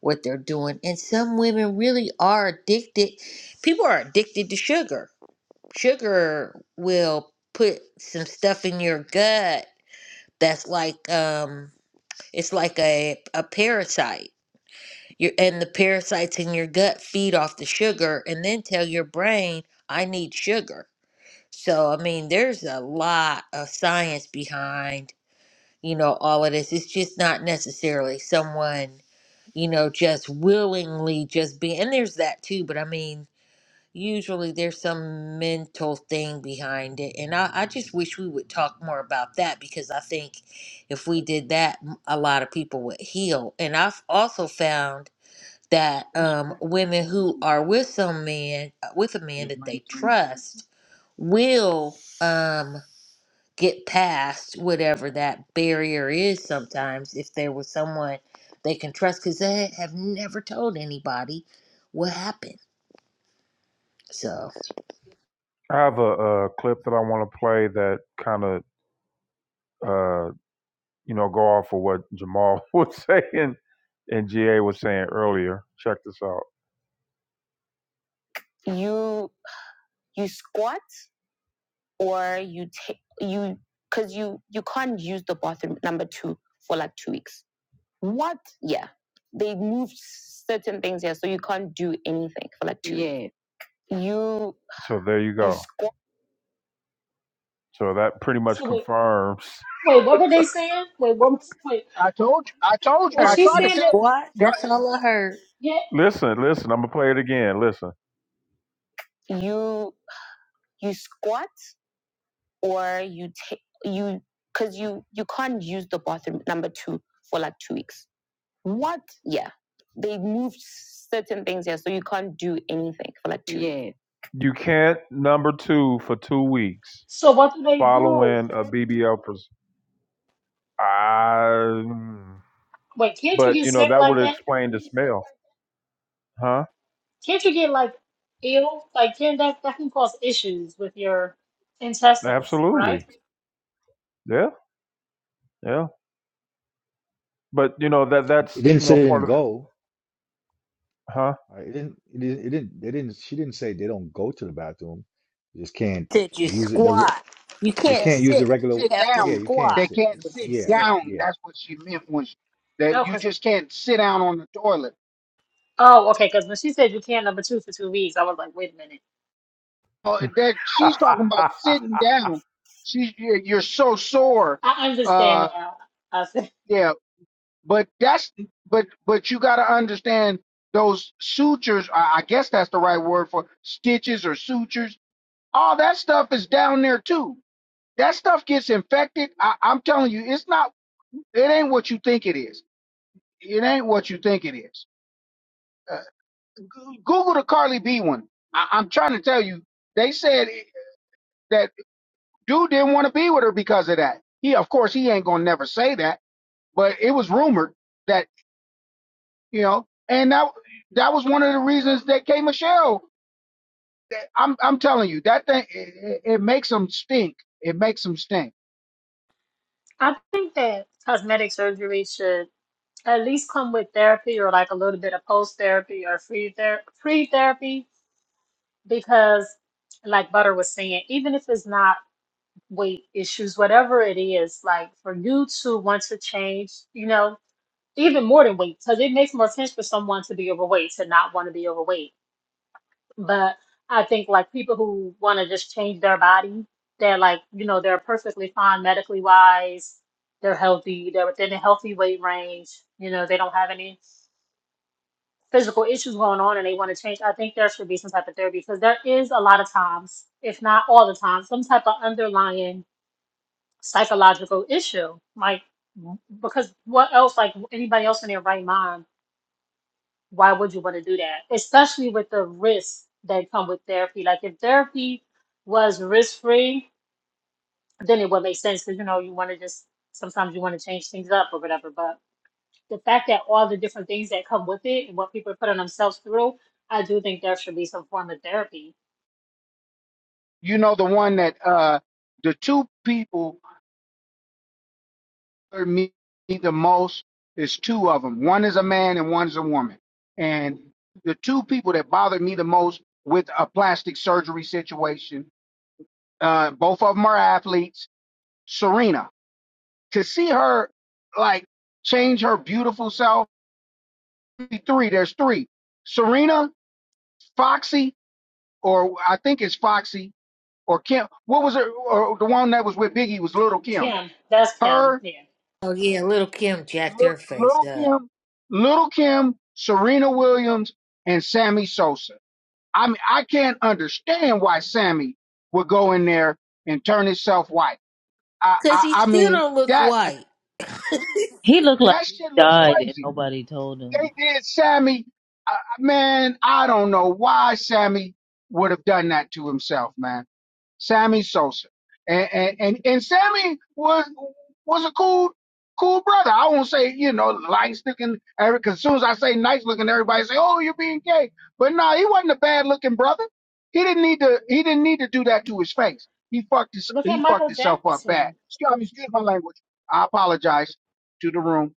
N: what they're doing, and some women really are addicted. People are addicted to sugar sugar will put some stuff in your gut that's like um it's like a a parasite your and the parasites in your gut feed off the sugar and then tell your brain i need sugar so i mean there's a lot of science behind you know all of this it's just not necessarily someone you know just willingly just be and there's that too but i mean usually there's some mental thing behind it and I, I just wish we would talk more about that because i think if we did that m- a lot of people would heal and i've also found that um, women who are with some man uh, with a man that they trust will um, get past whatever that barrier is sometimes if there was someone they can trust because they have never told anybody what happened so
A: I have a, a clip that I want to play that kind of uh, you know, go off of what Jamal (laughs) was saying and GA was saying earlier. Check this out. You you squat or you take you because you you can't use the bathroom number two for like two weeks. What? Yeah, they moved certain things here, so you can't do anything for like two. Yeah. You. So there you go. you squat- so that pretty much
K: so wait,
A: confirms. (laughs)
K: wait, what were they saying? Wait, what? was- Wait,
F: I told you. I told you.
K: was
F: I
N: heard
K: she
F: tried
N: you
F: to
K: saying
F: tell
K: that?
N: squat.
F: y'all.
N: That's
F: they
N: all I heard.
K: Yeah.
A: Listen, listen. I'm gonna play it again. Listen. You you squat or you take you because you you can't use the bathroom number two for like two weeks. What? Yeah, they moved certain things here, so you can't do anything for like two. Yeah. weeks. You can't number two for two weeks
K: So what do they do?
A: following a (laughs) BBL. Pres- I,
K: Wait, can't you
A: but
K: get
A: you know
K: sick
A: that would
K: like that?
A: explain the smell, huh?
K: Can't you get like ill? Like can that that can cause issues with your intestines,
A: Absolutely,
K: right?
A: yeah, yeah. But you know that
L: It
A: that's
L: didn't
A: you
L: say
A: know
L: they
A: part
L: didn't go.
A: of
L: Right? It didn't. It didn't. It didn't. They didn't. She didn't say they don't go to the bathroom. You just can't
N: Said you
L: use it. The
N: squat.
L: re-
N: You
L: you
N: can't
F: can't
L: can't use
N: sit.
L: the regular.
N: You
F: Sit
N: have to
L: Yeah,
F: down.
L: you can't
N: squat.
F: They
L: sit.
F: can't
N: Is what
F: sit
N: she
L: Yeah,
N: said.
F: down.
L: yeah.
F: That's what she meant when she, that
K: Oh,
F: you
K: 'cause-
F: just can't sit down on the toilet.
K: oh, okay. Because when she said you can't number two for two weeks, I was like, wait a minute.
F: Oh,
A: it,
F: that she's talking about
A: huh? (laughs)
F: sitting down. She, you're you're so sore.
K: I
F: Uh,
K: understand now. I think
F: yeah. But that's but but you got to understand those sutures. I, I guess that's the right word for stitches or sutures. All that stuff is down there too. That stuff gets infected. I, I'm telling you, it's not. It ain't what you think it is. It ain't what you think it is. Uh, Goo- Google the Carly B one. I, I'm trying to tell you. They said that dude didn't want to be with her because of that. He, of course, he ain't gonna never say that. But it was rumored that. you know. And that that was one of the reasons that K Michelle. that- I'm I'm telling you that thing it, it, it makes them stink. It makes them stink.
K: (laughs) I think that cosmetic surgery should at least come with therapy or like a little bit of post therapy or free ther free therapy because, like Butter was saying, even if it's not weight issues, whatever it is, like for you to want to change, you know. even more than weight because it makes more sense for someone to be overweight to not want to be overweight but i think like people who want to just change their body they're like you know they're perfectly fine medically wise they're healthy they're within a healthy weight range you know they don't have any physical issues going on and they want to change i think there should be some type of therapy because there is a lot of times if not all the time some type of underlying psychological issue like because what else like anybody else in their right mind why would you want to do that? Especially with the risks that come with therapy. Like if therapy was risk free, then it would make sense because you know you want to just sometimes you want to change things up or whatever. But the fact that all the different things that come with it and what people are putting themselves through, I do think there should be some form of therapy.
F: You know the one that uh the two people hurt me the most is two of them. One is a man and one is a woman. And the two people that bothered me the most with a plastic surgery situation, uh, both of them are athletes. Serena to see her like change her beautiful self three. There's three. Serena, Foxy, or I think it's Foxy or Kim. What was it? Or the one that was with Biggie was Little Kim.
K: Kim, that's Kim.
F: Her,
K: Yeah.
N: Oh yeah, little Kim jacked
F: Lit-
N: her face
F: Little
N: up.
F: Kim, Little Kim, Serena Williams, and Sammy Sosa. I mean, I can't understand why Sammy would go in there and turn himself white. I,
N: Cause
F: I,
N: he
F: I
N: still
F: mean,
N: don't look
F: that
N: white. (laughs)
O: He looked like
F: that
O: he
F: shit looks
O: died and
F: crazy.
O: nobody told him.
F: They did, Sammy. Uh, man, I don't know why Sammy would have done that to himself, man. Sammy Sosa, and and and, and Sammy was was a cool cool brother. I won't say you know nice looking. Cause as soon as I say nice looking, everybody say, "Oh, you're being gay." But no, he wasn't a bad looking brother. He didn't need to. He didn't need to do that to his face. He fucked his.
K: Look at
F: He fucked
K: Michael
F: himself up bad.
K: Jackson.
F: Excuse, I excuse my language. I apologize to the room.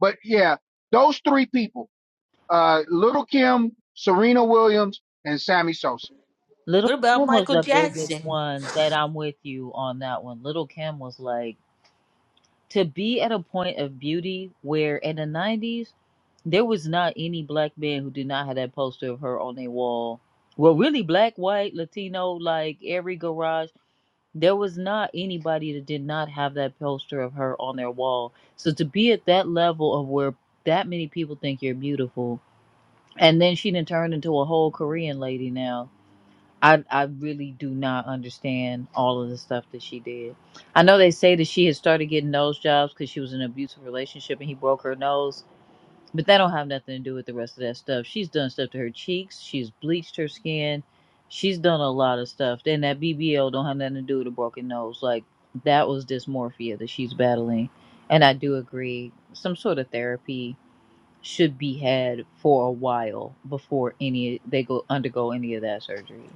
F: But yeah, those three people uh, Little Kim, Serena Williams, and Sammy Sosa.
O: Little
N: What about
O: Kim was
N: Michael
O: the biggest
N: Jackson?
O: one that I'm with you on that one. Little Kim was like, to be at a point of beauty where in the 90s, there was not any black man who did not have that poster of her on their wall. Well, really, black, white, Latino, like every garage, there was not anybody that did not have that poster of her on their wall. So to be at that level of where that many people think you're beautiful and then she didn't into a whole Korean lady now. I I really do not understand all of the stuff that she did. I know they say that she had started getting nose jobs because she was in an abusive relationship and he broke her nose, but that don't have nothing to do with the rest of that stuff. She's done stuff to her cheeks. She's bleached her skin. She's done a lot of stuff. Then that BBL don't have nothing to do with a broken nose. Like that was dysmorphia that she's battling, and I do agree some sort of therapy should be had for a while before any they go undergo any of that surgery.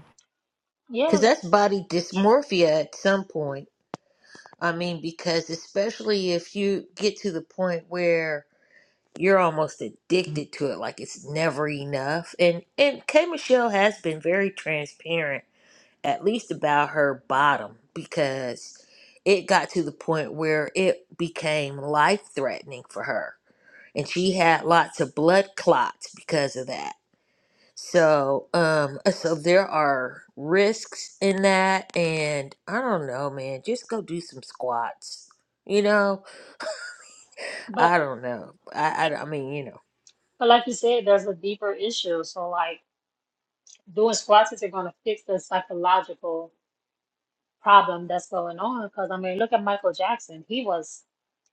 N: Cause
K: Yeah,
N: that's body dysmorphia at some point. I mean, because especially if you get to the point where you're almost addicted to it, like it's never enough. And and K Michelle has been very transparent at least about her bottom because it got to the point where it became life threatening for her. And she had lots of blood clots because of that. So, um, uh, so there are risks in that. And I don't know, man, just go do some squats. You know,
K: but
N: I don't know. I, I, I mean, you know,
K: but like you said, there's a deeper issue. So like doing squats isn't going to fix the psychological problem that's going on. Because I mean, look at Michael Jackson. He was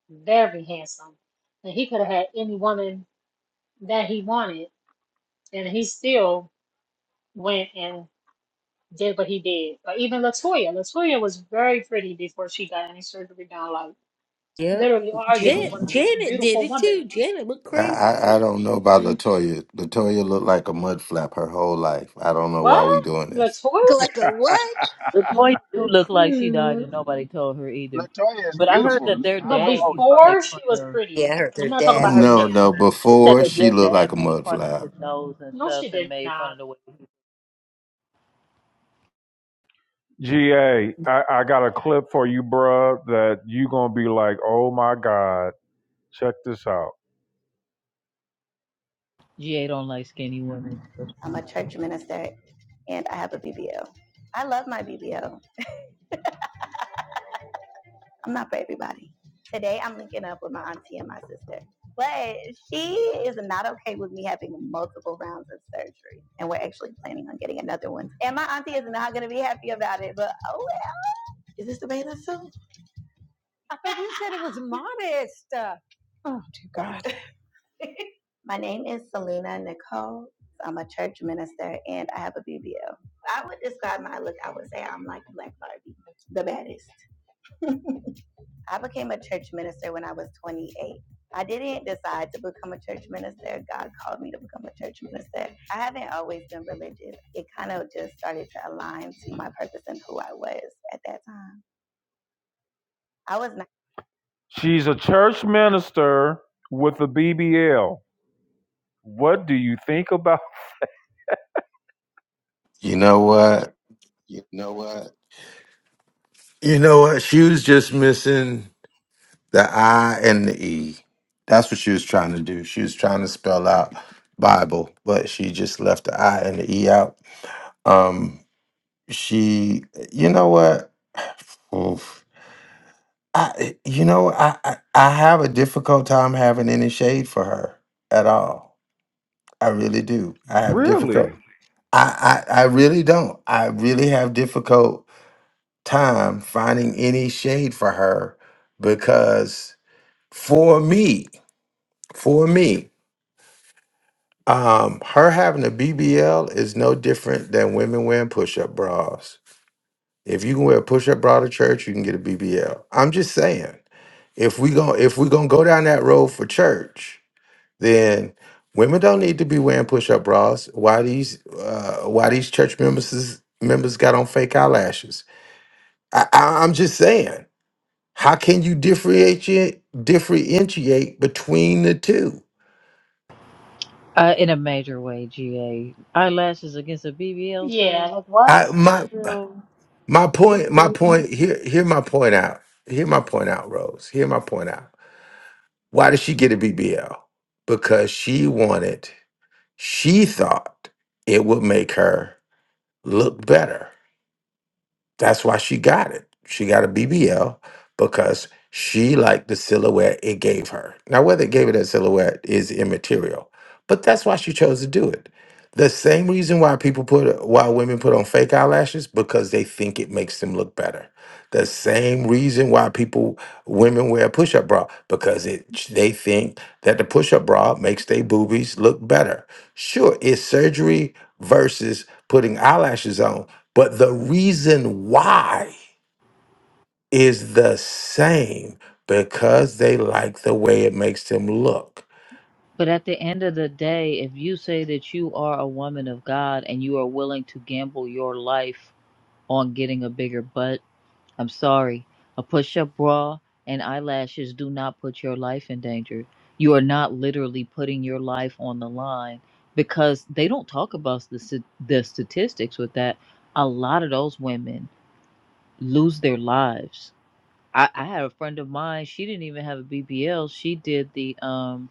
K: very handsome, and he could have had any woman that he wanted, and he still went and did what he did. But even Latoya, Latoya was very pretty before she got any surgery done. Like
N: yep.
K: literally, arguably
N: Jan-
K: one of the most
N: Janet did
K: beautiful
N: it
K: women.
N: too. Janet looked
M: I,
N: crazy
M: I I
N: too.
M: don't know about
K: hmm
M: Latoya. Latoya looked like a mud flap her whole life. I don't know why we
K: What
M: doing this.
K: Latoya?
N: Like a what?
O: Latoya do look like she died
K: Hmm.
O: and nobody told her either.
F: Latoya is
O: But I heard
F: beautiful to
O: that
F: me.
O: their
K: But
F: I, I've
O: dad
F: always
O: used to
F: thought she
O: make
K: before
F: was
O: fun
K: she was
F: beautiful.
O: of.
K: pretty.
N: Yeah, I heard
K: I'm
N: their
K: not talking
O: They,
K: about
N: dad
K: her
N: was
M: No,
N: something.
M: no.
K: now.
O: they said
M: Before
O: that
M: she
O: their
M: looked like
O: dad
M: a
O: made
M: mud
O: fun of his
M: flap.
O: nose and
K: No,
O: stuff
K: she
O: and
K: did
O: made fun
K: not.
O: of the way
A: GA, I, I got a clip for you, bruh, that you gonna be like, oh my God, check this out.
O: GA don't like skinny women.
A: I'm a church minister and I have a BBL. I love my BBL. I'm not for everybody. Today I'm linking up with my auntie and my sister. But she is not okay with me having multiple rounds of surgery. And we're actually planning on getting another one. And my auntie is not gonna be happy about it, but oh well. Is this the bathing suit? (laughs) My name is Selena Nicole. I'm a church minister and I have a BBL. I would describe my look, I would say I'm like Black Barbie, the baddest. (laughs) I became a church minister when I was 28. I didn't decide to become a church minister. God called me to become a church minister. I haven't always been religious. It kind of just started to align to my purpose and who I was at that time. I was not. She's a church minister with a BBL. What do you think about
M: You know what? You know what? She was just missing the I and the E. That's what she was trying to do. She was trying to spell out Bible, but she just left the I and the E out. Um, she. You know what? (sighs) Oof. I, you know, I, I I have a difficult time having any shade for her at all. I really do. I have difficult.
A: Really?
M: I I, I really don't. I really have difficult time finding any shade for her because for me, for me, um, her having a BBL is no different than women wearing push-up bras. If you can wear a push-up bra to church, you can get a BBL. I'm just saying. If we go, if we're gonna go down that road for church. then women don't need to be wearing push-up bras. Why these uh, why these church members is- members got on fake eyelashes? I, I, I'm just saying, how can you differentiate differentiate between the two?
O: Uh, in a major way, GA. Eyelashes against a BBL,
K: Yeah,
O: sir?
K: like what?
M: I
O: For
M: my
O: real?
M: my
O: This
M: point
O: what
M: my
O: we doing?
M: point here hear my point out hear my point out Rose hear my point out. Why did she get a BBL? Because she wanted she thought it would make her look better That's why she got it. She got a BBL because she liked the silhouette it gave her. Now, whether it gave her that silhouette is immaterial, but that's why she chose to do it. The same reason why people put why women put on fake eyelashes because they think it makes them look better. The same reason why people women wear a push-up bra because it they think that the push-up bra makes their boobies look better. Sure, it's surgery versus putting eyelashes on, but the reason why is the same because they like the way it makes them look.
O: But at the end of the day, if you say that you are a woman of God and you are willing to gamble your life on getting a bigger butt, I'm sorry. A push up bra and eyelashes do not put your life in danger. You are not literally putting your life on the line because they don't talk about the, s- the statistics with that. A lot of those women lose their lives. I, I had a friend of mine, she didn't even have a BBL. She did the. um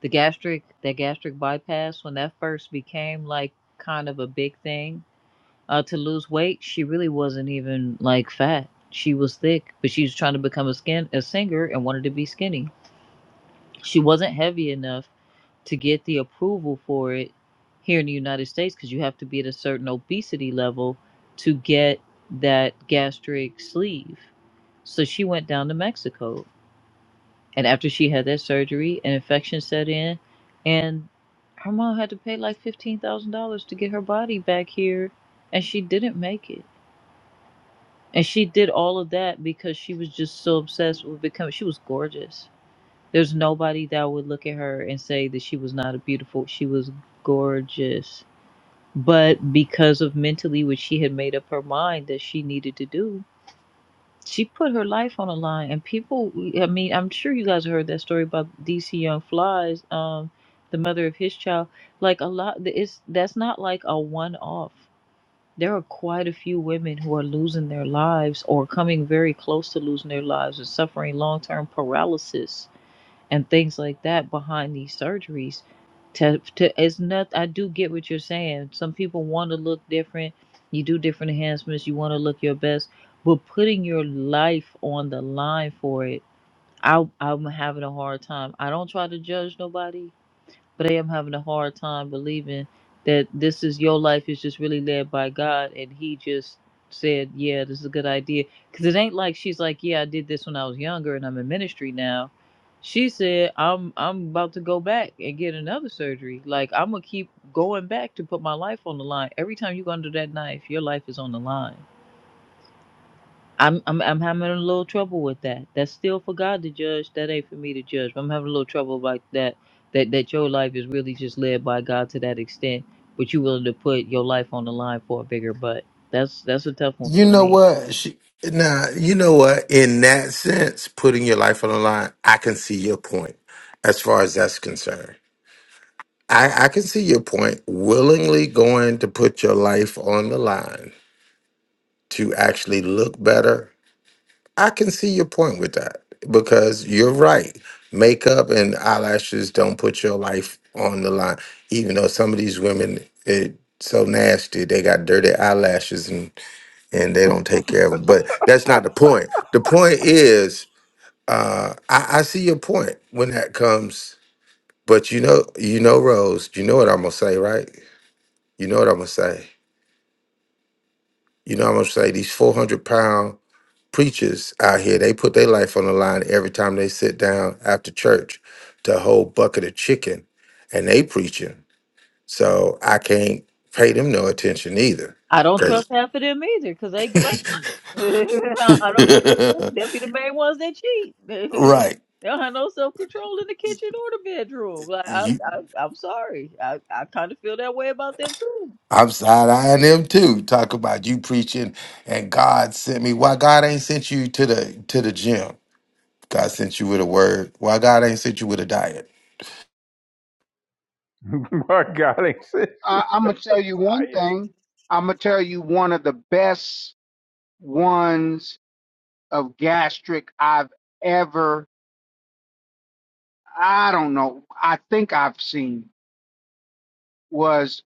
O: the gastric that gastric bypass when that first became like kind of a big thing uh to lose weight she really wasn't even like fat she was thick but she was trying to become a skin a singer and wanted to be skinny she wasn't heavy enough to get the approval for it here in the united states because you have to be at a certain obesity level to get that gastric sleeve so she went down to mexico and after she had that surgery, an infection set in, and her mom had to pay like fifteen thousand dollars to get her body back here, and she didn't make it. And she did all of that because she was just so obsessed with becoming. She was gorgeous. There's nobody that would look at her and say that she was not a beautiful. She was gorgeous, but because of mentally what she had made up her mind that she needed to do, she put her life on the line and people i mean i'm sure you guys heard that story about dc young flies um the mother of his child like a lot it's that's not like a one-off there are quite a few women who are losing their lives or coming very close to losing their lives and suffering long-term paralysis and things like that behind these surgeries to, to it's not i do get what you're saying some people want to look different you do different enhancements you want to look your best but putting your life on the line for it i i'm having a hard time i don't try to judge nobody but I am having a hard time believing that this is your life is just really led by God, and He just said, "Yeah, this is a good idea." Because it ain't like she's like, "Yeah, I did this when I was younger, and I'm in ministry now." She said, "I'm I'm about to go back and get another surgery. Like I'm gonna keep going back to put my life on the line. Every time you go under that knife, your life is on the line." I'm I'm I'm having a little trouble with that. That's still for God to judge. That ain't for me to judge. I'm having a little trouble like that. That that your life is really just led by God to that extent, but you willing to put your life on the line for a bigger butt. That's that's a tough one
M: You
O: for
M: know
O: me.
M: what? She, now, you know what? In that sense, putting your life on the line, I can see your point as far as that's concerned. I, I can see your point. Willingly going to put your life on the line to actually look better I can see your point with that because you're right. Makeup and eyelashes don't put your life on the line, even though some of these women it so nasty they got dirty eyelashes and and they don't take care of them. But that's not the point. The point is, uh, I, I see your point when that comes. But you know, you know, Rose, you know what I'm gonna say, right? You know what I'm gonna say. You know I'm gonna say these 400 pound preachers out here, they put their life on the line every time they sit down after church to a whole bucket of chicken and they preaching. So I can't pay them no attention either.
O: I don't trust
M: Cause
O: half of them either, 'cause they gluttons. (laughs) I I don't trust them.
M: (laughs)
O: They'll be the main ones that cheat. (laughs) they
M: right.
O: don't have no self control in the kitchen or the bedroom. Like I,
M: You
O: I I'm sorry. I I kind of feel that way about them too.
M: I'm side eyeing them too. Talk about you preaching and God sent me. Why God ain't sent you to the to the gym? God sent you with a word. Why God ain't sent you with a diet?
A: (laughs) My God, it's
F: I, I'm gonna tell you one
A: science.
F: thing. I'm gonna tell you one of the best ones of gastric I've ever. I don't know. I think I've seen was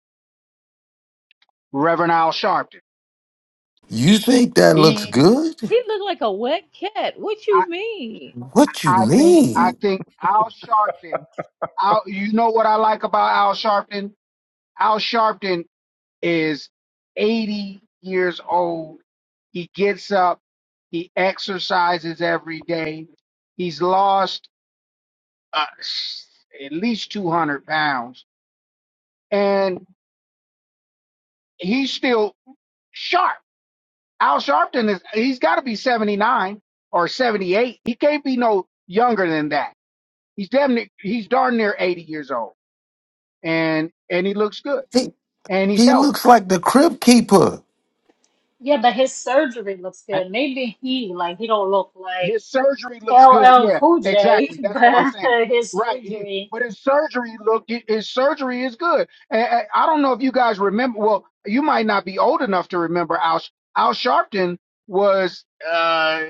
F: Reverend Al Sharpton.
M: You think that looks
F: He,
M: good?
O: He looked like a wet cat. What
F: I,
O: you mean?
M: What you
F: I think, I
M: mean?
F: think Al Sharpton. Al, you know what I like about Al Sharpton? Al Sharpton is 80 years old. He gets up, he exercises every day. He's lost uh, at least 200 pounds, and he's still sharp. Al Sharpton is, he's got to be 79 or 78. He can't be no younger than that. He's damn near, he's darn near 80 years old, and, and he looks good, and he's
M: He
F: healthy.
M: looks like the crib keeper.
K: Yeah, but his surgery looks good. Maybe he like he don't look like
F: His surgery looks good.
K: LL
F: Yeah,
K: Cool J, (laughs)
F: exactly. That's what I'm
K: but
F: saying.
K: his
F: Right. He,
K: surgery.
F: but his surgery look his surgery is good. And, and I don't know if you guys remember. Well, you might not be old enough to remember. Al Al Sharpton was uh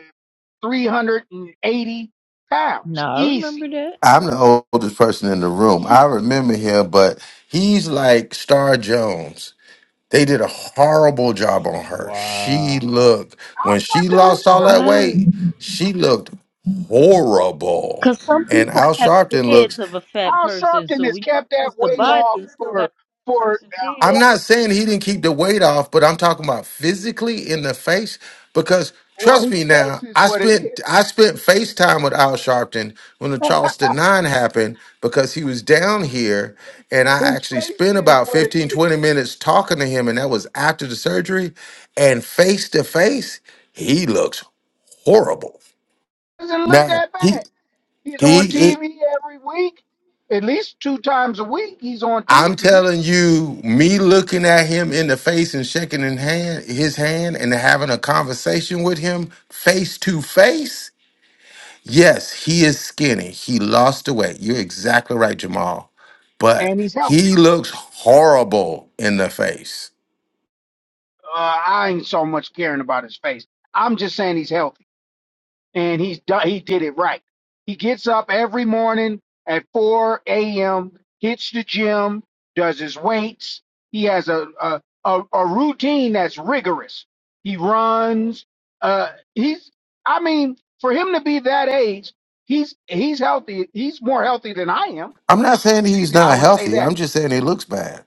F: 380
O: No,
F: pounds.
O: I remember
F: Easy,
O: that.
M: I'm the oldest person in the room. I
F: easy.
M: remember him, but he's like Star Jones. They did a horrible job on her. She
A: Wow.
M: looked, when she
F: Al Sharpton
M: lost
F: looks
M: all that
F: good.
O: Right.
M: weight, she looked horrible.
O: Because some
M: And
O: people
M: Al
O: have
M: Sharpton
O: heads
M: looks,
O: of a fat
F: Al
O: person,
F: Sharpton
O: so
F: has
O: when you
F: kept that
O: lose the
F: weight
O: body,
F: off
O: you still got
F: for
O: a fat
F: for
O: person's
F: uh,
M: I'm
O: head.
M: not
F: over.
M: saying he didn't keep the weight off, but I'm talking about physically in the face. Because
F: Well,
M: trust
F: his
M: me
F: face
M: now,
F: is
M: I
F: what it
M: spent
F: is.
M: I spent FaceTime with Al Sharpton when the Charleston Nine happened because he was down here and I
F: His
M: actually
F: face
M: spent
F: is
M: about
F: what it
M: 15
F: is
M: 20 minutes talking to him, and that was after the surgery. And face to face, he looks horrible.
F: doesn't look
M: Now
F: that bad.
M: he
F: He's on
M: he
F: TV every week, at least two times a week. He's on
M: I'm
F: TV
M: telling you, me looking at him in the face and shaking his hand, his hand and having a conversation with him face to face. Yes, he is skinny. He lost the weight. You're exactly right, Jamal. But
F: and he's
M: he
F: healthy.
M: looks horrible in the face.
F: Uh, I ain't so much caring about his face. I'm just saying he's healthy and he's done, he did it right. He gets up every morning at 4 a.m., hits the gym, does his weights. He has a a, a, a routine that's rigorous. He runs. Uh, he's I mean, for him to be that age, he's he's healthy. He's more healthy than I am
M: I'm not saying he's
F: I
M: not
F: would say
M: healthy.
F: that.
M: I'm just saying he looks bad.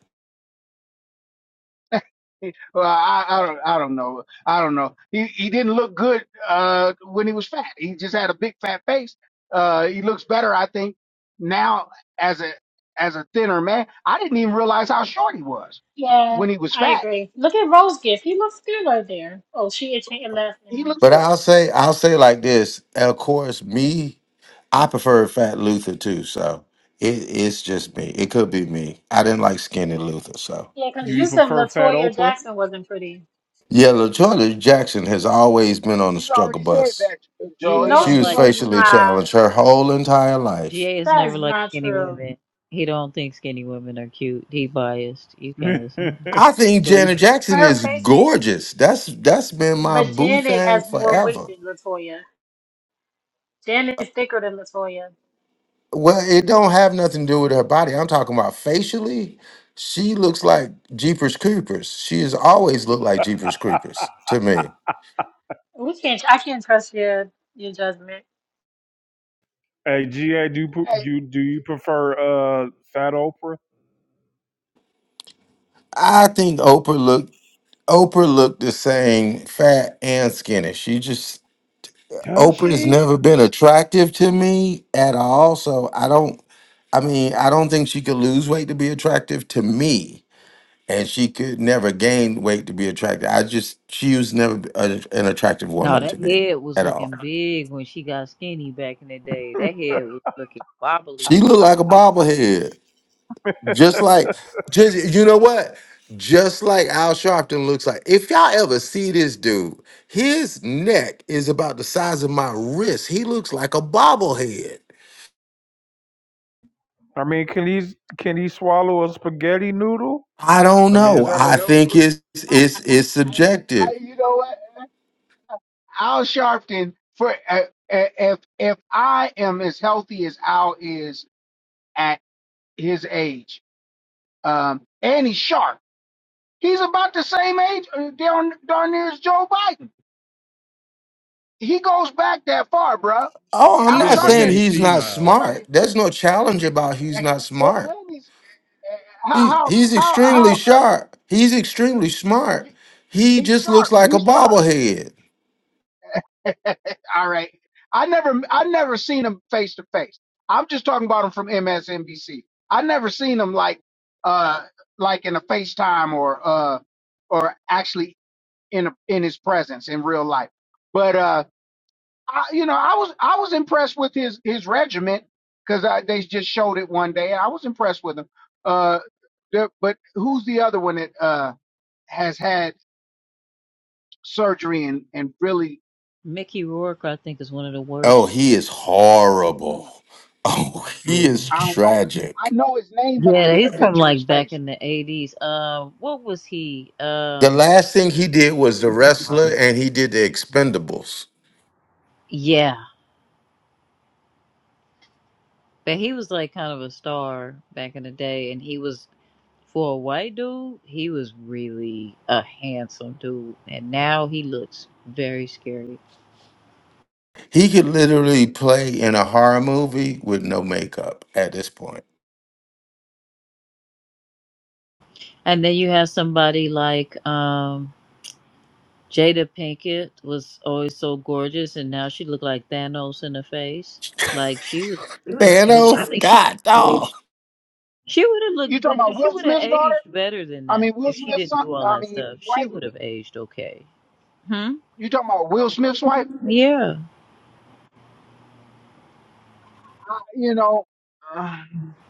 F: Well, I, I don't, I don't know. I don't know. He he didn't look good uh, when he was fat. He just had a big fat face. Uh, he looks better, I think, now as a as a thinner man. I didn't even realize how short he was
K: Yeah,
F: when he was
K: I
F: fat.
K: agree. Look at Rose Gift. He looks good right there. Oh, she itching and left
F: He
K: now.
F: looks
M: But
F: good.
M: I'll say, I'll say like this. Of course, me, I prefer Fat Luther too. So it, it's just me. It could be me. I didn't like skinny Luther. So.
K: Yeah,
A: Do
K: because
A: you
K: you said
A: prefer Fat
K: Latoya
A: Oprah?
K: Jackson wasn't pretty.
M: Yeah, LaJoyner Jackson has always been on the
F: He's
M: struggle
F: already said
M: bus.
F: that, Joe.
O: GA
F: He
K: No,
M: She
O: don't
F: he,
K: she
M: was
O: like
K: has
F: he
M: facially
O: skinny.
F: prefers
K: not.
F: fat.
M: challenged her whole entire life.
O: GA has
K: That is
O: never liked
K: not
O: skinny
K: true.
O: women. He don't think skinny women are cute. He biased. You can't
A: (laughs)
O: listen.
M: I think
A: so you,
M: Janet Jackson
K: Her
M: is
K: face,
M: gorgeous. That's that's been my
K: but
M: boo
K: Janet
M: thing
K: has more weight
M: forever.
K: than Latoya. Janet is thicker than Latoya.
M: Well, it don't have nothing to do with her body. I'm talking about facially. She looks like Jeepers Creepers. She has always looked like Jeepers Creepers to me.
K: We can't. I can't trust your your judgment.
A: hey GA, do you,
F: Hey,
A: you do you prefer uh Fat Oprah?
M: I think Oprah looked Oprah looked the same, fat and skinny. She just
A: Does
M: open has
A: she?
M: never been attractive to me at all. So I don't. I mean, I don't think she could lose weight to be attractive to me, and she could never gain weight to be attractive. I just she was never a, an attractive
O: No,
M: woman
O: that
M: to me
O: head was
M: at all.
O: looking big when she got skinny back in the day. That head was looking bobbly.
M: She looked like a bobblehead, just like just you know what. Just like Al Sharpton looks like. If y'all ever see this dude, his neck is about the size of my wrist. He looks like a bobblehead.
A: I mean, can he can he swallow a spaghetti noodle?
M: I don't
A: I mean, is
M: know.
A: that a
M: I
A: help?
M: think it's it's it's
F: (laughs)
M: subjective.
F: I, you know what? Al Sharpton for uh, uh, if if I am as healthy as Al is. his age. Um, and he's sharp. He's about the same age uh, darn, darn near as Joe Biden. He goes back that far, bruh.
M: Oh, I'm
F: Al
A: Yeah,
M: not
A: but he
M: saying
F: Sharpton,
A: ain't
M: he's
F: like,
M: not
A: senile. (laughs)
F: somebody,
M: smart. There's no challenge about he's
F: and,
M: not
F: and
M: smart.
F: and he's uh,
M: He
F: how
M: he's
F: how how how
M: extremely sharp. He's extremely
F: uh,
M: smart. He
F: he's
M: just looks
F: sharp.
M: like a
F: He's sharp.
M: bobblehead.
F: (laughs) All right. I never I never seen him face to face. I'm just talking about him from MSNBC. I never seen him like uh like in a FaceTime or uh or actually in a, in his presence in real life. But uh, I, you know, I was I was impressed with his his regiment because they just showed it one day. I was impressed with him. Uh, there, but who's the other one that uh has had surgery and and really
O: Mickey Rourke, I think, is one of the
M: Oh,
O: worst.
M: he is
F: mm,
M: horrible. Oh, (laughs) he
O: Yeah.
M: is
F: I don't know. I
M: tragic.
F: know his name, but I
O: Yeah, he's
F: can't
O: from
F: picture his
O: like back
F: face.
O: in the eighties. Um, what was he?
M: The
O: Um,
M: last thing he did was the wrestler and he did the expendables.
O: yeah, but he was like kind of a star back in the day, and he was for a white dude, he was really a handsome dude, and now he looks very scary.
M: He could literally play in a horror movie with no makeup at this point.
O: And then you have somebody like um Jada Pinkett was always so gorgeous, and now she looked like Thanos in the face.
M: (laughs)
O: Like she was, she was really. I
M: Thanos,
O: think she
M: God
O: aged
M: dog.
O: She would have
F: You
O: looked
F: talking
O: better.
F: about
O: She
F: Will
O: would have
F: Smith's daughter?
O: aged better than
F: I mean
O: that
F: Will
O: if she
F: Smith's
O: didn't
F: son?
O: do all
F: I
O: that
F: mean
O: stuff. She
F: wife?
O: would have aged okay. Hmm.
F: You talking about Will Smith's wife?
O: Yeah.
F: I, you know, uh,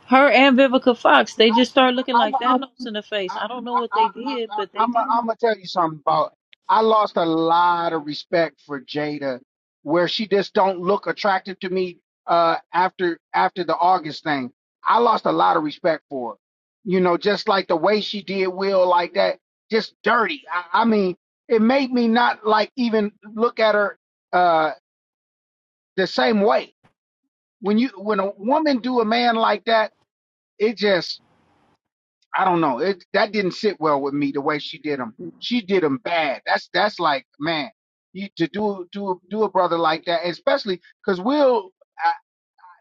O: Her and Vivica
F: I,
O: Fox, they just started
F: I,
O: looking
F: I'm,
O: like
F: I'm
O: Thanos in the face.
F: I,
O: I don't know
F: I,
O: what
F: I,
O: they
F: I,
O: did,
F: I,
O: but they
F: I'm
O: did.
F: I'm gonna tell you something about. I lost a lot of respect for Jada, where she just don't look attractive to me. Uh, after after the August thing, I lost a lot of respect for her. You know, just like the way she did Will like that, just dirty. I, I mean, it made me not like even look at her uh the same way. When you when a woman do a man like that, it just I don't know. It that didn't sit well with me the way she did him. She did him bad. That's that's like man, you to do do do a brother like that, especially because Will, I,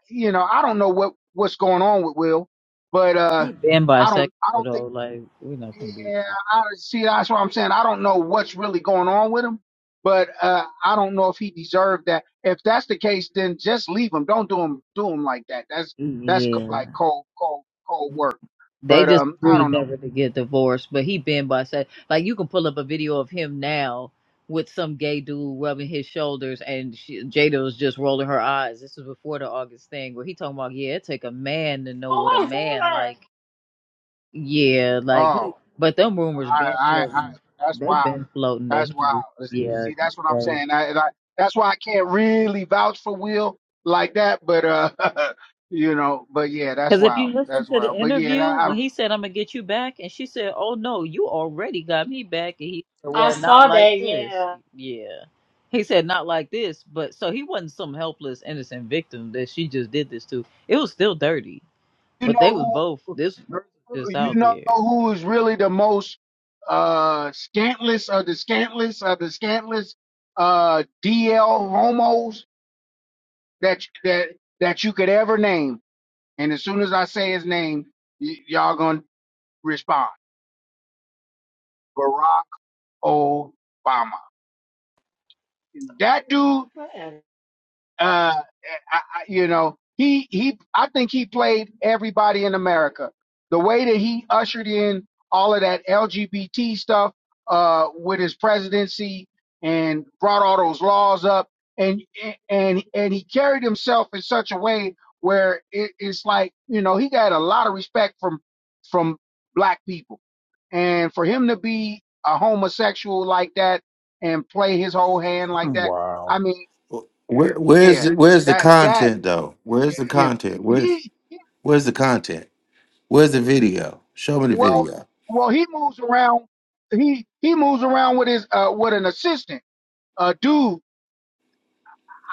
F: you know, I don't know what what's going on with Will, but uh,
O: He been
F: I
O: bisexual
F: don't I don't think
O: though. Like we're not gonna do.
F: yeah I see that's what I'm saying. I don't know what's really going on with him, but uh, I don't know if he deserved that. If that's the case, then just leave him. Don't do him do him like that. That's that's co-
O: Yeah.
F: like cold cold cold work.
O: They
F: But
O: just
F: um, I
O: agreed
F: don't know.
O: never to get divorced, but he been by said like you can pull up a video of him now with some gay dude rubbing his shoulders, and she, Jada was just rolling her eyes. This was before the August thing where he talking about yeah, it take a man to know what a
K: Oh my
O: man
K: God.
O: like. Yeah, like he,
F: Oh,
O: but them rumors
F: I,
O: been
F: I, I
O: floating.
F: that's
O: They've
F: wild.
O: been floating
F: That's
O: that he was
F: wild. See, see, that's what I'm
O: yeah.
F: saying. I, and I, that's why I can't really vouch for Will like that. But uh, (laughs) you know, but yeah, that's
O: Because if you
F: wild.
O: listen
F: That's
O: to the
F: wild. But yeah,
O: interview,
F: I, I
O: when
F: don't know.
O: he said, I'm going to get you back, and she said, Oh, no, you already got me back. And he said,
K: I
O: Well, not
K: saw
O: like
K: that,
O: this.
K: yeah.
O: Yeah. He said, Not like this. But so he wasn't some helpless, innocent victim that she just did this to. It was still dirty,
F: You
O: but they was
F: know
O: both, this person
F: who?
O: just
F: You
O: out
F: know
O: there.
F: who is really the most uh scantless of the scantless of the scantless uh DL homos that that that you could ever name. And as soon as I say his name, y- y'all gonna respond. Obama. That dude
K: And
F: uh, I, I, you know, he he. I think he played everybody in America. The way that he ushered in all of that LGBT stuff uh, with his presidency and brought all those laws up, and and and he carried himself in such a way where it, it's like you know he got a lot of respect from from black people, and for him to be a homosexual like that and play his whole hand like that.
A: Wow.
F: I mean
M: Where, where's
F: yeah,
M: the, where's the
F: that that
M: content though? Where's the
F: you know,
M: content? Where's
F: he, he
M: where's the content? Where's the video? Show me the
F: well
M: video.
F: well he moves around he he moves around with his uh with an assistant uh dude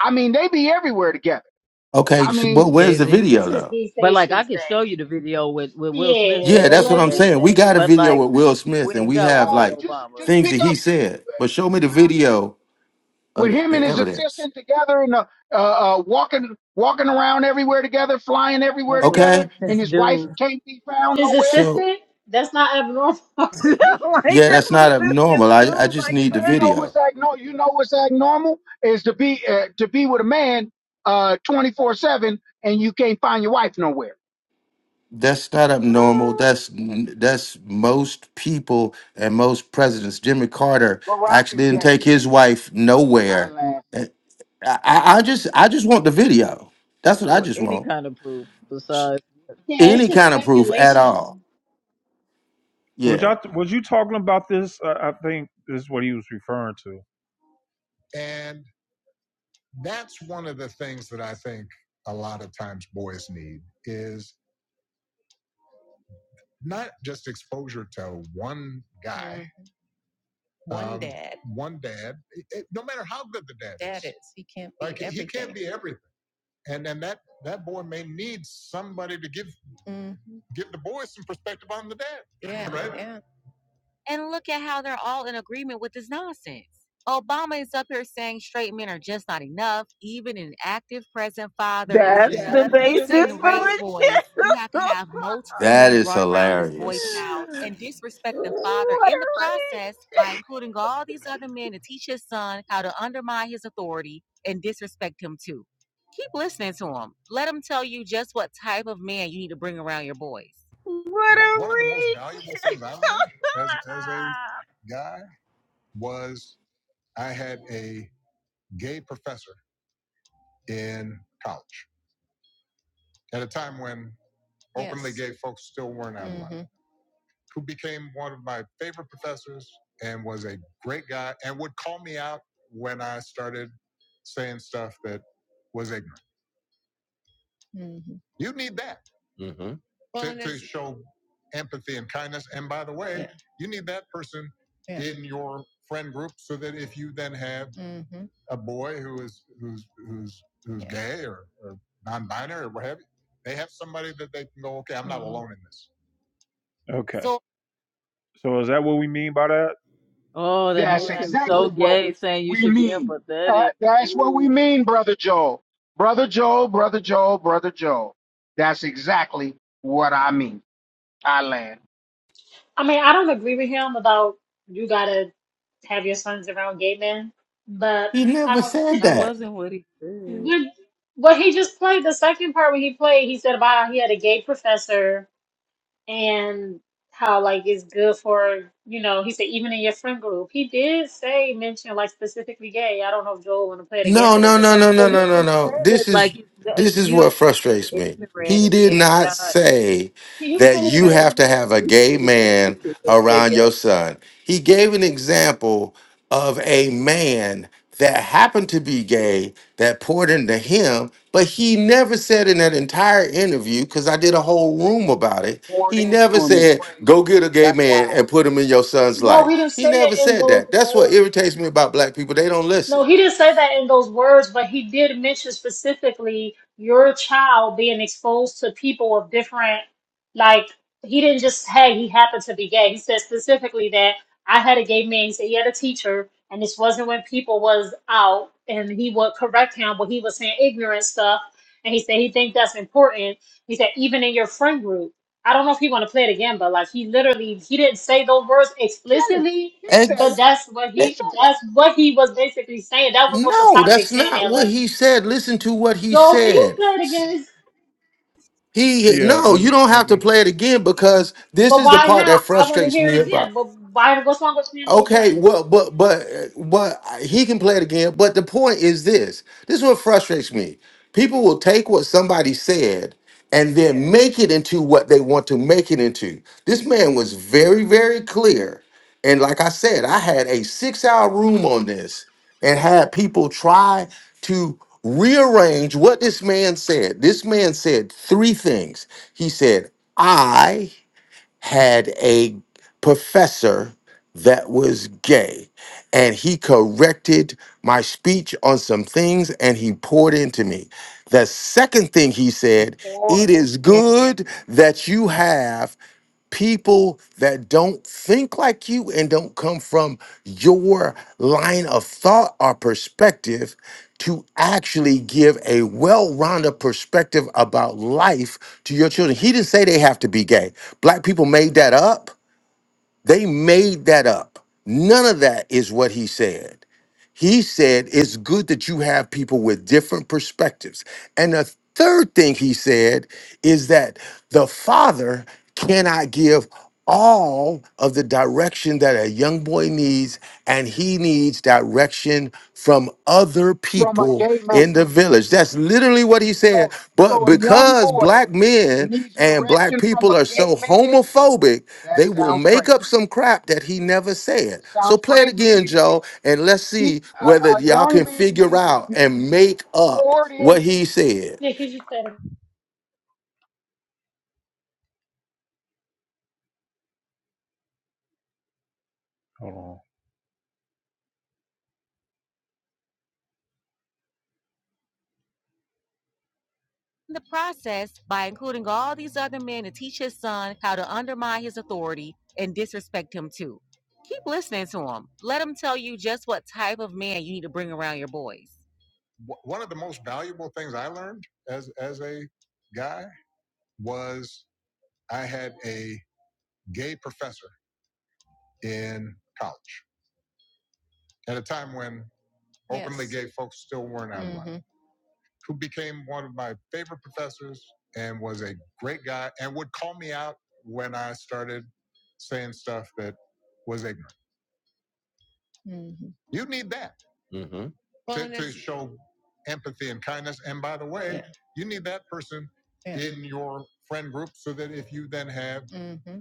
F: I mean they be everywhere together
M: Okay,
F: I
M: s-
F: mean
M: but
O: Jay
M: where's the
O: Z.
K: This
M: video
K: is
M: though?
K: he
O: But
K: say
O: like,
K: she
O: I could
K: say.
O: show you the video with, with Will Smith's
K: Yeah,
M: Yeah,
O: back
M: that's
O: being
M: what
K: like
M: I'm
O: gay,
K: this
M: saying. We
K: is
M: got a
O: but
M: video
O: like,
M: with Will Smith,
O: we
M: and
O: ain't
M: we
O: got
M: have
O: one with
F: uh
M: like
F: just
O: Obama.
F: just
M: things
F: pick
M: that
F: up
M: he said, but show me the
F: uh,
M: video
F: with
M: of the,
F: him and
M: the
F: his
M: evidence.
F: assistant together and uh, uh uh walking walking around everywhere together flying everywhere
O: That's what
F: together
M: Okay,
F: and
O: it's
F: his wife
O: do. (laughs)
F: can't be found
K: his
F: nowhere
M: so
K: assistant. That's not abnormal. (laughs)
O: (laughs) like
K: yeah,
M: yeah, that's
O: that's what
M: not
O: assistants
M: abnormal. I I
O: do.
M: just
O: Like
F: And
M: need the
F: you
O: what?
F: know
M: video.
F: what's act no, you know what's act normal is to be uh, to be with a man uh 24/7 and you can't find your wife nowhere.
M: that's not abnormal.
B: Oh.
M: That's that's most people and most presidents. Jimmy Carter
F: Barack is
M: actually didn't
F: gay.
M: take his wife
F: I
M: nowhere.
F: laugh.
M: Eh, I, I I just I just want the video. That's what I
O: Or
M: just
O: any
M: want.
O: kind of proof
M: Sh-
O: besides.
K: it's
M: Any
K: just
M: kind of proof at all.
K: speculation.
A: Was
M: Yeah,
A: y'all was you talking about this? Uh, I think this is what he was referring to. Yeah,
O: That's the basis for it. (laughs)
M: that is hilarious.
O: what a reach!
A: Your boys.
O: What a reach! (laughs)
A: Mm-hmm. Yeah. Mm-hmm. Okay. So So is that what we mean by that?
O: oh, that
F: That's
O: makes him
F: exactly
O: so
F: what
O: gay. Saying you
F: we
O: should be
F: mean. Uh,
O: empathetic.
F: that's what we
O: Ooh,
F: mean, brother Joel. Brother Joel, brother Joel, brother Joel. That's exactly what I mean. I land.
K: I mean, I don't agree with him about you gotta have your sons around gay men, but
M: He
K: I
M: never
K: don't.
M: said
O: that
M: that.
O: wasn't what he said.
K: But what he just played the second part when he played, he said about how he had a gay professor and how like it's good for you know he said even in your friend group he did say mention like specifically gay i don't know if joel want to play it again
M: No,
K: but in
M: no,
K: the
M: no, no,
K: second
M: no,
O: But he
M: no,
K: clip
M: no,
O: was
M: no.
O: saying
M: This
O: it
M: is
O: like it's, it's
M: this is
O: you
M: what
O: don't
M: frustrates me. He
O: ignorant
M: did
O: and
M: not
O: not.
M: say
K: Can you
M: that
K: play it
M: you
O: (laughs)
K: again,
M: have to
K: Joel?
M: have a gay
O: appreciate a good
M: man
O: teacher if they
M: around
O: get.
M: your son. He gave an example of a man that happened to be gay that poured into him, but he never said in that entire interview, because I did a whole room about it,
F: Poured
M: he
F: into
M: never
F: him is
M: said, go
F: crazy.
M: get a gay
F: That's
M: man
F: wild.
M: and put him in your son's
K: No,
M: life.
K: we didn't
M: He
K: say it
M: never
K: in
M: said
K: those
M: that. That's what
K: words.
M: irritates me about black people. They don't listen.
K: No, he didn't say that in those words, but he did mention specifically your child being exposed to people of different, like, he didn't just say he happened to be gay. He said specifically that I had a gay man, he said he had a teacher, and this wasn't when people was out, and he would correct him, but he was saying ignorant stuff, and he said he think that's important. He said even in your friend group. I don't know if he want to play it again, but like he literally he didn't say those words
F: He said it.
K: explicitly,
F: He said
K: but
F: it.
M: Ex-
K: that's what
F: He
M: eh,
K: he
F: said it.
K: that's what he was basically saying. That was what the
M: no,
K: topic
M: that's
K: saying
M: not
K: there.
M: what
K: Like,
M: he said. Listen to what he
K: Joel, can you
M: said.
K: play it
M: S-
K: again?
M: He
A: Yeah.
M: no,
A: Let
M: you
A: me.
M: don't
A: Let
M: have to
A: me.
M: play it again because this
K: But
M: is the
K: why
M: part
K: not?
M: that
K: I want to
M: frustrates
K: hear
M: me
K: it
M: about.
K: again. But why what's wrong with playing it
M: Okay,
K: again?
M: well, but but but he can play it again. But the point is this: this is what frustrates me. People will take what somebody said and then make it into what they want to make it into. This man was very, very clear, and like I said, I had a six-hour room on this and had people try to rearrange what this man said. This man said three things. He said, "I." had a professor that was gay and he corrected my speech on some things and he poured into me. The second thing he
F: He
M: said, it
F: poured
M: is
F: into
M: good
F: me.
M: that you have people that don't think like you and don't come from your line of thought or perspective to actually give a well-rounded perspective about life to your children. He didn't say they have to be gay. Black people made that up. They made that up. None of that is what he said. He said it's good that you have people with different perspectives. And the third thing he said is that the father cannot give all of the direction that a young boy needs, and he needs direction from other
F: from a
M: people
F: gay
M: drove in
F: man.
M: the village.
F: He-
M: That's literally what he said.
F: So,
M: But
F: so a young
M: because
F: boy
M: black men
F: needs
M: and black
F: direction from
M: people
F: a
M: are
F: gay
M: so
F: man.
M: homophobic,
F: That
M: they will
F: sounds
M: make up
F: crazy.
M: some crap that he never said.
F: It
M: So
F: sounds
M: play it
F: crazy,
M: again,
F: GA.
M: Joe, and let's
F: He's
M: see
F: a,
M: whether
F: a
M: y'all
F: young
M: can
F: man
M: figure
F: needs to
M: out
F: be
M: and make up
F: poured
M: what
F: in.
M: he said.
K: Yeah, Because you said it.
A: Hold on. In the process, by including all these other men to teach his son how to undermine his authority and disrespect him too. Keep listening to him. Let him tell you just what type of man you need to bring around your boys. Mm-hmm. Mm-hmm.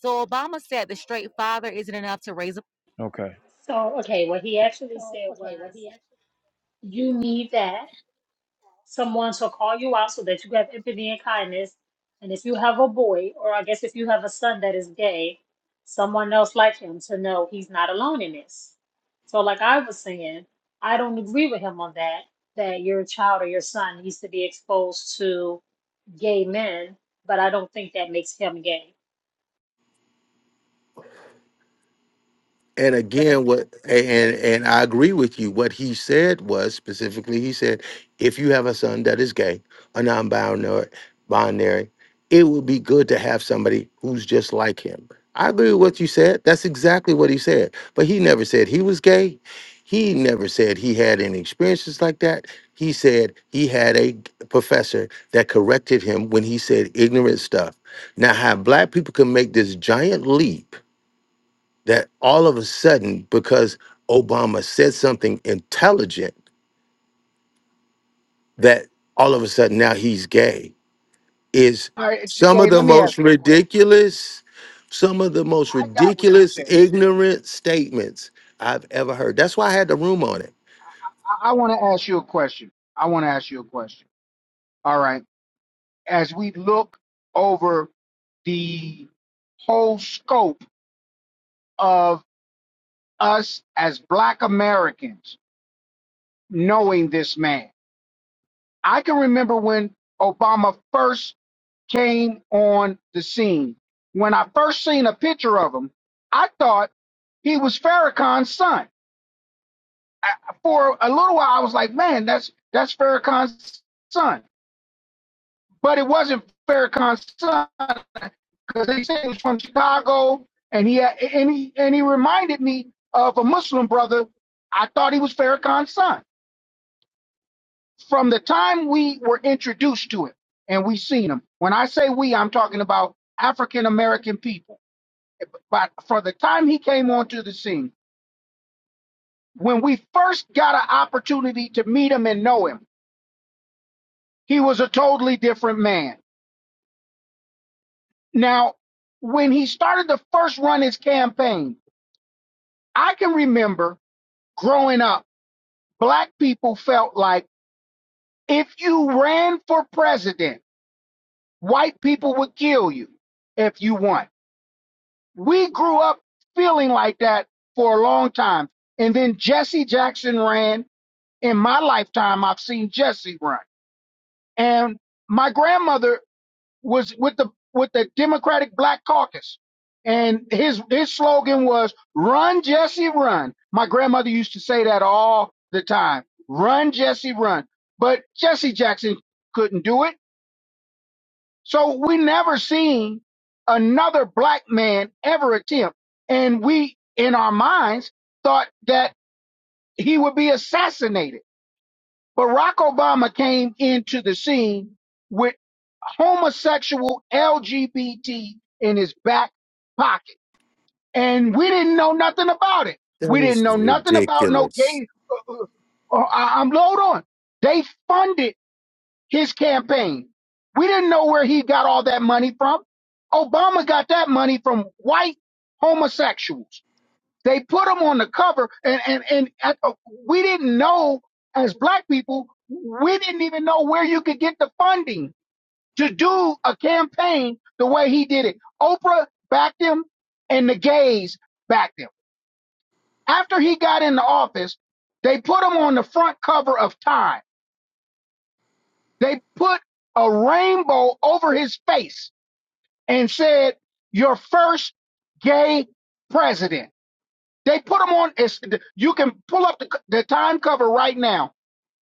A: So Obama said the straight father isn't enough to raise a Okay.
K: So okay, what he actually said was you need that. someone shall call you out so that you have empathy and kindness. And if you have a boy, or I guess if you have a son that is gay, someone else like him to know he's not alone in this. So, like I was saying, I don't agree with him on that, that your child or your son needs to be exposed to gay men, but I don't think that makes him gay.
M: And again, what and and I agree with you. What he said was specifically, he said, if you have a son that is gay or non-binary, binary, it would be good to have somebody who's just like him. I agree with what you said. That's exactly what he said. But he never said he was gay. He never said he had any experiences like that. He said he had a professor that corrected him when he said ignorant stuff. Now, how black people can make this giant leap that all of a sudden, because Obama said something intelligent, that all of a sudden now he's gay is
F: All right,
M: some of
F: GA.
M: the
F: Let me
M: most
F: ask you a question.
M: ridiculous, some of the most
F: I got what you
M: ridiculous,
F: said.
M: ignorant statements I've ever heard. That's why I had the room on it.
F: I, I want to ask you a question. I want to ask you a question. All right. As we look over the whole scope of us as Black Americans. knowing this man. I can remember when Obama first came on the scene. When I first seen a picture of him, I thought he was Farrakhan's son. I, for a little while, I was like, "Man, that's that's Farrakhan's son," but it wasn't Farrakhan's son because they said he was from Chicago, and he had, and he and he reminded me of a Muslim brother. I thought he was Farrakhan's son. from the time we were introduced to it and we seen him. When I say we, I'm talking about African American people. But for the time he came onto the scene, when we first got an opportunity to meet him and know him, he was a totally different man. Now, when he started to first run his campaign, I can remember growing up, black people felt like if you ran for president, white people would kill you if you won. we grew up feeling like that for a long time. And then Jesse Jackson ran. In my lifetime, I've seen Jesse run. And my grandmother was with the with the Democratic Black Caucus. And his his slogan was run Jesse run. My grandmother used to say that all the time. Run Jesse run. But Jesse Jackson couldn't do it. So we never seen another black man ever attempt. And we, in our minds, thought that he would be assassinated. Barack Obama came into the scene with homosexual LGBT in his back pocket. And we didn't know nothing about it.
M: That
F: We didn't
M: is
F: know nothing about no
M: ridiculous.
F: gay. Uh, uh, uh, I- am load on. They funded his campaign. We didn't know where he got all that money from. Obama got that money from white homosexuals. They put him on the cover, and and and uh, uh, we didn't know as black people, we didn't even know where you could get the funding to do a campaign the way he did it. Oprah backed him, and the gays backed him. After he got into office, they put him on the front cover of Time. They put a rainbow over his face and said, "Your first gay president." They put him on. It's, you can pull up the, the time cover right now.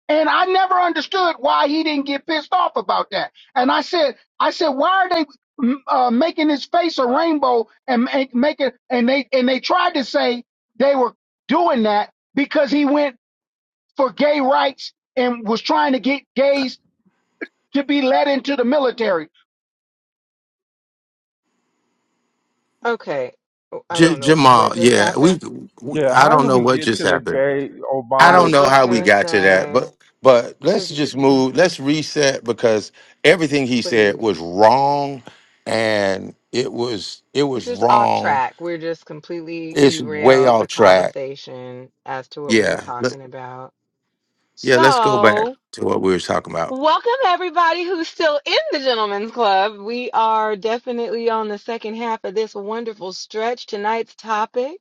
F: And I never understood why he didn't get pissed off about that. And I said, I said, why are they mm, uh, making his face a rainbow and make, make it? And they and they tried to say they were doing that because he went for gay rights and was trying to get gays to be let into the military
B: Okay. Oh, I
M: J-
B: don't know
M: Jamal,
B: what just
M: yeah, we,
B: happened.
M: we,
A: Yeah.
M: I
A: How
M: don't
A: did
M: know
A: we
M: what
A: get
M: just
A: to the
M: happened.
A: gay
M: I
B: I
M: don't
A: Obama
B: was
M: know
B: just
M: how we
A: topic?
B: gonna
M: got to that,
B: say,
M: but but let's
B: because
M: just move. Let's reset because everything he said
B: please,
M: was wrong, and it was it
B: it's
M: was
B: just off
M: wrong.
B: track. We're just completely
M: It's way
B: derailed
M: off
B: the
M: track.
B: conversation as to what we were
M: Yeah, let,
B: talking about.
M: yeah. Let's go back
B: So.
M: to what we were talking about.
B: Welcome everybody who's still in the Gentlemen's Club. We are definitely on the second half of this wonderful stretch. Tonight's topic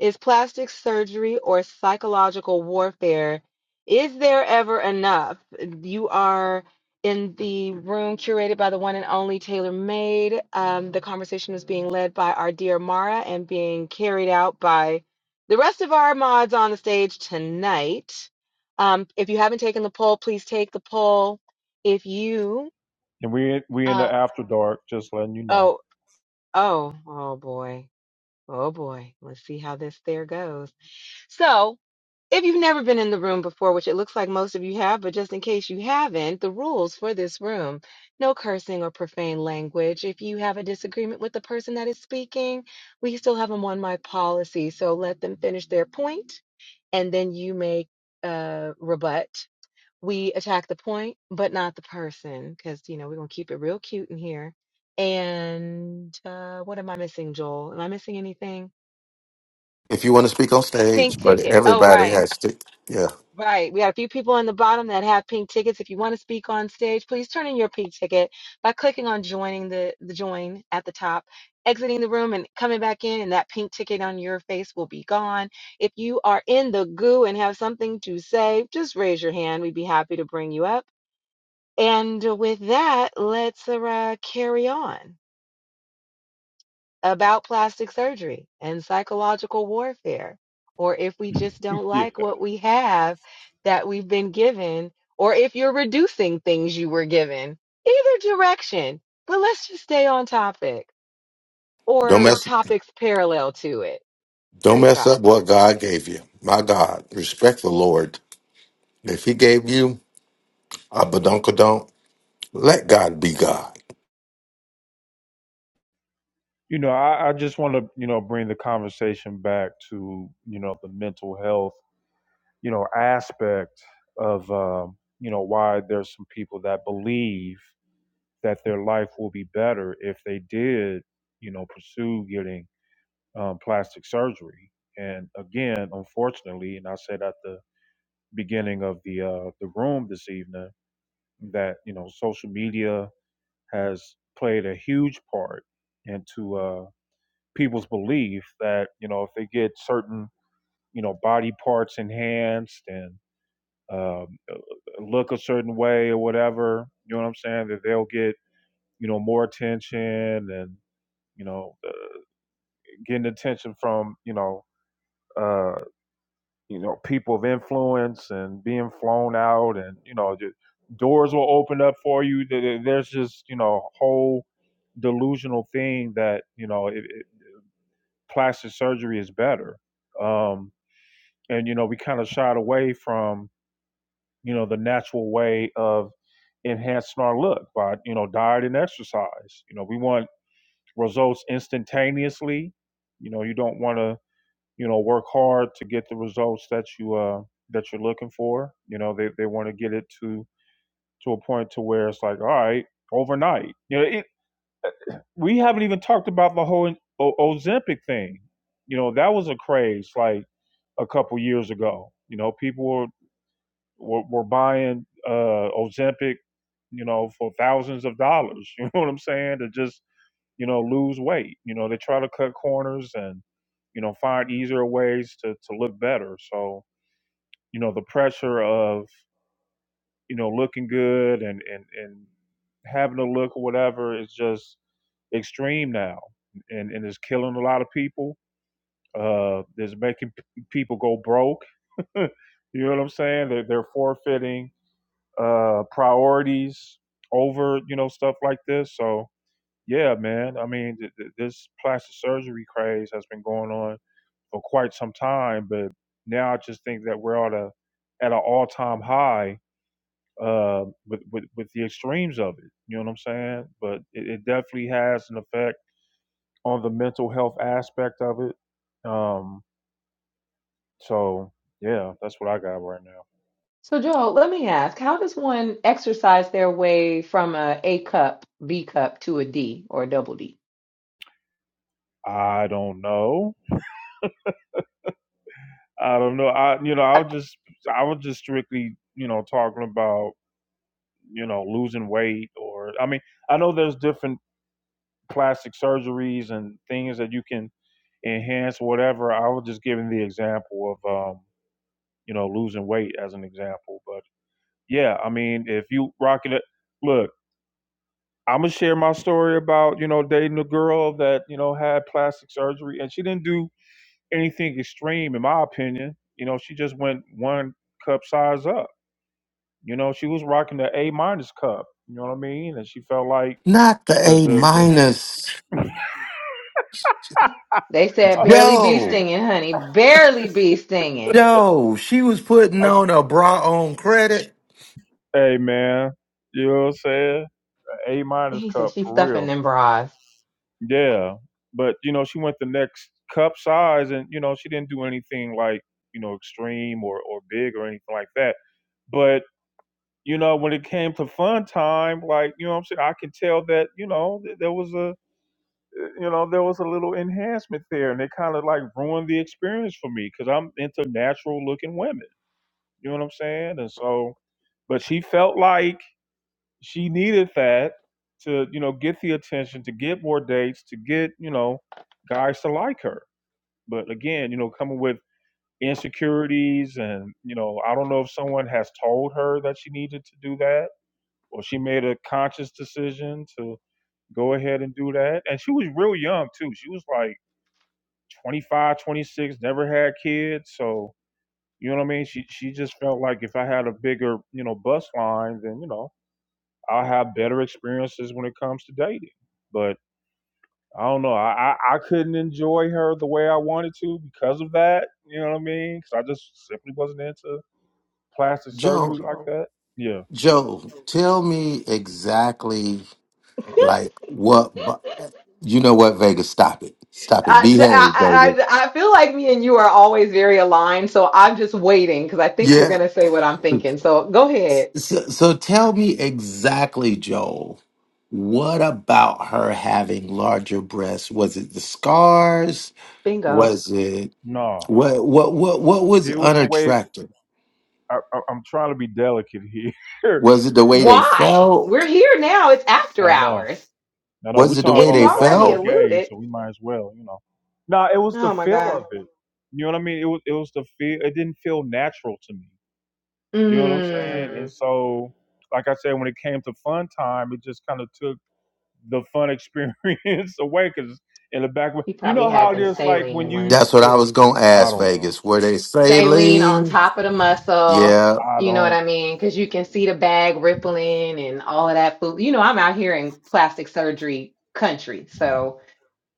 B: is plastic surgery or psychological warfare. Is there ever enough? You are in the room curated by the one and only Taylor Made. Um, the conversation is being led by our dear Mara and being carried out by the rest of our mods on the stage tonight. Um, if you haven't taken the poll, please take the poll. If you,
A: And we we in the
B: uh,
A: after dark. Just letting you know.
B: oh, oh, oh boy, oh boy, let's see how this there goes. So, if you've never been in the room before, which it looks like most of you have, but just in case you haven't, the rules for this room no cursing or profane language. If you have a disagreement with the person that is speaking, we still have a one mic policy. So, let them finish their point and then you may uh, rebut we attack the point, but not the person, because you know we're gonna keep it real cute in here. And uh, what am I missing, Joel? Am I missing anything?
M: If you want to speak on stage,
B: Pink
M: but
B: ticket. Oh,
M: everybody
B: right,
M: has to. Yeah,
B: right. We got a few people on the bottom that have pink tickets. If you want to speak on stage, please turn in your pink ticket by clicking on joining the the join at the top, exiting the room, and coming back in. And that pink ticket on your face will be gone. If you are in the goo and have something to say, just raise your hand. We'd be happy to bring you up And with that, let's uh, carry on about plastic surgery and psychological warfare. Or if we just don't
A: (laughs) yeah.
B: like what we have that we've been given, or if you're reducing things you were given, either direction. But let's just stay on topic
M: don't
B: or
M: mess.
B: topics parallel to it.
M: Don't
B: Praise
M: mess
B: God.
M: up what God gave you. My God, respect the Lord. If He gave you a badonkadonk, let God be God,
A: You know, I, I just want to, you know, bring the conversation back to, you know, the mental health, you know, aspect of, um, you know, why there's some people that believe that their life will be better if they did, you know, pursue getting um, plastic surgery. And again, unfortunately, and I said at the beginning of the uh, the room this evening that you know social media has played a huge part into uh, people's belief that you know if they get certain you know body parts enhanced and um, uh, uh, look a certain way or whatever, you know what I'm saying, that they'll get you know more attention and you know getting attention from you know uh, you know people of influence and being flown out and you know ju- doors will open up for you. There's just you know whole delusional thing that you know it, it, plastic surgery is better. Um, and you know we kind of shied away from you know the natural way of enhancing our look by you know diet and exercise you know we want results instantaneously you know you don't want to you know work hard to get the results that you uh that you're looking for you know they, they want to get it to to a point to where it's like all right overnight you know it, we haven't even talked about the whole o- ozempic thing you know that was a craze like a couple years ago you know people were. We're, we're buying uh, Ozempic, you know, for thousands of dollars. (laughs) You know what I'm saying? To just you know lose weight. You know, they try to cut corners and you know find easier ways to to look better. So you know the pressure of you know looking good and and and having to look or whatever is just extreme now and, and it's killing a lot of people. Uh, it's making p- people go broke. (laughs) you know what I'm saying? They're, they're forfeiting uh, priorities over you know stuff like this. So yeah, man. I mean, th- th- this plastic surgery craze has been going on for quite some time, but now I just think that we're at a at an all time high uh, with, with with the extremes of it. You know what I'm saying? But it, it definitely has an effect on the mental health aspect of it. Um, so yeah, that's what I got right now.
B: So, Joel, let me ask how does one exercise their way from a A cup, B cup to a D or a double D?
A: I don't know. I don't know. I you know, I was just I was just strictly, you know, talking about, you know, losing weight or I mean, I know there's different plastic surgeries and things that you can enhance whatever. I was just giving the example of um, you know, losing weight as an example. But yeah, I mean, if you rocking it look, I'm gonna share my story about, you know, dating a girl that, you know, had plastic surgery and she didn't do anything extreme in my opinion. You know, she just went one cup size up You know, she was rocking the A minus cup. You know what I mean? And she felt like
M: not the
A: the
M: A
A: the,
M: minus.
A: the
B: They said barely be
M: Joe,
B: stinging, honey. Barely be stinging.
M: Joe, she was putting on a bra on credit.
A: (laughs) hey man, you know what I'm saying? A minus
B: He said
A: cup
B: she's
A: for
B: stuffing
A: real.
B: them bras.
A: Yeah, but you know, she went the next cup size, and you know, she didn't do anything like you know extreme or or big or anything like that. But you know, when it came to fun time, like you know, what I'm saying I can tell that you know there was a you know, there was a little enhancement there, and it kind of like ruined the experience for me because I'm into natural looking women. You know what I'm saying? And so, but she felt like she needed that to, you know, get the attention, to get more dates, to get, you know, guys to like her. But again, you know, coming with insecurities and, you know, I don't know if someone has told her that she needed to do that or she made a conscious decision to go ahead and do that. And she was real young too. She was like 25, 26. never had kids. So, you know what I mean? She she just felt like if I had a bigger, you know, bus line, then, you know, I'll have better experiences when it comes to dating. But I don't know. I, I, I couldn't enjoy her the way I wanted to because of that. You know what I mean? Because I just simply wasn't into plastic surgery
M: Joe,
A: like that. Yeah.
M: Joe, tell me exactly like what,
B: (laughs)
M: bu- you know what, Vegas, stop it. Stop it.
B: I,
M: Behave, Vegas.
B: I, I, I feel like me and you are always very aligned, so I'm just waiting because I think you're
M: Yeah.
B: going to say what I'm thinking. So go ahead.
M: So, so tell me exactly, Joel, what about her having larger breasts? Was it the scars?
B: Bingo.
M: Was it
A: No.
M: what what what what was
A: It was the way
M: unattractive?
A: I, I, I'm trying to be delicate here.
M: Was it the
A: (laughs) you
M: way
A: know,
M: they
B: Why? We're
M: felt?
B: here now. It's after
A: I know.
B: hours.
A: No, no, we're
M: Was it the
A: talking
B: And
M: way
B: you
M: they
A: about Obama
B: already
A: is
M: felt?
A: gay,
B: alluded.
A: so we might as well, you know. No, it was the
B: Oh my
A: feel of
B: God.
A: it. You know what I mean? It was it was the feel. It didn't feel natural to me. You know what I'm saying? And
B: Mm.
A: so, like I said, when it came to fun time, it just kind of took the fun experience (laughs) away. Because in the back,
B: He
A: you
B: probably
A: know how
B: had
A: it
B: them
A: is. Like when
B: saline
A: you,
B: ones
M: That's what I was
B: too.
M: gonna
A: I
M: ask
A: don't know,
M: Vegas. Were they
B: Saline on
M: saline?
B: top of the muscle.
M: Yeah.
A: I
B: You know what
A: don't,
B: I mean? Because you can see the bag rippling and all of that food. You know, I'm out here in plastic surgery country. So.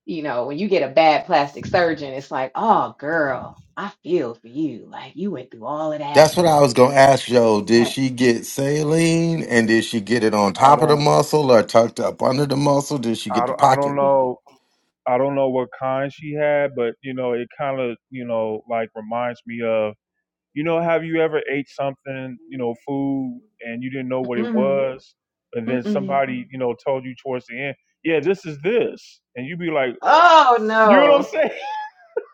B: you know, when you get a bad plastic surgeon, it's like, oh, girl, I feel for you. Like you went through all of that.
M: That's what I was gonna ask Joe. Did
B: Had-
M: she get saline and did she get it on
A: I
M: top of the
A: don't,
M: muscle or tucked up under the muscle? Did she get
A: I
M: the
A: don't, I don't
M: pocket?
A: know, I don't know what kind she had, but you know, it kind of, you know, like reminds me of You know, have you ever ate something, you know, food, and you didn't know what it
B: Mm-mm,
A: was, and then
B: mm-mm.
A: somebody, you know, told you towards the end, yeah, this is this, and you be like,
B: Oh
A: you know what I'm
B: no,
A: saying? (laughs)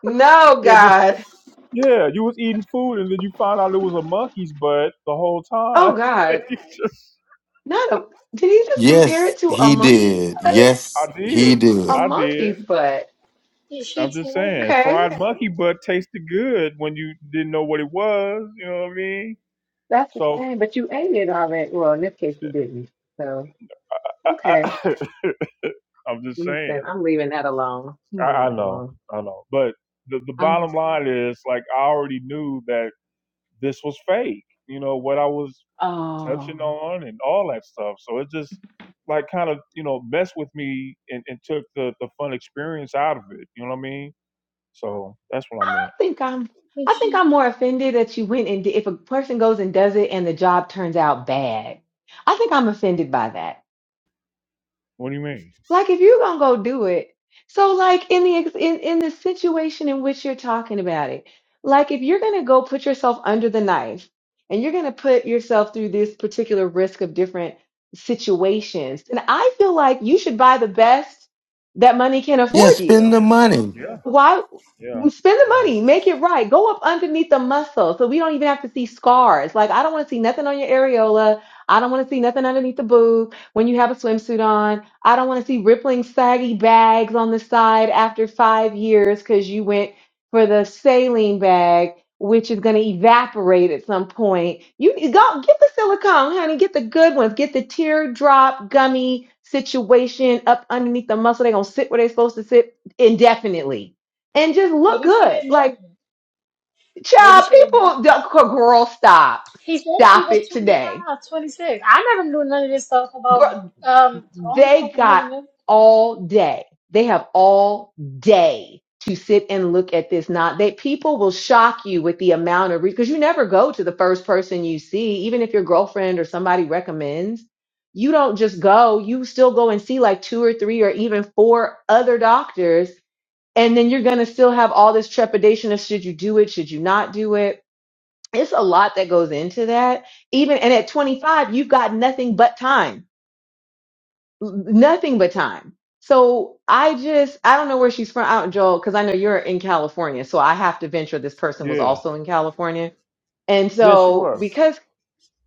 B: no,
A: Yeah, this,
B: God,
A: yeah, you was eating food, and then you found out it was a monkey's butt the whole time.
B: oh
A: (laughs)
B: God,
A: you just,
B: not a. Did he just compare
M: Yes,
B: it to a
K: Did
M: he
B: monkey?
K: she
M: did.
B: butt?
A: I
M: Yes, he
A: did,
B: A
M: did.
A: I
B: monkey's
A: did.
B: butt.
K: did she
A: I'm just
K: tell you?
A: saying,
B: Okay,
A: fried monkey butt tasted good when you didn't know what it was. You know what I mean?
B: that's a
A: So
B: shame. But you ate it already. Well, in this case, you didn't. So
A: I,
B: okay,
A: I, (laughs) I'm just saying.
B: listen, I'm leaving that alone.
A: I,
B: I'm
A: I
B: leaving it
A: know,
B: alone.
A: I know. But the, the
B: I'm
A: bottom
B: just.
A: line is like I already knew that this was fake, you know, what I was touching
B: Oh.
A: on and all that stuff. So it just like kind of, you know, messed with me and, and took the, the fun experience out of it. You know what I mean? So that's what I
B: I
A: meant.
B: think I'm
K: Did
B: I think
K: she?
B: I'm more offended that you went and did, if a person goes and does it and the job turns out bad. I think I'm offended by that.
A: What do you mean?
B: Like if you're gonna go do it, so like in the ex- in in the situation in which you're talking about it, like if you're gonna go put yourself under the knife and you're gonna put yourself through this particular risk of different situations, then I feel like you should buy the best that money can
M: Yeah,
B: afford you
M: spend the money.
A: Yeah,
B: why
A: yeah,
B: spend the
A: yeah.
B: money, make it right. Go up underneath the muscle so we don't even have to see scars. Like I don't want to see nothing on your areola. I don't want to see nothing underneath the boob when you have a swimsuit on. I don't want to see rippling saggy bags on the side after five years because you went for the saline bag, which is going to evaporate at some point. You go get the silicone, honey. Get the good ones. Get the teardrop gummy situation up underneath the muscle. They're gonna sit where they're supposed to sit indefinitely and just look
K: Maybe she
B: good.
K: didn't know
B: Like,
K: that. Maybe
B: child,
K: she didn't know.
B: people, girl, stop.
K: He said she
B: Stop
K: was
B: it
K: twenty
B: today.
K: 26. I never knew none of this stuff about
B: Girl,
K: um Toronto stuff.
B: they
K: I never
B: got
K: knew.
B: all day. They have all day to sit and look at this. Not that people will shock you with the amount of because you never go to the first person you see, even if your girlfriend or somebody recommends. You don't just go, you still go and see like two or three or even four other doctors and then you're going to still have all this trepidation of should you do it should you not do it it's a lot that goes into that even and at 25 you've got nothing but time N- nothing but time so i just i don't know where she's from out joel because i know you're in california so i have to venture this person was
A: Yeah.
B: also in california and
A: Yes, you
B: so
A: were.
B: because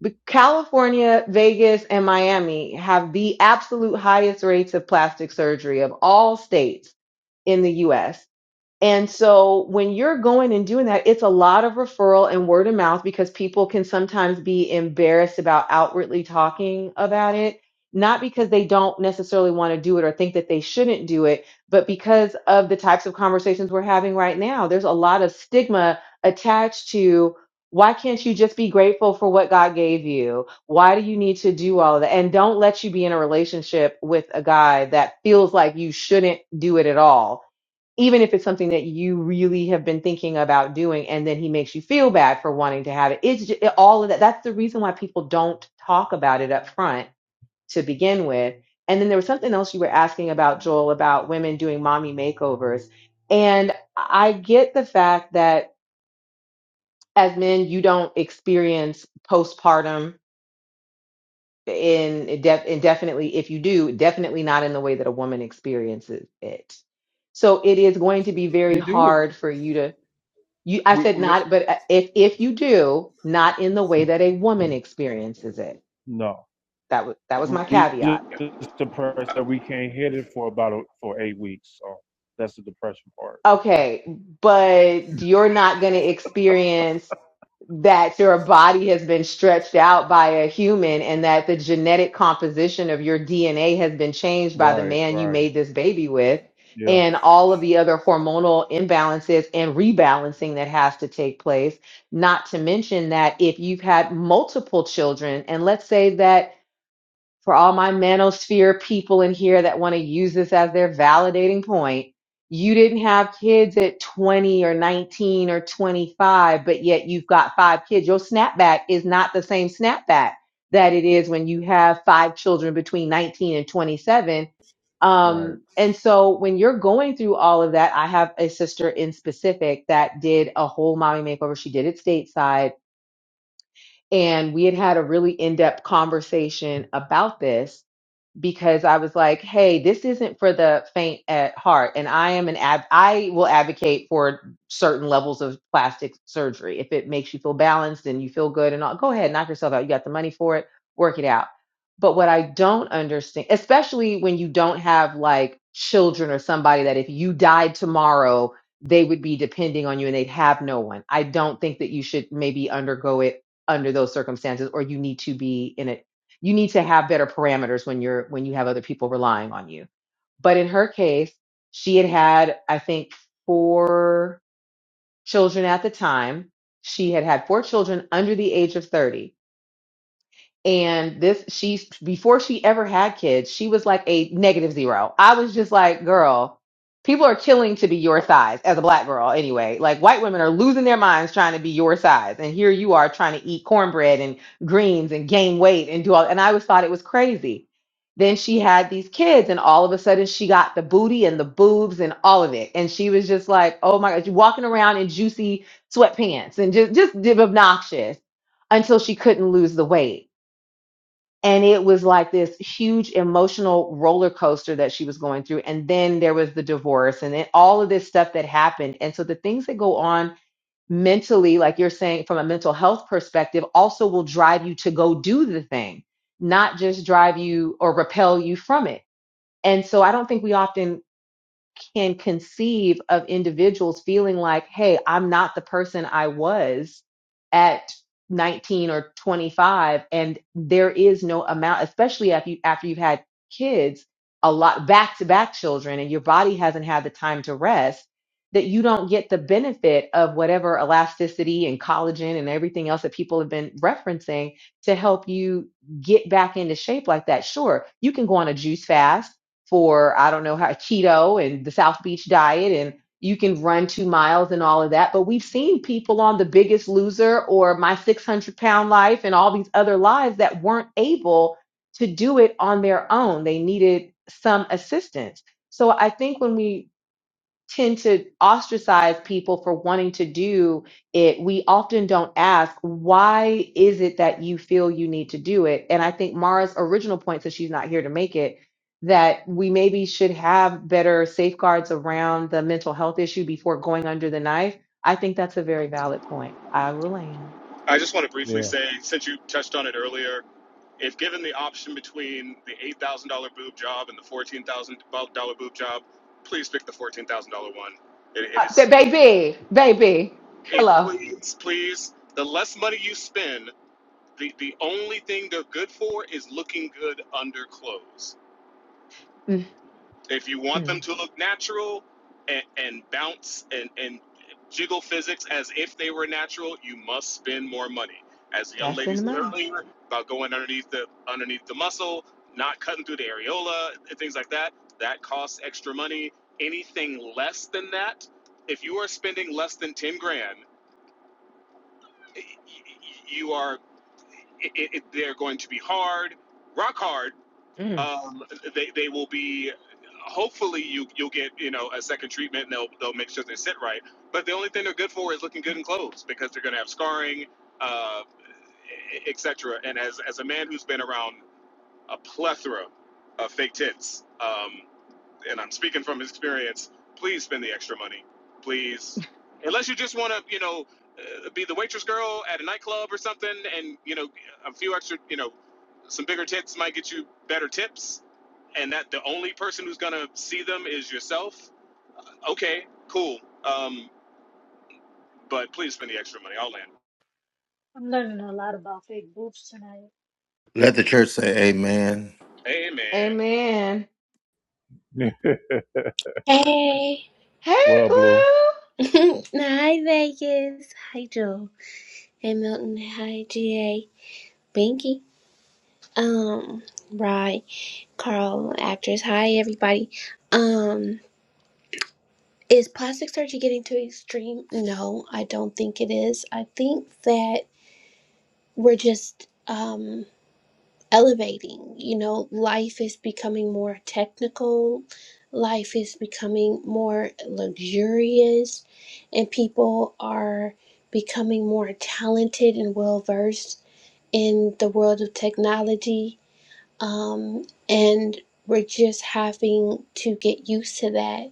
B: b- california vegas and miami have the absolute highest rates of plastic surgery of all states in the us and so when you're going and doing that, it's a lot of referral and word of mouth because people can sometimes be embarrassed about outwardly talking about it, not because they don't necessarily want to do it or think that they shouldn't do it, but because of the types of conversations we're having right now. There's a lot of stigma attached to why can't you just be grateful for what God gave you? Why do you need to do all of that? And don't let you be in a relationship with a guy that feels like you shouldn't do it at all even if it's something that you really have been thinking about doing and then he makes you feel bad for wanting to have it it's just, all of that that's the reason why people don't talk about it up front to begin with and then there was something else you were asking about joel about women doing mommy makeovers and i get the fact that as men you don't experience postpartum in def- indefinitely if you do definitely not in the way that a woman experiences it so it is going to be very
A: We do it
B: hard for you to You, I
A: we
B: said
A: we-
B: not, but uh, if if you do, not in the way that a woman experiences it.
A: no.
B: That was that was my
A: We
B: caveat.
A: just depressed that we can't hit it for about a, for eight weeks. So that's the depression part.
B: Okay, but you're not going to experience that your body has been stretched out by a human and that the genetic composition of your DNA has been changed by the
A: Right,
B: man you
A: right.
B: made this baby with
A: Yeah,
B: and all of the other hormonal imbalances and rebalancing that has to take place. Not to mention that if you've had multiple children, and let's say that for all my manosphere people in here that want to use this as their validating point. You didn't have kids at 20 or 19 or 25, but yet you've got five kids. Your snapback is not the same snapback that it is when you have five children between 19 and 27.
A: right.
B: Um, and so when you're going through all of that, I have a sister in specific that did a whole mommy makeover. She did it stateside. And we had had a really in depth conversation about this because I was like, hey, this isn't for the faint at heart. And I am an ad I will advocate for certain levels of plastic surgery. If it makes you feel balanced and you feel good and all, go ahead, knock yourself out. You got the money for it, work it out. But what I don't understand, especially when you don't have like children or somebody that if you died tomorrow, they would be depending on you and they'd have no one. I don't think that you should maybe undergo it under those circumstances or you need to be in it you need to have better parameters when you're when you have other people relying on you but in her case she had had i think four children at the time she had had four children under the age of 30 and this, she's before she ever had kids, she was like a negative zero. I was just like, girl, people are killing to be your size as a black girl anyway. Like white women are losing their minds trying to be your size. And here you are trying to eat cornbread and greens and gain weight and do all. And I always thought it was crazy. Then she had these kids, and all of a sudden she got the booty and the boobs and all of it. And she was just like, oh my God, she's walking around in juicy sweatpants and just, just obnoxious until she couldn't lose the weight and it was like this huge emotional roller coaster that she was going through and then there was the divorce and then all of this stuff that happened and so the things that go on mentally like you're saying from a mental health perspective also will drive you to go do the thing not just drive you or repel you from it and so i don't think we often can conceive of individuals feeling like, hey, I'm not the person I was at 19 or 25. And there is no amount, especially after, you, after you've had kids, a lot back to back children, and your body hasn't had the time to rest, that you don't get the benefit of whatever elasticity and collagen and everything else that people have been referencing to help you get back into shape like that. Sure, you can go on a juice fast for I don't know how keto and the South Beach diet and you can run two miles and all of that. But we've seen people on the biggest loser or my 600 pound life and all these other lives that weren't able to do it on their own. They needed some assistance. So I think when we tend to ostracize people for wanting to do it, we often don't ask, why is it that you feel you need to do it? And I think Mara's original point, since she's not here to make it, that we maybe should have better safeguards around the mental health issue before going under the knife. I think that's a very valid point. I will land.
P: I just want to briefly
A: Yeah.
P: say, since you touched on it earlier, if given the option between the eight thousand dollar boob job and the fourteen thousand dollar boob job, please pick the fourteen thousand dollar one. It, it
B: Uh, th-
P: is
B: baby, baby,
P: it
B: hello.
P: please please the less money you spend, the the only thing they're good for is looking good under clothes. If you want them
B: Mm-mm.
P: to look natural and, and bounce and, and jiggle physics as if they were natural, you must spend more money. As the young
B: Gotta
P: lady
B: spend the
P: said
B: money.
P: earlier about going underneath the underneath the muscle, not cutting through the areola, and things like that, that costs extra money. Anything less than that, if you are spending less than ten grand, you are it, it, they're going to be hard, rock hard
B: Mm.
P: um, they they will be. Hopefully, you you'll get you know a second treatment, and they'll they'll make sure they sit right. But the only thing they're good for is looking good in clothes because they're going to have scarring, uh, etc. And as as a man who's been around a plethora of fake tits, um, and I'm speaking from experience, please spend the extra money, please. Unless you just want to, you know, uh, be the waitress girl at a nightclub or something, and you know, a few extra, you know, some bigger tits might get you better tips, and that the only person who's gonna see them is yourself. Okay, cool. Um, but please spend the extra money. I'll land.
K: I'm learning a lot about fake boobs tonight.
M: Let the church say amen.
P: Amen.
B: Amen.
A: (laughs)
Q: Hey.
B: Hey,
A: what up, Blue?
B: Blue.
Q: (laughs) hi Vegas. Hi Joe. Hey Milton. Hi GA. Binky. Um, Rye. Carl, actress. Hi everybody. Um, is plastic surgery getting too extreme? No, I don't think it is. I think that we're just um elevating. You know, life is becoming more technical, life is becoming more luxurious, and people are becoming more talented and well versed in the world of technology. Um, and we're just having to get used to that.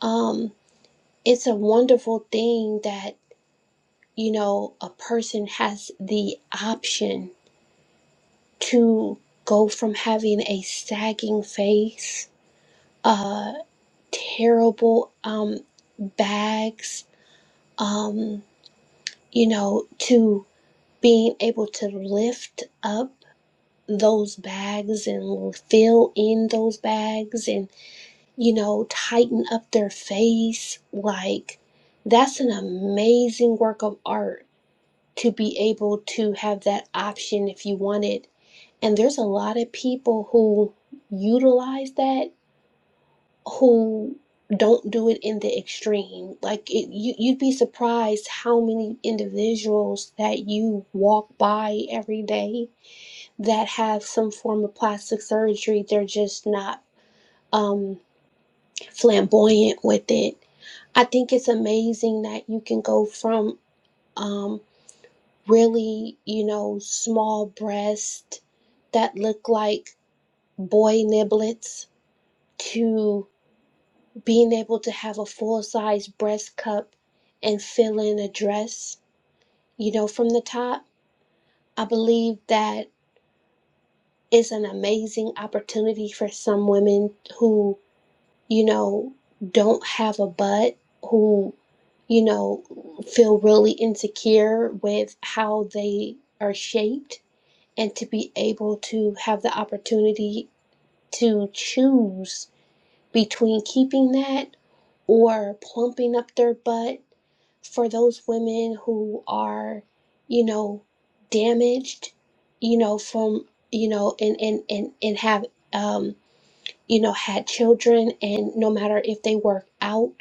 Q: Um, it's a wonderful thing that, you know, a person has the option to go from having a sagging face, uh, terrible um, bags, um, you know, to being able to lift up those bags and fill in those bags and, you know, tighten up their face. Like, that's an amazing work of art to be able to have that option if you want it. And there's a lot of people who utilize that who don't do it in the extreme. Like it, you, you'd be surprised how many individuals that you walk by every day that have some form of plastic surgery. They're just not um, flamboyant with it. I think it's amazing that you can go from um, really, you know, small breasts that look like boy niblets to being able to have a full size breast cup and fill in a dress, you know, from the top. I believe that is an amazing opportunity for some women who, you know, don't have a butt, who, you know, feel really insecure with how they are shaped and to be able to have the opportunity to choose between keeping that or plumping up their butt for those women who are, you know, damaged, you know, from, you know, and, and, and, and have, um you know had children and no matter if they work out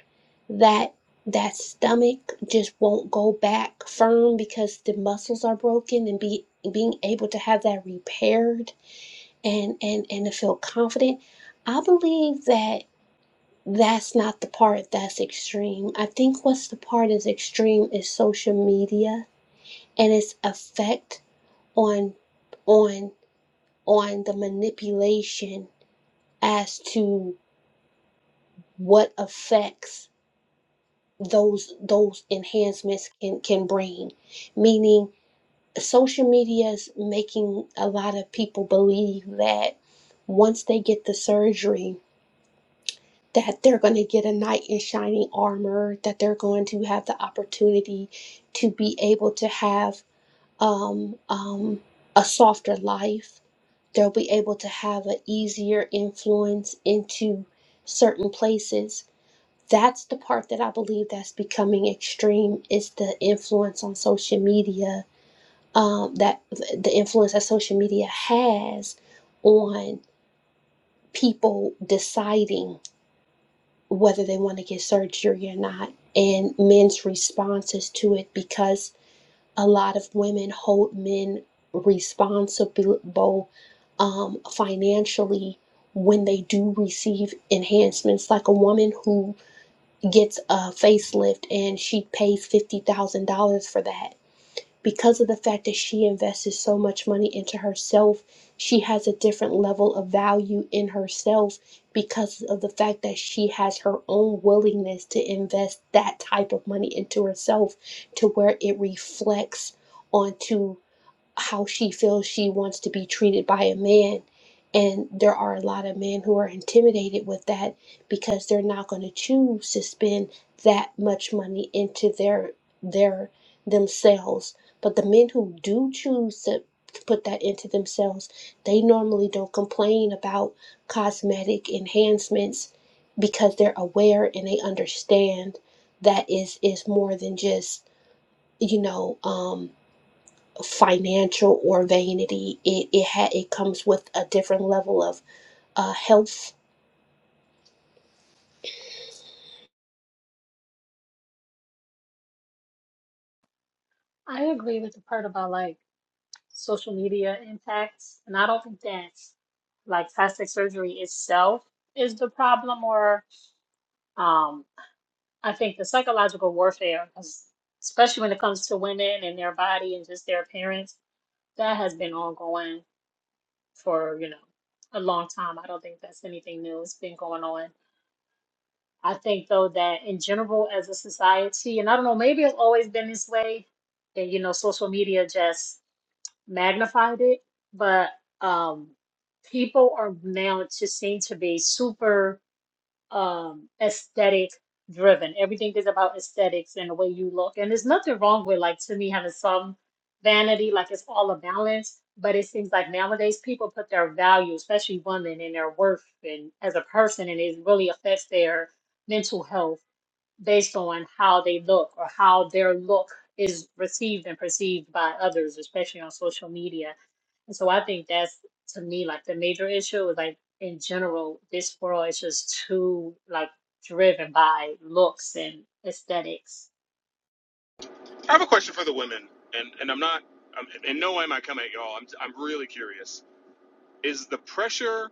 Q: that that stomach just won't go back firm because the muscles are broken and be being able to have that repaired and and and to feel confident i believe that that's not the part that's extreme i think what's the part is extreme is social media and its effect on on on the manipulation as to what affects those those enhancements can can bring meaning social media is making a lot of people believe that once they get the surgery that they're going to get a knight in shining armor that they're going to have the opportunity to be able to have um, um, a softer life they'll be able to have an easier influence into certain places that's the part that I believe that's becoming extreme is the influence on social media um, that the influence that social media has on people deciding whether they want to get surgery or not and men's responses to it because a lot of women hold men responsible um, financially when they do receive enhancements like a woman who gets a facelift and she pays $50,000 for that. Because of the fact that she invested so much money into herself, she has a different level of value in herself because of the fact that she has her own willingness to invest that type of money into herself to where it reflects onto how she feels she wants to be treated by a man. And there are a lot of men who are intimidated with that because they're not going to choose to spend that much money into their their themselves. But the men who do choose to put that into themselves, they normally don't complain about cosmetic enhancements because they're aware and they understand that is is more than just you know um financial or vanity. It it ha- it comes with a different level of uh, health.
K: I agree with the part about like social media impacts, and I don't think that's like plastic surgery itself is the problem, or um I think the psychological warfare, 'cause especially when it comes to women and their body and just their appearance, that has been ongoing for, you know, a long time. I don't think that's anything new. It's been going on I think though that in general as a society, and I don't know, maybe it's always been this way, and you know, social media just magnified it, but um people are now just seem to be super um aesthetic driven. Everything is about aesthetics and the way you look. And there's nothing wrong with like to me having some vanity, like it's all a balance. But it seems like nowadays people put their value, especially women, and their worth and as a person, and it really affects their mental health based on how they look or how their look is received and perceived by others, especially on social media. And so I think that's to me like the major issue is like in general, this world is just too like driven by looks and aesthetics.
P: I have a question for the women, and and I'm not, I'm, in no way am I coming at y'all. I'm I'm really curious. Is the pressure,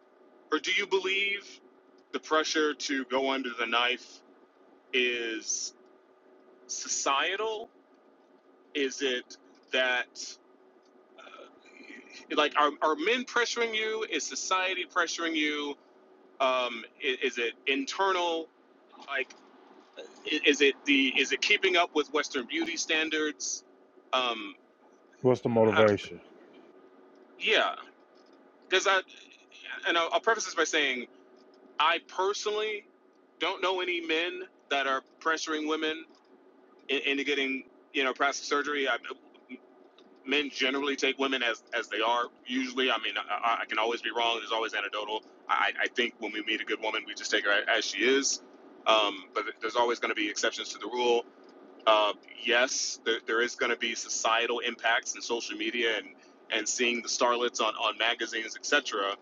P: or do you believe the pressure to go under the knife is societal? Is it that like are, are men pressuring you? Is society pressuring you? Um, is, is it internal? Like, is it the is it keeping up with Western beauty standards? Um,
A: What's the
P: I,
A: motivation?
P: yeah, because I and I'll, I'll preface this by saying I personally don't know any men that are pressuring women into getting you know plastic surgery. I, men generally take women as as they are. Usually, I mean, I, I I can always be wrong. There's always anecdotal. I, I think when we meet a good woman, we just take her as she is. Um, but there's always going to be exceptions to the rule. Uh, yes, there, there is going to be societal impacts in social media and, and seeing the starlets on, on magazines, etc.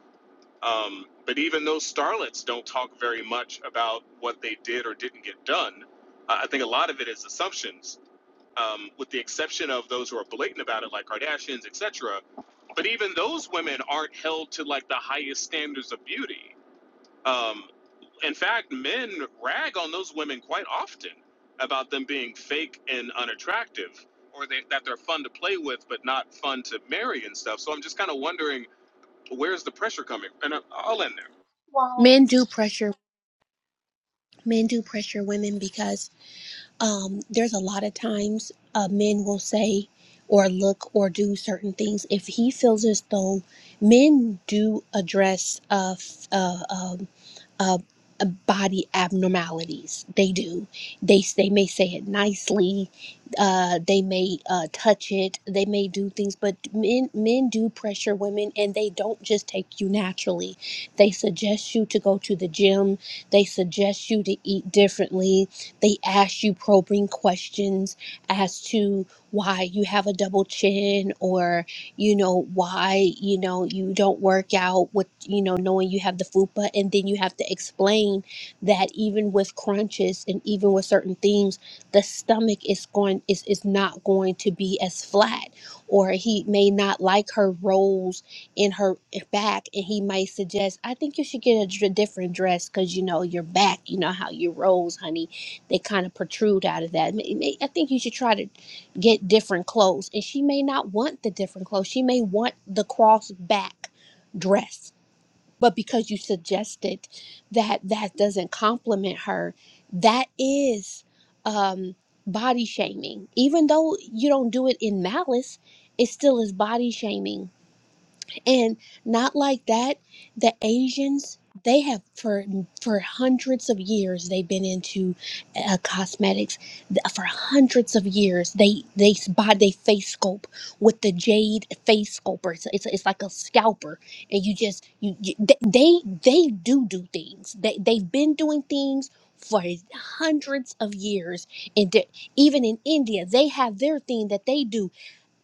P: Um, but even those starlets don't talk very much about what they did or didn't get done. I I think a lot of it is assumptions, um, with the exception of those who are blatant about it, like Kardashians, etc. But even those women aren't held to like the highest standards of beauty. Um, in fact, men rag on those women quite often about them being fake and unattractive, or they, that they're fun to play with but not fun to marry and stuff. So I'm just kind of wondering where's the pressure coming? And I- I'll end there.
K: Well,
Q: Men do pressure men do pressure women because um, there's a lot of times uh, men will say or look or do certain things if he feels as though men do address uh, f- uh, um, uh, uh, body abnormalities they do they s- they may say it nicely uh, they may uh, touch it they may do things but men men do pressure women and they don't just take you naturally they suggest you to go to the gym they suggest you to eat differently they ask you probing questions as to why you have a double chin or, you know, why, you know, you don't work out with, you know, knowing you have the FUPA. And then you have to explain that even with crunches and even with certain things, the stomach is going is, is not going to be as flat or he may not like her rolls in her back and he might suggest i think you should get a dr- different dress because you know your back you know how you rolls honey they kind of protrude out of that. May- may- I think you should try to get different clothes. And she may not want the different clothes. She may want the cross back dress. But because you suggested that that doesn't compliment her, that is um, body shaming. Even though you don't do it in malice, it still is body shaming and not like that, the Asians, they have for for hundreds of years they've been into uh, cosmetics. Th- For hundreds of years, they they s- buy they face sculpt with the jade face sculptor. It's, it's it's like a scalper, and you just you, you they they they do do things. They they've been doing things for hundreds of years, and they- even in India, they have their thing that they do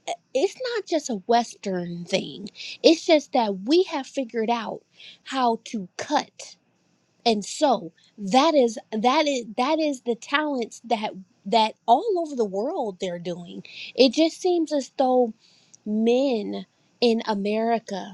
Q: uh, it's not just a Western thing. It's just that we have figured out how to cut and sew. That is that is that is the talents that that all over the world they're doing. It just seems as though men in America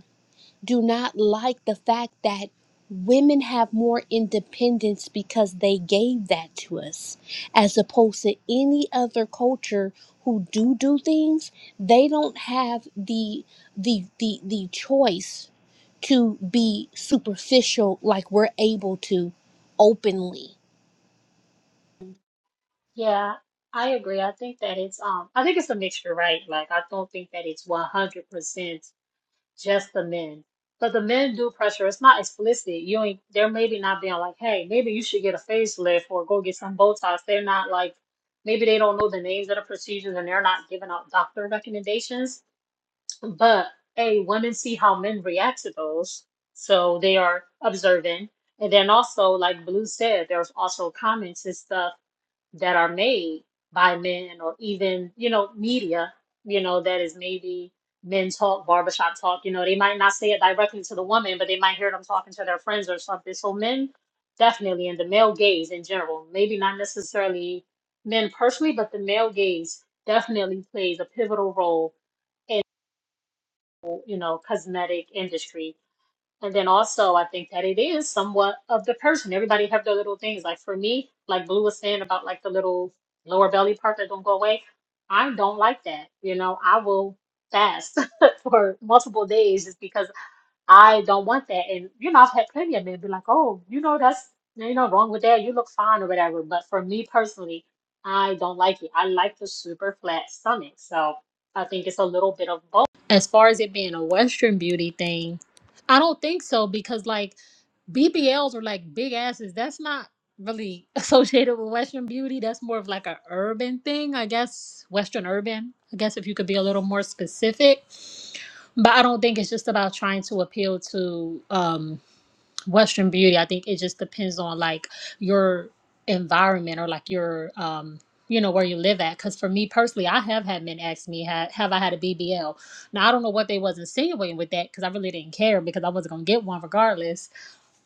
Q: do not like the fact that women have more independence because they gave that to us as opposed to any other culture who do do things they don't have the the the, the choice to be superficial like we're able to openly
K: yeah, I agree. I think that it's um I think it's a mixture, right? Like I don't think that it's one hundred percent just the men. But the men do pressure. It's not explicit. You ain't they're maybe not being like, hey, maybe you should get a facelift or go get some Botox. They're not like maybe they don't know the names of the procedures and they're not giving out doctor recommendations. But hey, women see how men react to those. So they are observant. And then also, like Blue said, there's also comments and stuff that are made by men or even, you know, media, you know, that is maybe men talk, barbershop talk, you know, they might not say it directly to the woman, but they might hear them talking to their friends or something. So men definitely in the male gaze in general, maybe not necessarily men personally, but the male gaze definitely plays a pivotal role in, you know, cosmetic industry and then also, I think that it is somewhat of the person. Everybody have their little things. Like for me, like Blue was saying about like the little lower belly part that don't go away. I don't like that. You know, I will fast (laughs) for multiple days just because. I don't want that. And you know, I've had plenty of men be like, oh, you know, that's you know wrong with that. You look fine or whatever. But for me personally, I don't like it. I like the super flat stomach. So I think it's a little bit of both. As far as it being a Western beauty thing, I don't think so because like BBLs are like big asses. That's not really (laughs) associated with Western beauty. That's more of like a urban thing, I guess. Western urban. I guess if you could be a little more specific. But I don't think it's just about trying to appeal to um Western beauty. I think it just depends on like your environment or like your um you know where you live at because for me personally i have had men ask me have, have i had a bbl now i don't know what they was insinuating with that because i really didn't care because i wasn't going to get one regardless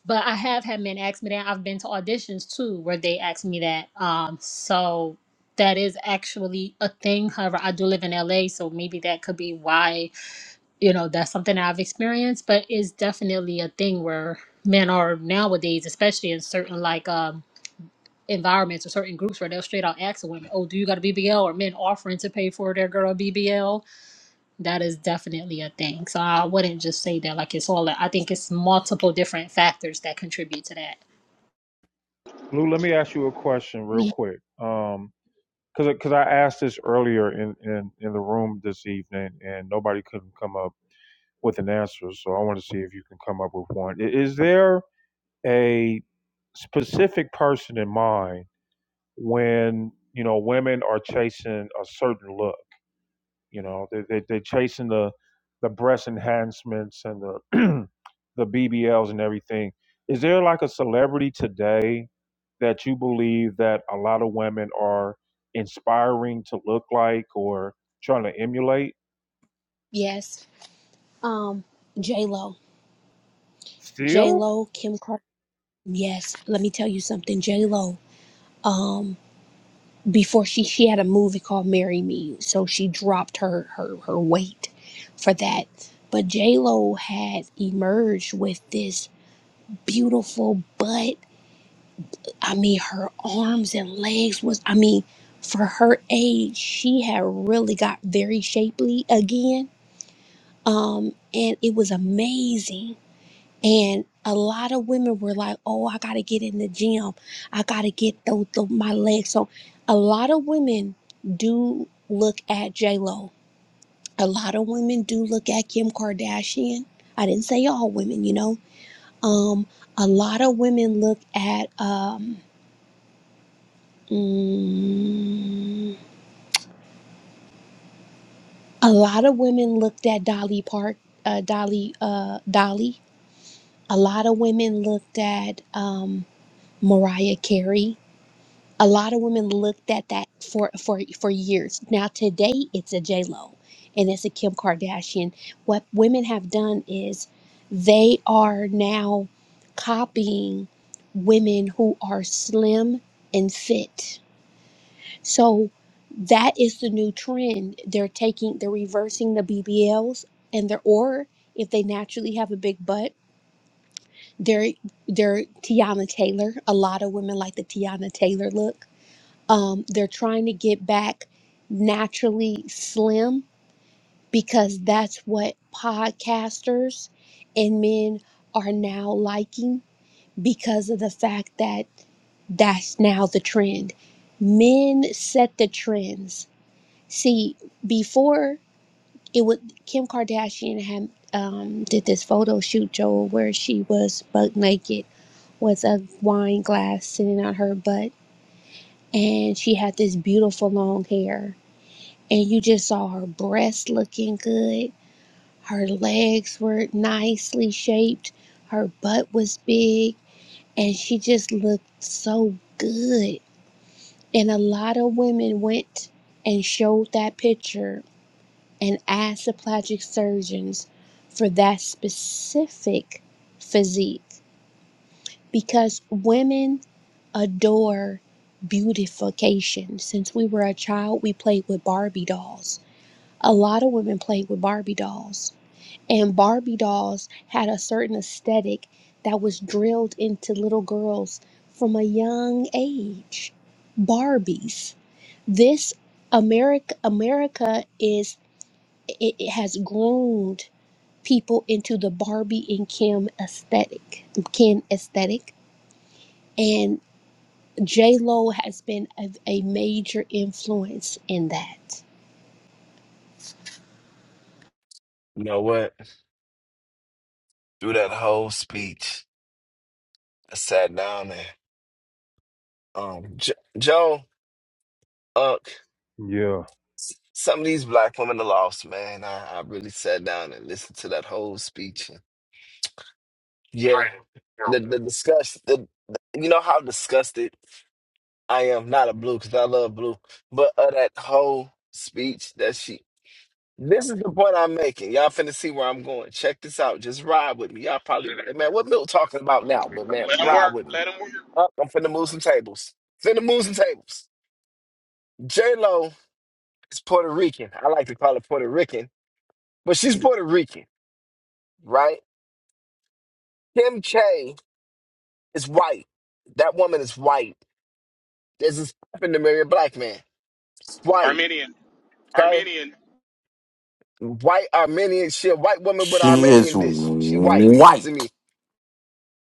K: but I have had men ask me that. I've been to auditions too where they ask me that. Um, so that is actually a thing. However, I do live in LA, so maybe that could be why, you know, that's something that I've experienced, but it's definitely a thing where men are nowadays, especially in certain like um environments or certain groups where they'll straight out ask a woman, Oh, do you got a BBL? Or men offering to pay for their girl BBL. That is definitely a thing. So I wouldn't just say that like it's all I think it's multiple different factors that contribute to that.
A: Blue, let me ask you a question real
Q: Yeah.
A: quick. Um, cause, 'cause I asked this earlier in, in, in the room this evening and nobody couldn't come up with an answer. So I want to see if you can come up with one. I- Is there a specific person in mind when, you know, women are chasing a certain look? You know, they they they're chasing the the breast enhancements and the (clears throat) the BBLs and everything. Is there like a celebrity today that you believe that a lot of women are inspiring to look like or trying to emulate?
Q: yes um j-lo
A: Still,
Q: j-lo kim Kardashian. yes let me tell you something j-lo Um. before she she had a movie called Marry Me, so she dropped her her her weight for that. But J Lo had emerged with this beautiful butt. I mean, her arms and legs was I mean, for her age, she had really got very shapely again. Um, and it was amazing and a lot of women were like, "Oh, I gotta get in the gym. I gotta get those the, my legs." So, a lot of women do look at J Lo. A lot of women do look at Kim Kardashian. I didn't say all women, you know. Um, a lot of women look at um, mm, a lot of women looked at Dolly Park, uh, Dolly, uh, Dolly. A lot of women looked at um, Mariah Carey a lot of women looked at that for for for years. Now today it's a J Lo, and it's a Kim Kardashian. What women have done is they are now copying women who are slim and fit. So that is the new trend. They're taking they're reversing the BBLs and they're or if they naturally have a big butt, they're they're Tiana Taylor. A lot of women like the Tiana Taylor look um, they're trying to get back naturally slim because that's what podcasters and men are now liking because of the fact that that's now the trend. Men set the trends. See, before it would Kim Kardashian had um, did this photo shoot, Joel, where she was butt naked with a wine glass sitting on her butt, and she had this beautiful long hair and you just saw her breasts looking good. Her legs were nicely shaped. Her butt was big, and she just looked so good. And a lot of women went and showed that picture and asked the plastic surgeons for that specific physique because women adore beautification. Since we were a child, we played with Barbie dolls a lot of women played with Barbie dolls, and Barbie dolls had a certain aesthetic that was drilled into little girls from a young age. Barbies. This America, America is it, it has groomed people into the Barbie and Kim aesthetic, Ken aesthetic, and J Lo has been a, a major influence in that.
G: You know what? Through that whole speech, I sat down there. Um, jo- Joan, uh,
A: yeah.
G: some of these black women are lost, man. I, I really sat down and listened to that whole speech. And yeah, Right. the the discuss the, the- you know how disgusted I am. Not a blue because I love blue, but uh, that whole speech that she. This is the point I'm making. Y'all finna see where I'm going. Check this out. Just ride with me. Y'all probably man, what Milt talking about now? But man,
P: Let him
G: ride
P: work.
G: with me.
P: Let him work.
G: Up, I'm finna move some tables. Finna move some tables. J Lo is Puerto Rican. I like to call it Puerto Rican but she's Puerto Rican, right? Kim K is white. That woman is white. There's this happened to marry a black man. It's white,
P: Armenian.
G: okay?
P: Armenian.
G: White Armenian. She a white woman with
M: She is
G: Armenian dish. She white to
M: white.
G: me.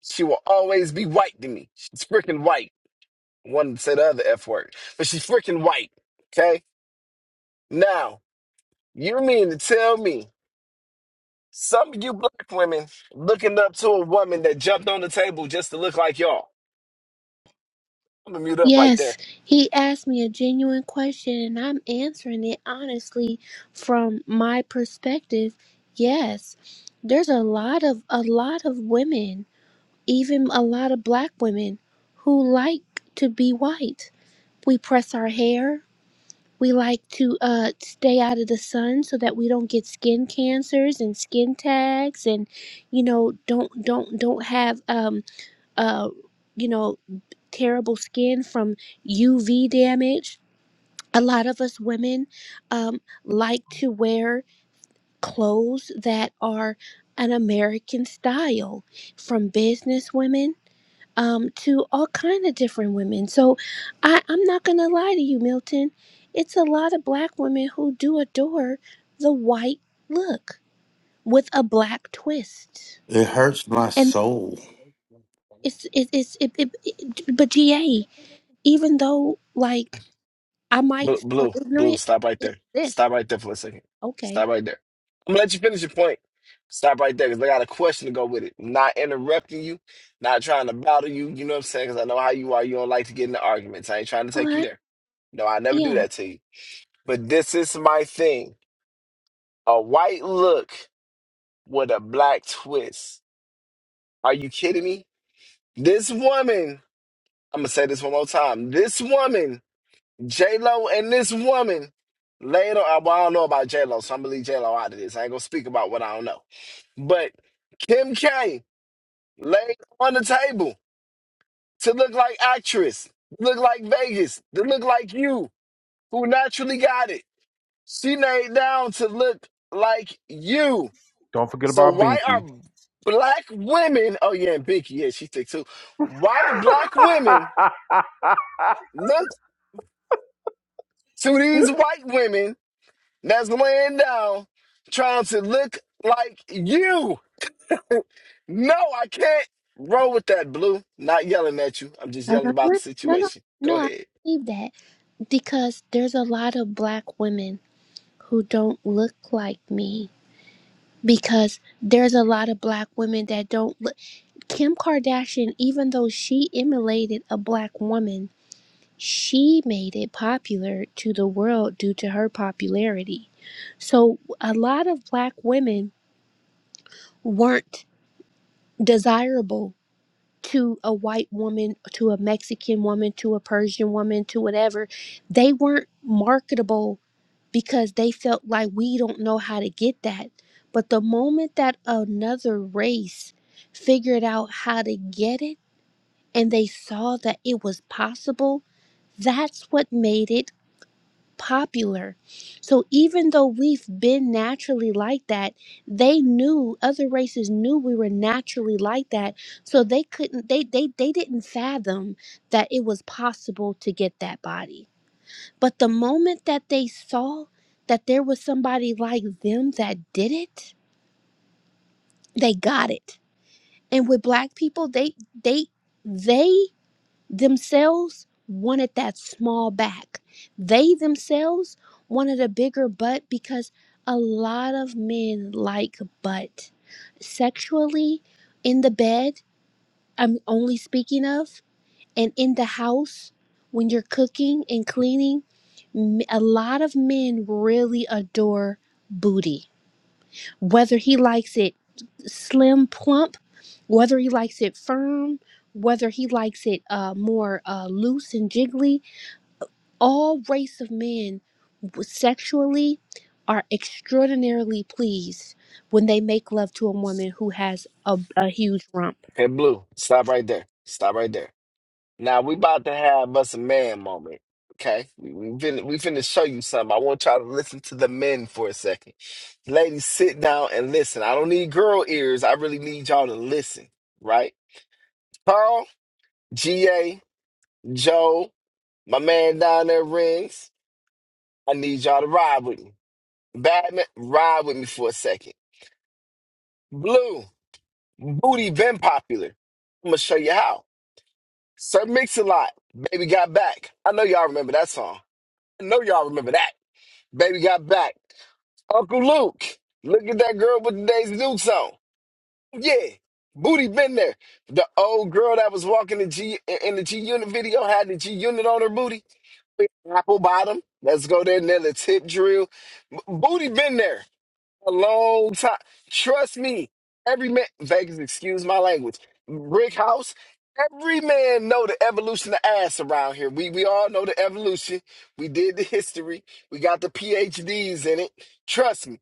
G: She will always be white to me. She's freaking white. One to say the other F word, but she's freaking white, okay? Now, you mean to tell me some of you black women looking up to a woman that jumped on the table just to look like y'all? I'm gonna mute up right there.
Q: Yes, he asked me a genuine question and I'm answering it honestly from my perspective. Yes, there's a lot of a lot of women, even a lot of black women who like to be white. We press our hair. We like to uh, stay out of the sun so that we don't get skin cancers and skin tags, and you know don't don't don't have um uh you know terrible skin from UV damage. A lot of us women um, like to wear clothes that are an American style, from business women um, to all kind of different women. So I, I'm not gonna lie to you, Milton. It's a lot of black women who do adore the white look with a black twist,
M: It hurts my
Q: and
M: soul.
Q: it's it, it's it, it, it. But GA, even though like I might
G: Blue,
Q: sound
G: blue, blue.
Q: ignorant.
G: Stop right
Q: It
G: there.
Q: exists.
G: Stop right there for a second.
Q: Okay.
G: Stop right there. I'm gonna let you finish your point. Stop right there because I got a question to go with it. Not interrupting you, not trying to bother you. You know what I'm saying? Because I know how you are. You don't like to get into arguments. I ain't trying to
Q: Oh,
G: take you
Q: I,
G: there. No, I never do
Q: yeah.
G: that to you. But this is my thing. A white look with a black twist. Are you kidding me? This woman. I'm gonna say this one more time. This woman J Lo and this woman later. uh, Well, I don't know about J Lo, so I'm gonna leave J Lo out of this. I ain't gonna speak about what I don't know. But Kim K laid on the table to look like actress, look like Vegas, to look like you, who naturally got it. She laid down to look like you.
A: Don't forget
G: So
A: about
G: why are
A: Binky.
G: black women? Oh yeah, and Binky, yeah, she thick too. Why do black women look to these white women? that's laying down trying to look like you. No, I can't roll with that, Blue. Not yelling at you. I'm just
Q: No,
G: yelling
Q: no,
G: about the
Q: no, no, no.
G: situation. Go
Q: no, I
G: ahead.
Q: believe that because there's a lot of black women who don't look like me. Because there's a lot of black women that don't look. Kim Kardashian, even though she emulated a black woman, she made it popular to the world due to her popularity. So a lot of black women weren't desirable to a white woman, to a Mexican woman, to a Persian woman, to whatever, they weren't marketable because they felt like we don't know how to get that. But the moment that another race figured out how to get it and they saw that it was possible, that's what made it popular. So even though we've been naturally like that, they knew other races knew we were naturally like that. So they couldn't they they they didn't fathom that it was possible to get that body. But the moment that they saw that there was somebody like them that did it, they got it. And with black people, they they they themselves wanted that small back. They themselves wanted a bigger butt because a lot of men like butt. Sexually, in the bed, I'm only speaking of, and in the house, when you're cooking and cleaning, m- a lot of men really adore booty. Whether he likes it slim, plump, whether he likes it firm, whether he likes it uh, more uh, loose and jiggly. All race of men sexually are extraordinarily pleased when they make love to a woman who has a, a huge rump.
G: Okay, Blue, stop right there. Stop right there. Now we about to have us a man moment. Okay, we, we finna we finna show you something. I want y'all to listen to the men for a second. Ladies, sit down and listen. I don't need girl ears. I really need y'all to listen. Right? Carl, Ga, Joe, my man down there, rings. I need y'all to ride with me. Batman, ride with me for a second. Blue, Booty been popular. I'm gonna show you how. Sir Mix-a-Lot, Baby Got Back. I know y'all remember that song. I know y'all remember that. Baby Got Back. Uncle Luke, look at that girl with the Daisy Dukes on. Yeah, Booty been there. The old girl that was walking the G in the G Unit video had the G Unit on her booty. Apple bottom. Let's go there. Then the tip drill. Booty been there. a long time. Trust me, every man Vegas, excuse my language. Brick house, every man know the evolution of ass around here. We we all know the evolution. We did the history. We got the PhDs in it. Trust me.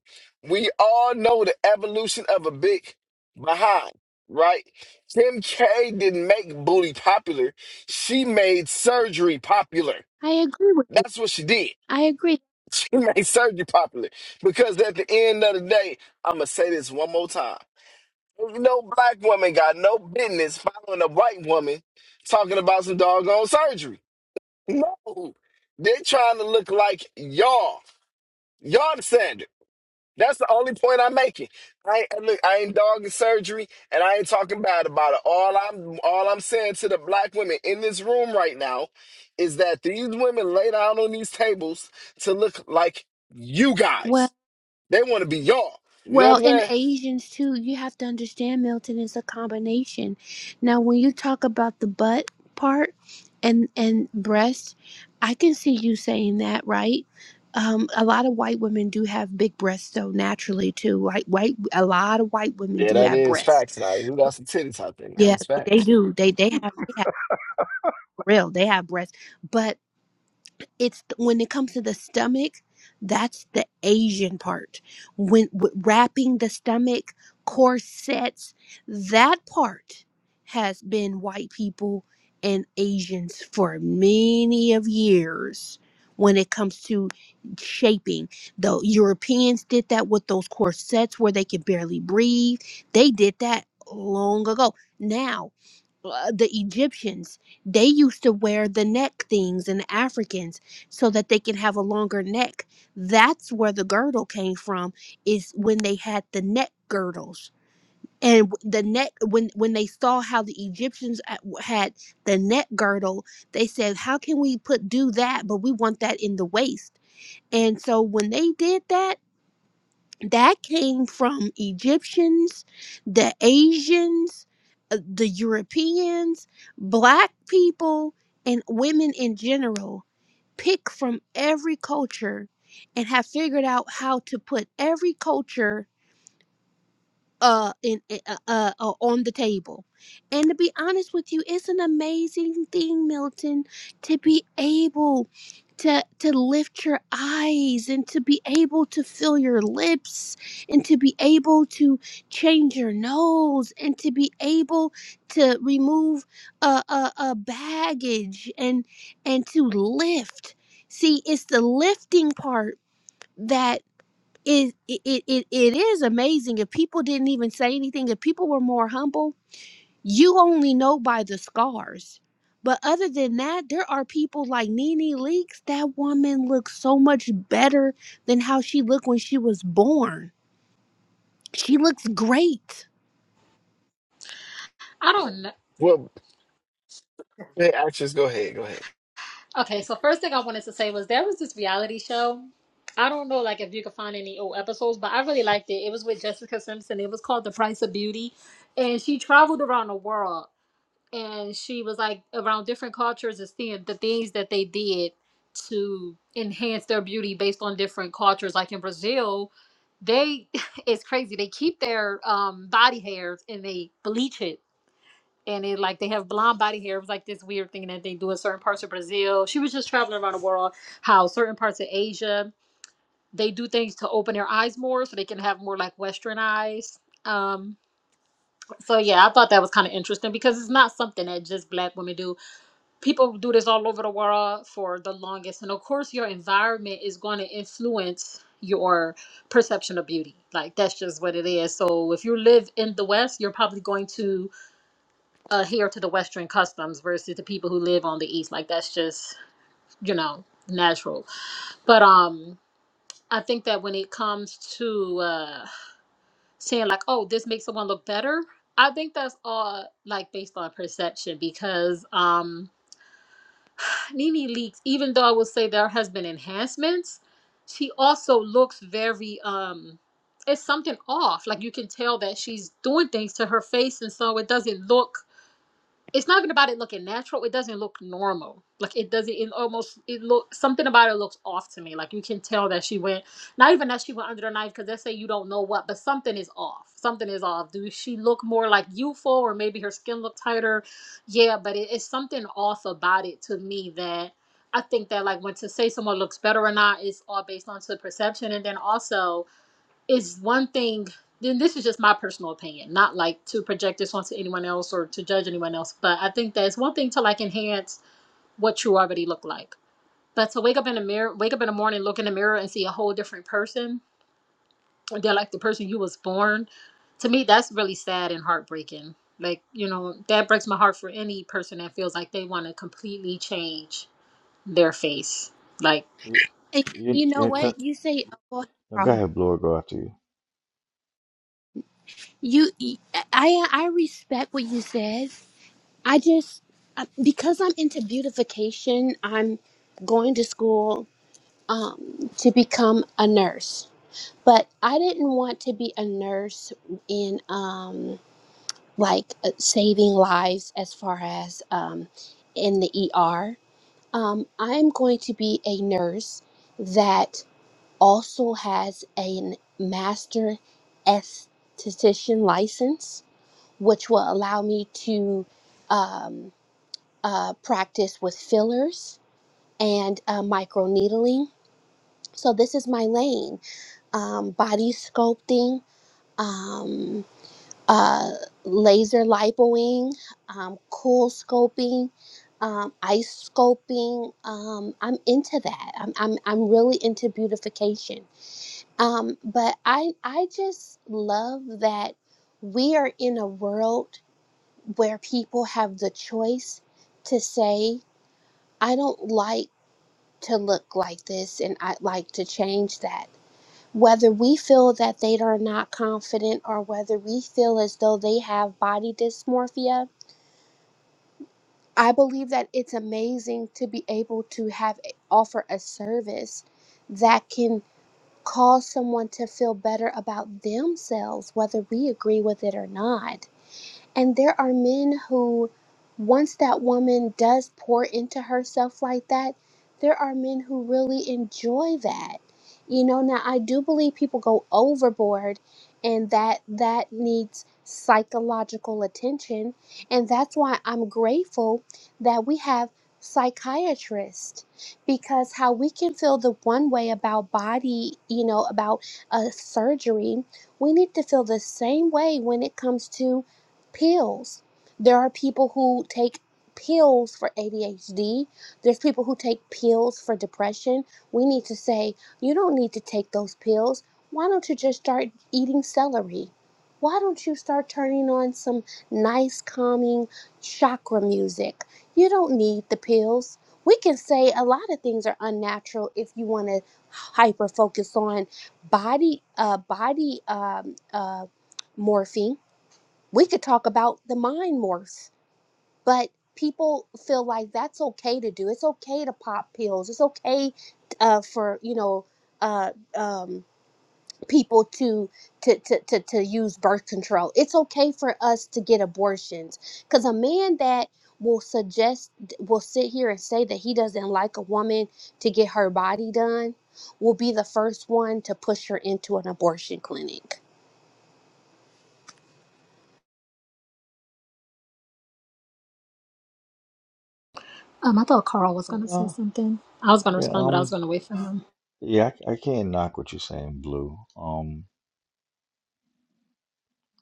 G: We all know the evolution of a big behind, right? Kim K didn't make booty popular. She made surgery popular.
Q: I agree with you.
G: That's what she did
Q: I agree.
G: (laughs) He made surgery popular. Because at the end of the day, I'm gonna say this one more time. No black woman got no business following a white woman talking about some doggone surgery. No, they're trying to look like y'all. Y'all the standard. That's the only point I'm making. I ain't, look. I ain't dogging surgery, and I ain't talking bad about it. All I'm, all I'm saying to the black women in this room right now is that these women lay down on these tables to look like you guys
Q: Well.
G: they want to be y'all. You know what
Q: Well,
G: I'm
Q: and
G: saying?
Q: Asians too, you have to understand, Milton, is a combination. Now, when you talk about the butt part and and breast, I can see you saying that, right? Um, a lot of white women do have big breasts, though, naturally too. Right? White, a lot of white women
G: Yeah,
Q: do
G: that
Q: have
G: is
Q: breasts.
G: facts. Now we got some titties out there. Now
Q: Yeah,
G: that's
Q: they, they
G: facts.
Q: do. They they have they have for real. They have breasts, but it's when it comes to the stomach that's the asian part when w- wrapping the stomach corsets that part has been white people and asians for many of years when it comes to shaping the europeans did that with those corsets where they could barely breathe they did that long ago now uh, the Egyptians, they used to wear the neck things and the Africans so that they can have a longer neck. That's where the girdle came from is when they had the neck girdles. And w- the neck when when they saw how the Egyptians at- w- had the neck girdle, they said, "How can we put do that but we want that in the waist?" And so when they did that that came from Egyptians, the Asians, uh, the Europeans, black people, and women in general pick from every culture and have figured out how to put every culture uh in uh, uh uh, on the table and to be honest with you it's an amazing thing milton to be able to to lift your eyes and to be able to fill your lips and to be able to change your nose and to be able to remove a a, a baggage and and to lift see it's the lifting part it, it it it is amazing if people didn't even say anything if people were more humble you only know by the scars but other than that there are people like Nene Leakes that woman looks so much better than how she looked when she was born she looks great
K: I don't know.
G: Well, hey, actress, go ahead, go ahead.
K: Okay, so first thing I wanted to say was there was this reality show. I don't know, like if you could find any old episodes, but I really liked it. It was with Jessica Simpson. It was called The Price of Beauty, and she traveled around the world, and she was like around different cultures and seeing the things that they did to enhance their beauty based on different cultures. Like in Brazil, they (laughs) it's crazy. They keep their um, body hairs and they bleach it and it like they have blonde body hair. It was like this weird thing that they do in certain parts of Brazil. She was just traveling around the world. How certain parts of Asia they do things to open their eyes more, so they can have more like Western eyes. Um, so yeah, I thought that was kind of interesting because it's not something that just black women do. People do this all over the world for the longest, and of course, your environment is going to influence your perception of beauty. Like that's just what it is. So if you live in the West, you're probably going to adhere to the Western customs versus the people who live on the East. Like that's just you know natural. But um, I think that when it comes to uh, saying like, oh, this makes someone look better. I think that's all like based on perception because um Nene Leaks, even though I would say there has been enhancements, she also looks very um it's something off. Like you can tell that she's doing things to her face and so it doesn't look it's not even about it looking natural. It doesn't look normal. Like it doesn't. It almost. It look something about it looks off to me. Like you can tell that she went. Not even that she went under the knife because they say you don't know what, but something is off. Something is off. Do she look more like youthful or maybe her skin look tighter? Yeah, but it, it's something off about it to me that I think that like when to say someone looks better or not is all based on to perception, and then also is one thing then this is just my personal opinion not like to project this onto anyone else or to judge anyone else but i think that it's one thing to like enhance what you already look like but to wake up in the mirror wake up in the morning look in the mirror and see a whole different person they're like the person you was born to me that's really sad and heartbreaking like you know that breaks my heart for any person that feels like they want to completely change their face like
L: You,
Q: and
L: you,
Q: you know
L: you can,
Q: what you say oh, go ahead,
L: no, go
Q: bro
L: ahead, Blue. Go after you.
Q: you I I I respect what you said I just uh, because I'm into beautification I'm going to school um, to become a nurse. But I didn't want to be a nurse in um, like uh, saving lives as far as um, in the ER. Um, I'm going to be a nurse that also has a master esthetician license, which will allow me to um, uh, practice with fillers and uh, microneedling. So this is my lane um, body sculpting, um, uh, laser lipoing, um, cool scoping, um, ice sculpting. Um, I'm into that. I'm, I'm, I'm really into beautification. Um, but I, I just love that we are in a world where people have the choice to say, I don't like to look like this and I'd like to change that whether we feel that they are not confident or whether we feel as though they have body dysmorphia i believe that it's amazing to be able to have offer a service that can cause someone to feel better about themselves whether we agree with it or not and there are men who, once that woman does pour into herself like that, there are men who really enjoy that. You know, now I do believe people go overboard and that that needs psychological attention. And that's why I'm grateful that we have psychiatrists because how we can feel the one way about body, you know, about a surgery, we need to feel the same way when it comes to pills. There are people who take pills for ADHD. There's people who take pills for depression. We need to say, you don't need to take those pills. Why don't you just start eating celery? Why don't you start turning on some nice, calming chakra music? You don't need the pills. We can say a lot of things are unnatural if you want to hyper focus on body, uh, body um, uh, morphine we could talk about the mind morphs, but people feel like that's okay to do. It's okay to pop pills. It's okay uh, for you know uh, um, people to to, to to to use birth control. It's okay for us to get abortions because a man that will suggest will sit here and say that he doesn't like a woman to get her body done will be the first one to push her into an abortion clinic
K: um i thought carl was gonna say
L: Uh,
K: something i was gonna
L: yeah,
K: respond but i was
L: um,
K: gonna wait for him
L: yeah, I, I can't knock what you're saying, Blue. Um,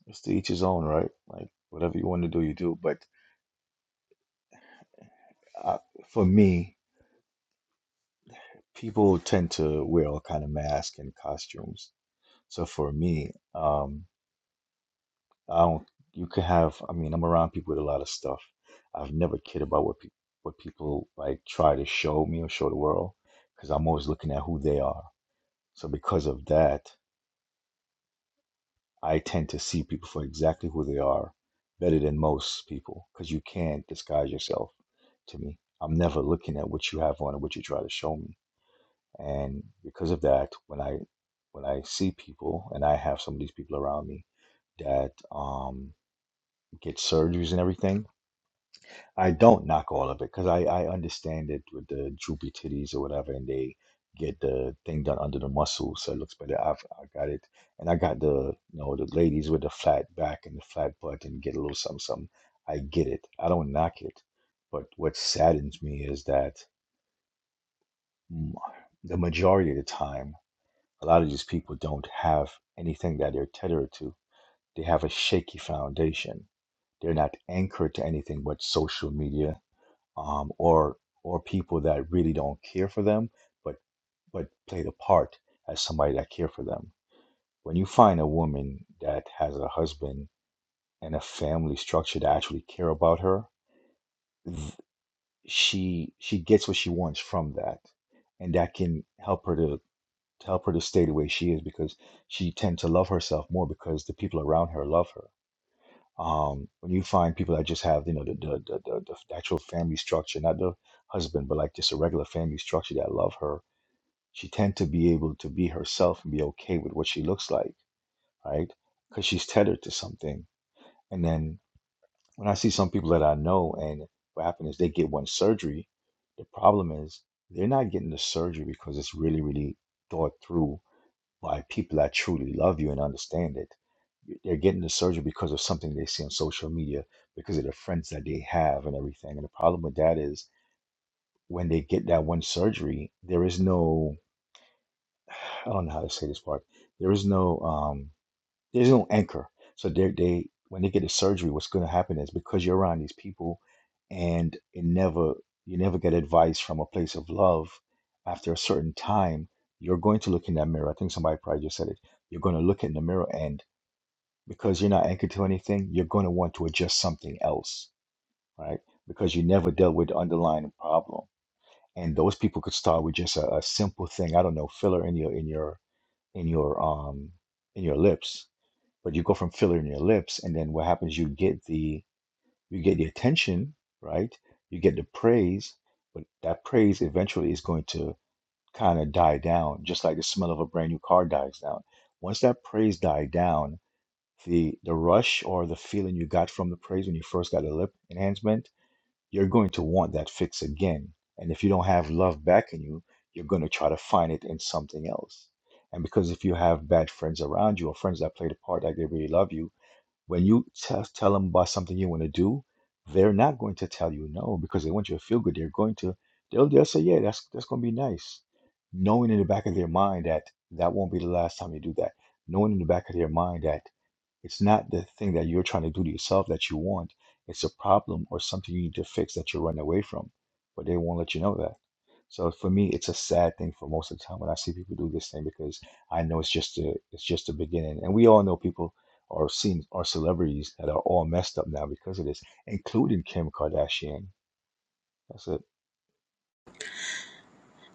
L: It's to each his own, right? Like whatever you want to do, you do. But uh, for me, people tend to wear all kind of masks and costumes. So for me, um, I don't. You could have. I mean, I'm around people with a lot of stuff. I've never cared about what people what people like try to show me or show the world because I'm always looking at who they are. So because of that. I tend to see people for exactly who they are better than most people because you can't disguise yourself to me. I'm never looking at what you have on and what you try to show me. And because of that, when I when I see people and I have some of these people around me that um, get surgeries and everything, I don't knock all of it because I, I understand it with the droopy titties or whatever, and they get the thing done under the muscle, so it looks better. I've I got it, and I got the you know the ladies with the flat back and the flat butt and get a little something something. I get it. I don't knock it, but what saddens me is that m- the majority of the time, a lot of these people don't have anything that they're tethered to. They have a shaky foundation. They're not anchored to anything but social media um, or or people that really don't care for them, but but play the part as somebody that care for them. When you find a woman that has a husband and a family structure that actually care about her, th- she she gets what she wants from that, and that can help her to, to help her to stay the way she is because she tends to love herself more because the people around her love her um, when you find people that just have you know the the, the, the the actual family structure, not the husband, but like just a regular family structure that love her, she tend to be able to be herself and be okay with what she looks like, right? Because she's tethered to something. And then when I see some people that I know, and what happens is they get one surgery. The problem is they're not getting the surgery because it's really really thought through by people that truly love you and understand it they're getting the surgery because of something they see on social media, because of the friends that they have and everything. And the problem with that is when they get that one surgery, there is no I don't know how to say this part. There is no um there's no anchor. So they they when they get a surgery, what's going to happen is because you're around these people, and it never you never get advice from a place of love. After a certain time, you're going to look in that mirror. I think somebody probably just said it. You're going to look in the mirror, and because you're not anchored to anything, you're going to want to adjust something else, right? Because you never dealt with the underlying problem. And those people could start with just a, a simple thing. I don't know, filler in your in your in your um in your lips but you go from filler in your lips and then what happens you get the you get the attention right you get the praise but that praise eventually is going to kind of die down just like the smell of a brand new car dies down once that praise died down the the rush or the feeling you got from the praise when you first got a lip enhancement you're going to want that fix again and if you don't have love back in you you're going to try to find it in something else and because if you have bad friends around you or friends that play the part like they really love you when you tell, tell them about something you want to do, they're not going to tell you no because they want you to feel good. They're going to, they'll, they'll say, yeah, that's, that's going to be nice. Knowing in the back of their mind that that won't be the last time you do that. Knowing in the back of their mind that it's not the thing that you're trying to do to yourself that you want. It's a problem or something you need to fix that you're running away from, but they won't let you know that. So for me, it's a sad thing for most of the time when I see people do this thing because I know it's just a it's just the beginning, and we all know people or seen or celebrities that are all messed up now because of this, including Kim Kardashian. That's it.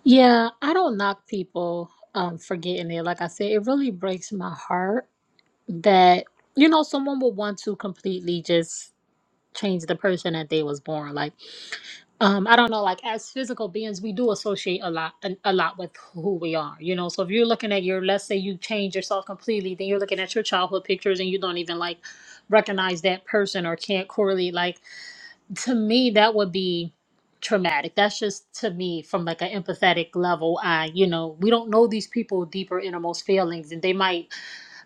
K: Yeah, I don't knock people um for getting there. Like I said, it really breaks my heart that you know someone would want to completely just change the person that they was born. Like um I don't know, like as physical beings, we do associate a lot a, a lot with who we are, you know. So if you're looking at your let's say you change yourself completely, then you're looking at your childhood pictures and you don't even like recognize that person or can't correlate like to me that would be traumatic that's just to me from like an empathetic level i you know we don't know these people deeper innermost feelings and they might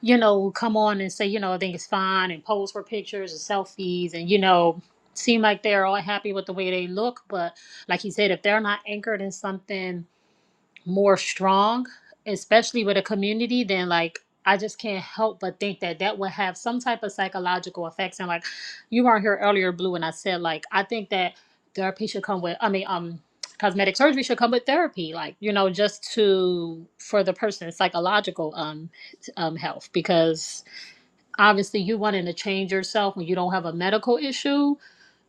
K: you know come on and say you know i think it's fine and pose for pictures and selfies and you know seem like they're all happy with the way they look but like you said if they're not anchored in something more strong, especially with a community, then like I just can't help but think that that would have some type of psychological effects. And like you weren't here earlier, Blue, and I said like I think that therapy should come with. I mean, um, cosmetic surgery should come with therapy, like you know, just to for the person's psychological um um health because obviously you wanting to change yourself when you don't have a medical issue.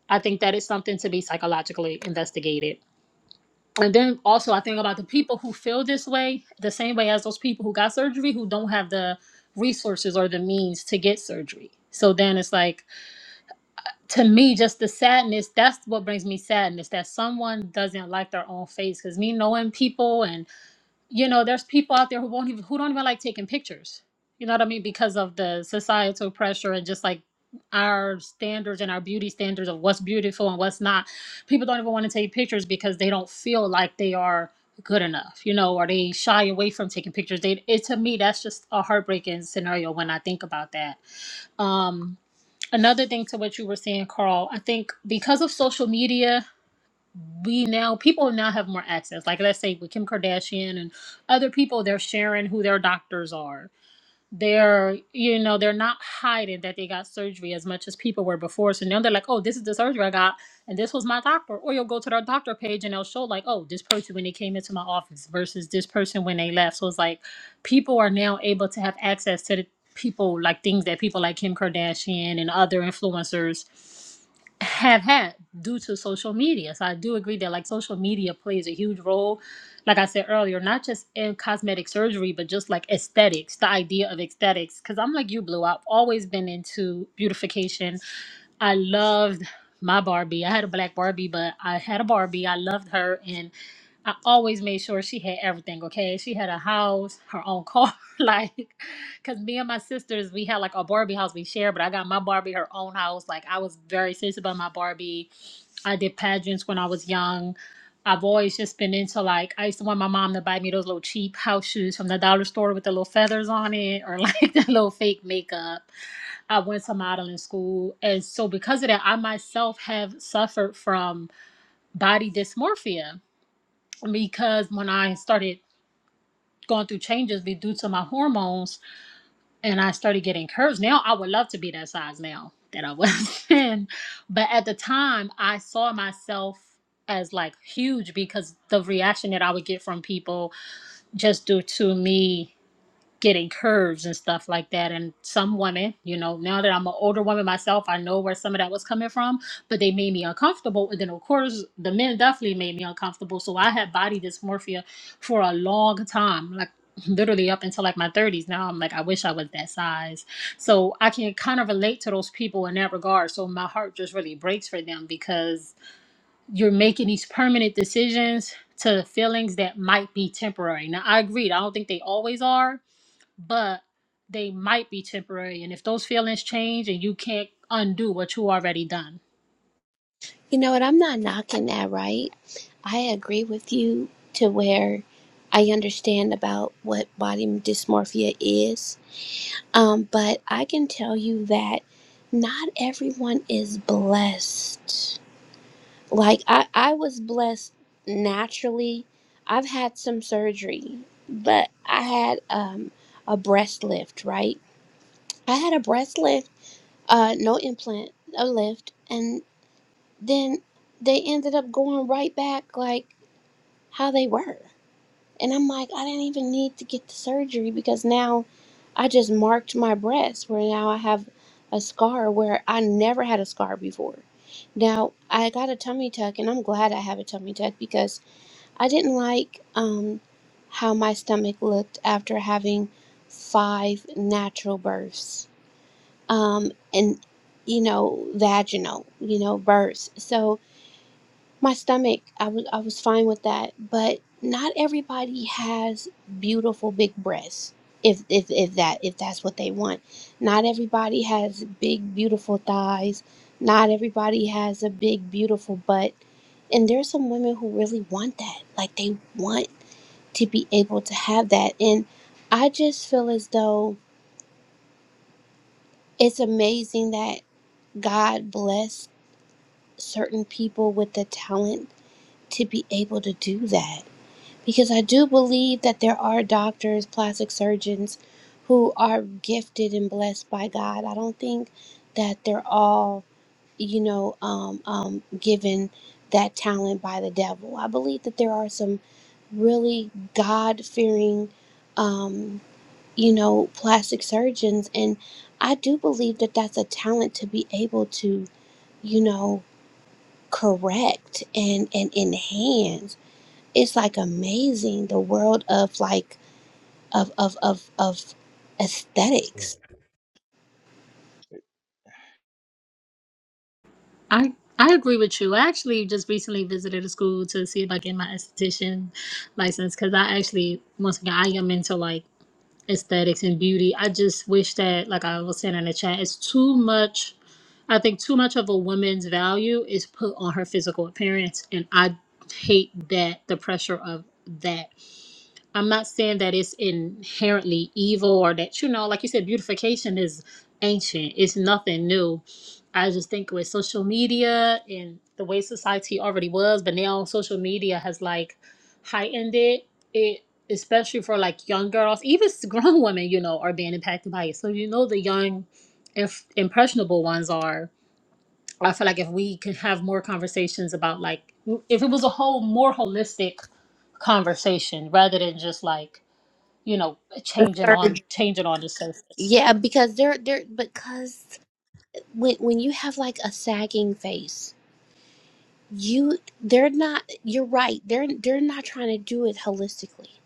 K: I think that is something to be psychologically investigated and then also I think about the people who feel this way, the same way as those people who got surgery who don't have the resources or the means to get surgery. So then it's like to me, just the sadness. That's what brings me sadness that someone doesn't like their own face. Because me knowing people and you know there's people out there who won't even who don't even like taking pictures you know what i mean because of the societal pressure and just like our standards and our beauty standards of what's beautiful and what's not people don't even want to take pictures because they don't feel like they are good enough you know or they shy away from taking pictures they it to me that's just a heartbreaking scenario when i think about that um another thing to what you were saying carl i think because of social media we now people now have more access. Like let's say with Kim Kardashian and other people, they're sharing who their doctors are. They're you know they're not hiding that they got surgery as much as people were before. So now they're like, oh, this is the surgery I got, and this was my doctor. Or you'll go to their doctor page and they'll show like, oh, this person when they came into my office versus this person when they left. So it's like people are now able to have access to the people like things that people like Kim Kardashian and other influencers have had due to social media. So I do agree that like social media plays a huge role, like I said earlier, not just in cosmetic surgery, but just like aesthetics, the idea of aesthetics. Cause I'm like you, Blue. I've always been into beautification. I loved my Barbie. I had a black Barbie, but I had a Barbie. I loved her and I always made sure she had everything, okay? She had a house, her own car, (laughs) like because me and my sisters, we had like a Barbie house we shared, but I got my Barbie her own house. Like I was very serious about my Barbie. I did pageants when I was young. I've always just been into like I used to want my mom to buy me those little cheap house shoes from the dollar store with the little feathers on it or like (laughs) the little fake makeup. I went to modeling school and so because of that I myself have suffered from body dysmorphia because when I started going through changes due to my hormones and I started getting curves. Now I would love to be that size now that I was (laughs) then. But at the time, I saw myself as like huge because the reaction that I would get from people just due to me getting curves and stuff like that. And some women, you know, now that I'm an older woman myself, I know where some of that was coming from, but they made me uncomfortable. And then, of course, the men definitely made me uncomfortable. So I had body dysmorphia for a long time, like literally up until like my 30s. Now I'm like, I wish I was that size. So I can kind of relate to those people in that regard. So my heart just really breaks for them because you're making these permanent decisions to feelings that might be temporary. Now I agreed, I don't think they always are, but they might be temporary. And if those feelings change and you can't undo what you already done.
Q: You know what? I'm not knocking that, right? I agree with you to where I understand about what body dysmorphia is. Um, but I can tell you that not everyone is blessed. Like, I, I was blessed naturally. I've had some surgery, but I had um, a breast lift, right? I had a breast lift, uh, no implant, a lift. and then they ended up going right back like how they were. And I'm like, I didn't even need to get the surgery because now I just marked my breast where now I have a scar where I never had a scar before. Now I got a tummy tuck and I'm glad I have a tummy tuck because I didn't like um how my stomach looked after having five natural births. Um and you know, vaginal, you know, births. So my stomach I was I was fine with that, but not everybody has beautiful big breasts. If if if that if that's what they want. Not everybody has big beautiful thighs. Not everybody has a big beautiful butt. And there's some women who really want that. Like they want to be able to have that. And I just feel as though it's amazing that God bless certain people with the talent to be able to do that because I do believe that there are doctors, plastic surgeons who are gifted and blessed by God. I don't think that they're all, you know, um, um, given that talent by the devil. I believe that there are some really God fearing, um, you know, plastic surgeons. And I do believe that that's a talent to be able to, you know, correct and, and enhance it's like amazing the world of like of of of of aesthetics.
K: I I agree with you. I actually just recently visited a school to see if I get my esthetician license because I actually once again I am into like aesthetics and beauty. I just wish that like I was saying in the chat, it's too much I think too much of a woman's value is put on her physical appearance and I hate that the pressure of that I'm not saying that it's inherently evil or that, you know, like you said, beautification is ancient, it's nothing new. I just think with social media and the way society already was, but now social media has like heightened it, it especially for like young girls, even s- grown (laughs) women, you know, are being impacted by it. So, you know, the young, if impressionable ones are. I feel like if we could have more conversations about like, if it was a whole more holistic conversation rather than just like you know, changing on changing on the surface.
Q: Yeah, because they're they're because when when you have like a sagging face you they're not you're right they're they're not trying to do it holistically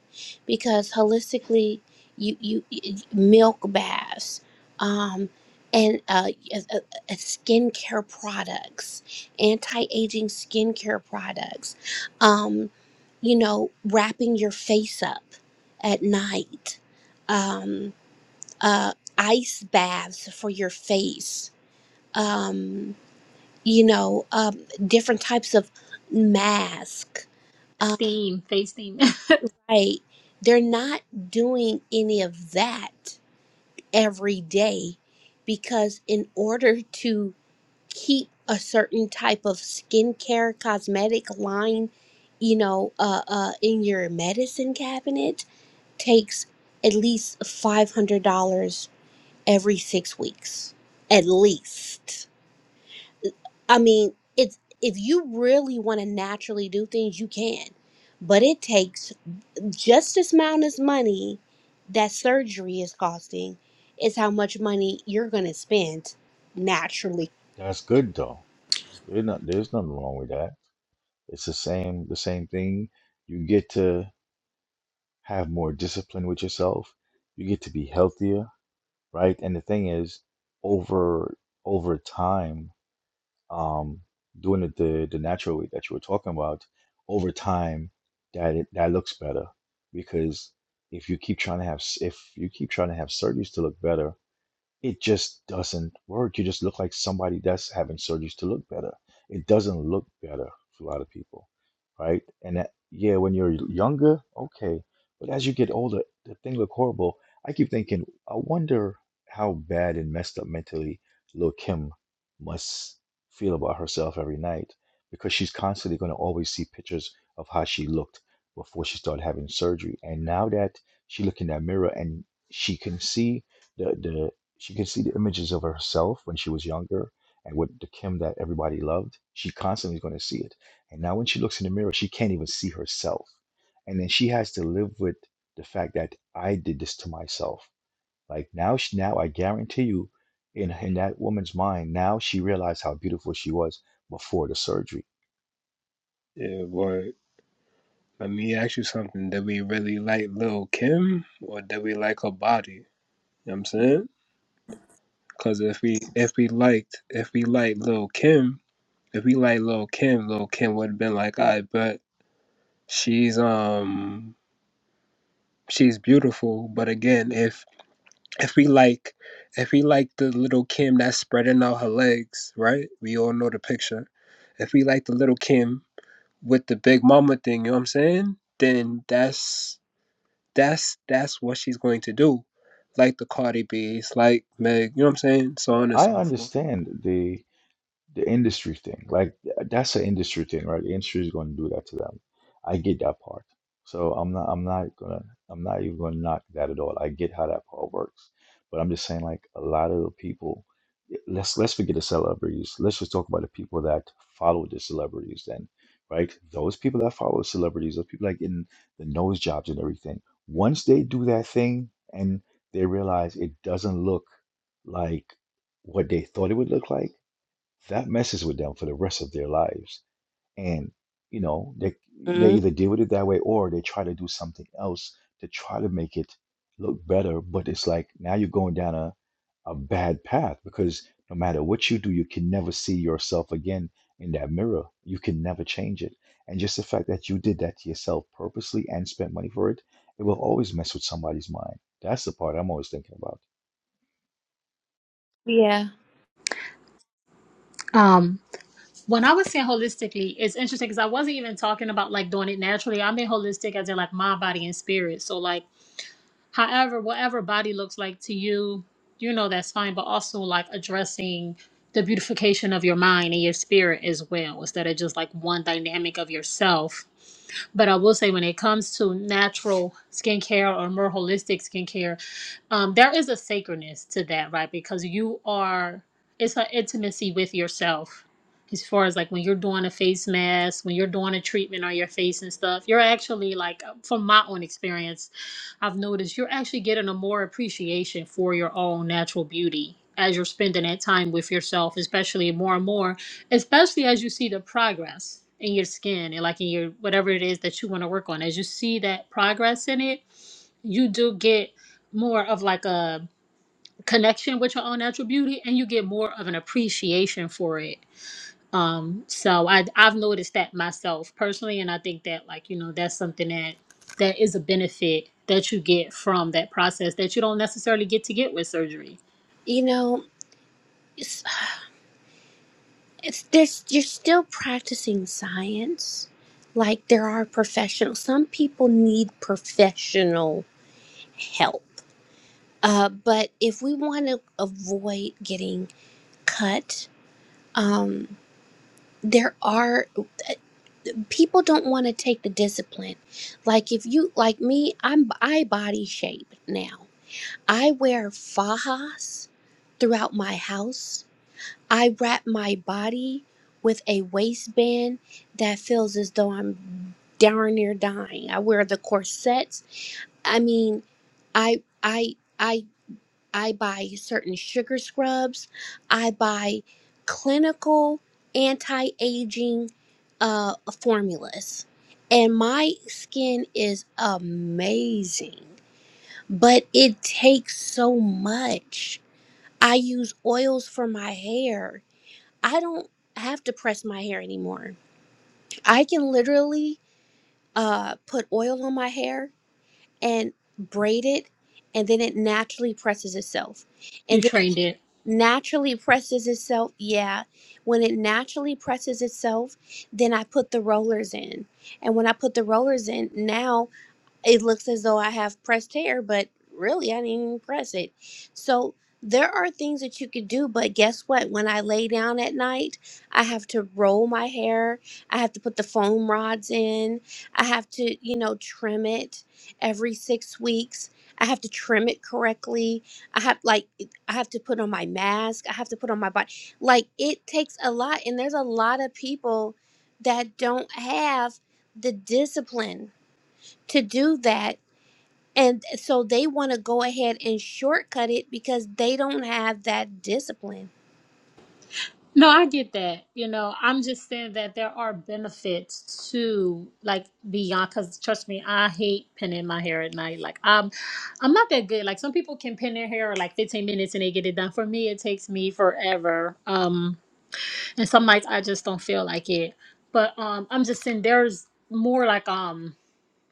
Q: because holistically you you, you milk baths um and uh, uh, uh, uh, skincare products, anti-aging skincare products, um, you know, wrapping your face up at night, um, uh, ice baths for your face, um you know, um, different types of mask. Uh,
K: Steam, face steam.
Q: right? They're not doing any of that every day because in order to keep a certain type of skincare cosmetic line, you know, uh, uh, in your medicine cabinet takes at least five hundred dollars every six weeks, at least. I mean, it's if you really want to naturally do things, you can. But it takes just as amount as money that surgery is costing is how much money you're going to spend naturally.
L: That's good though. There's not there's nothing wrong with that. It's the same the same thing. You get to. have more discipline with yourself. You get to be healthier, right? And the thing is, over over time, um, doing it the the natural way that you were talking about, over time, that it, that looks better because if you keep trying to have s- if you keep trying to have surgeries to look better, it just doesn't work. You just look like somebody that's having surgeries to look better. It doesn't look better for a lot of people, right? And that, yeah, when you're younger, okay, but as you get older, the thing look horrible. I keep thinking, I wonder how bad and messed up mentally Lil Kim must feel about herself every night because she's constantly going to always see pictures of how she looked before she started having surgery. And now that she look in that mirror and she can see the the she can see the images of herself when she was younger and with the Kim that everybody loved. She constantly is going to see it. And now when she looks in the mirror, she can't even see herself. And then she has to live with the fact that I did this to myself. Like now, she, now I guarantee you, in, in that woman's mind, now she realized how beautiful she was before the surgery.
R: Yeah, boy. Let me ask you something. Did we really like Lil Kim or did we like her body? You know what I'm saying? Cause if we if we liked if we liked Lil Kim, if we liked Lil Kim, Lil Kim would have been like, I bet she's um she's beautiful. But again, if if we like if we like the little Kim that's spreading out her legs, right? We all know the picture. If we like the little Kim with the big mama thing, you know what I'm saying? Then that's That's that's what she's going to do, like the Cardi B's, like Meg. You know what I'm saying? So
L: Now,
R: on and
L: I
R: so forth.
L: understand the. the industry thing like that's an industry thing right the industry is going to do that to them i get that part so i'm not i'm not gonna i'm not even gonna knock that at all i get how that part works but i'm just saying like a lot of the people eh, let's let's forget the celebrities let's just talk about the people that follow the celebrities then right those people that follow celebrities those people like in the nose jobs and everything once they do that thing and they realize it doesn't look like what they thought it would look like that messes with them for the rest of their lives. And you know, they they
Q: Mm,
L: either deal with it that way or they try to do something else to try to make it look better. But it's like now you're going down a, a bad path because no matter what you do, you can never see yourself again in that mirror. You can never change it. And just the fact that you did that to yourself purposely and spent money for it, it will always mess with somebody's mind. That's the part I'm always thinking about.
Q: yeah.
K: (laughs) um, when I was saying holistically, it's interesting because I wasn't even talking about like doing it naturally. I mean holistic as in like mind, body, and spirit. So like However, whatever body looks like to you, you know that's fine, but also like addressing the beautification of your mind and your spirit as well, instead of just like one dynamic of yourself. But I will say, when it comes to natural skincare or more holistic skincare, um, there is a sacredness to that, right? Because you are, it's an intimacy with yourself. As far as like when you're doing a face mask, when you're doing a treatment on your face and stuff, you're actually like, from my own experience, I've noticed you're actually getting a more appreciation for your own natural beauty as you're spending that time with yourself, especially more and more, especially as you see the progress in your skin and like in your whatever it is that you want to work on. As you see that progress in it, you do get more of like a connection with your own natural beauty and you get more of an appreciation for it um, so I I've noticed that myself personally, and I think that like you know that's something that that is a benefit that you get from that process that you don't necessarily get to get with surgery.
Q: You know, it's, it's there's you're still practicing science. Like there are professionals. Some people need professional help. Uh, but if we want to avoid getting cut, um, there are people don't want to take the discipline like if you like me i'm i body shape now i wear fajas throughout my house i wrap my body with a waistband that feels as though i'm darn near dying i wear the corsets i mean i i i I buy certain sugar scrubs. I buy clinical anti aging uh, formulas. And my skin is amazing, but it takes so much. I use oils for my hair. I don't have to press my hair anymore. I can literally uh, put oil on my hair and braid it, and then it naturally presses itself
K: You
Q: and then.
K: trained it.
Q: naturally presses itself, yeah. When it naturally presses itself, then I put the rollers in. And when I put the rollers in, now it looks as though I have pressed hair, but really I didn't even press it. So there are things that you could do, but guess what? When I lay down at night, I have to roll my hair. I have to put the foam rods in. I have to, you know, trim it every six weeks. I have to trim it correctly. I have like I have to put on my mask. I have to put on my body. Like it takes a lot and there's a lot of people that don't have the discipline to do that and so they want to go ahead and shortcut it because they don't have that discipline.
K: No, I get that. You know, I'm just saying that there are benefits to like beyond. Cause trust me, I hate pinning my hair at night. Like I'm, I'm not that good. Like some people can pin their hair like 15 minutes and they get it done. For me, it takes me forever. Um, and some nights I just don't feel like it. But um, I'm just saying there's more like um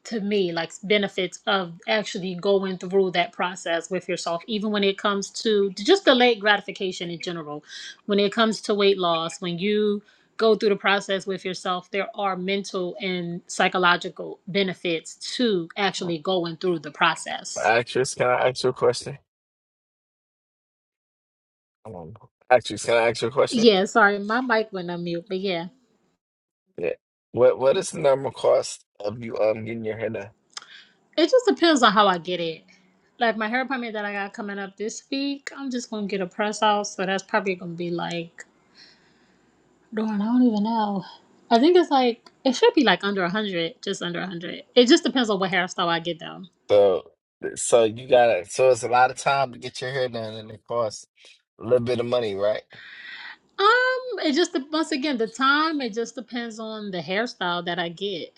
K: to me like benefits of actually going through that process with yourself, even when it comes to just delayed gratification in general. When it comes to weight loss, when you go through the process with yourself, there are mental and psychological benefits to actually going through the process.
G: Say, Come on, actress, can I ask you a question?
K: Yeah, sorry, my mic went on mute, but yeah.
G: Yeah. What What is the normal cost of you um getting your hair done?
K: It just depends on how I get it. Like my hair appointment that I got coming up this week, I'm just gonna get a press out, so that's probably gonna be like darn, I don't even know. I think it's like it should be like under a hundred, just under a hundred. It just depends on what hairstyle I get though.
G: So, so you gotta. So it's a lot of time to get your hair done, and it costs a little bit of money, right?
K: Um, it just once again the time. It just depends on the hairstyle that I get.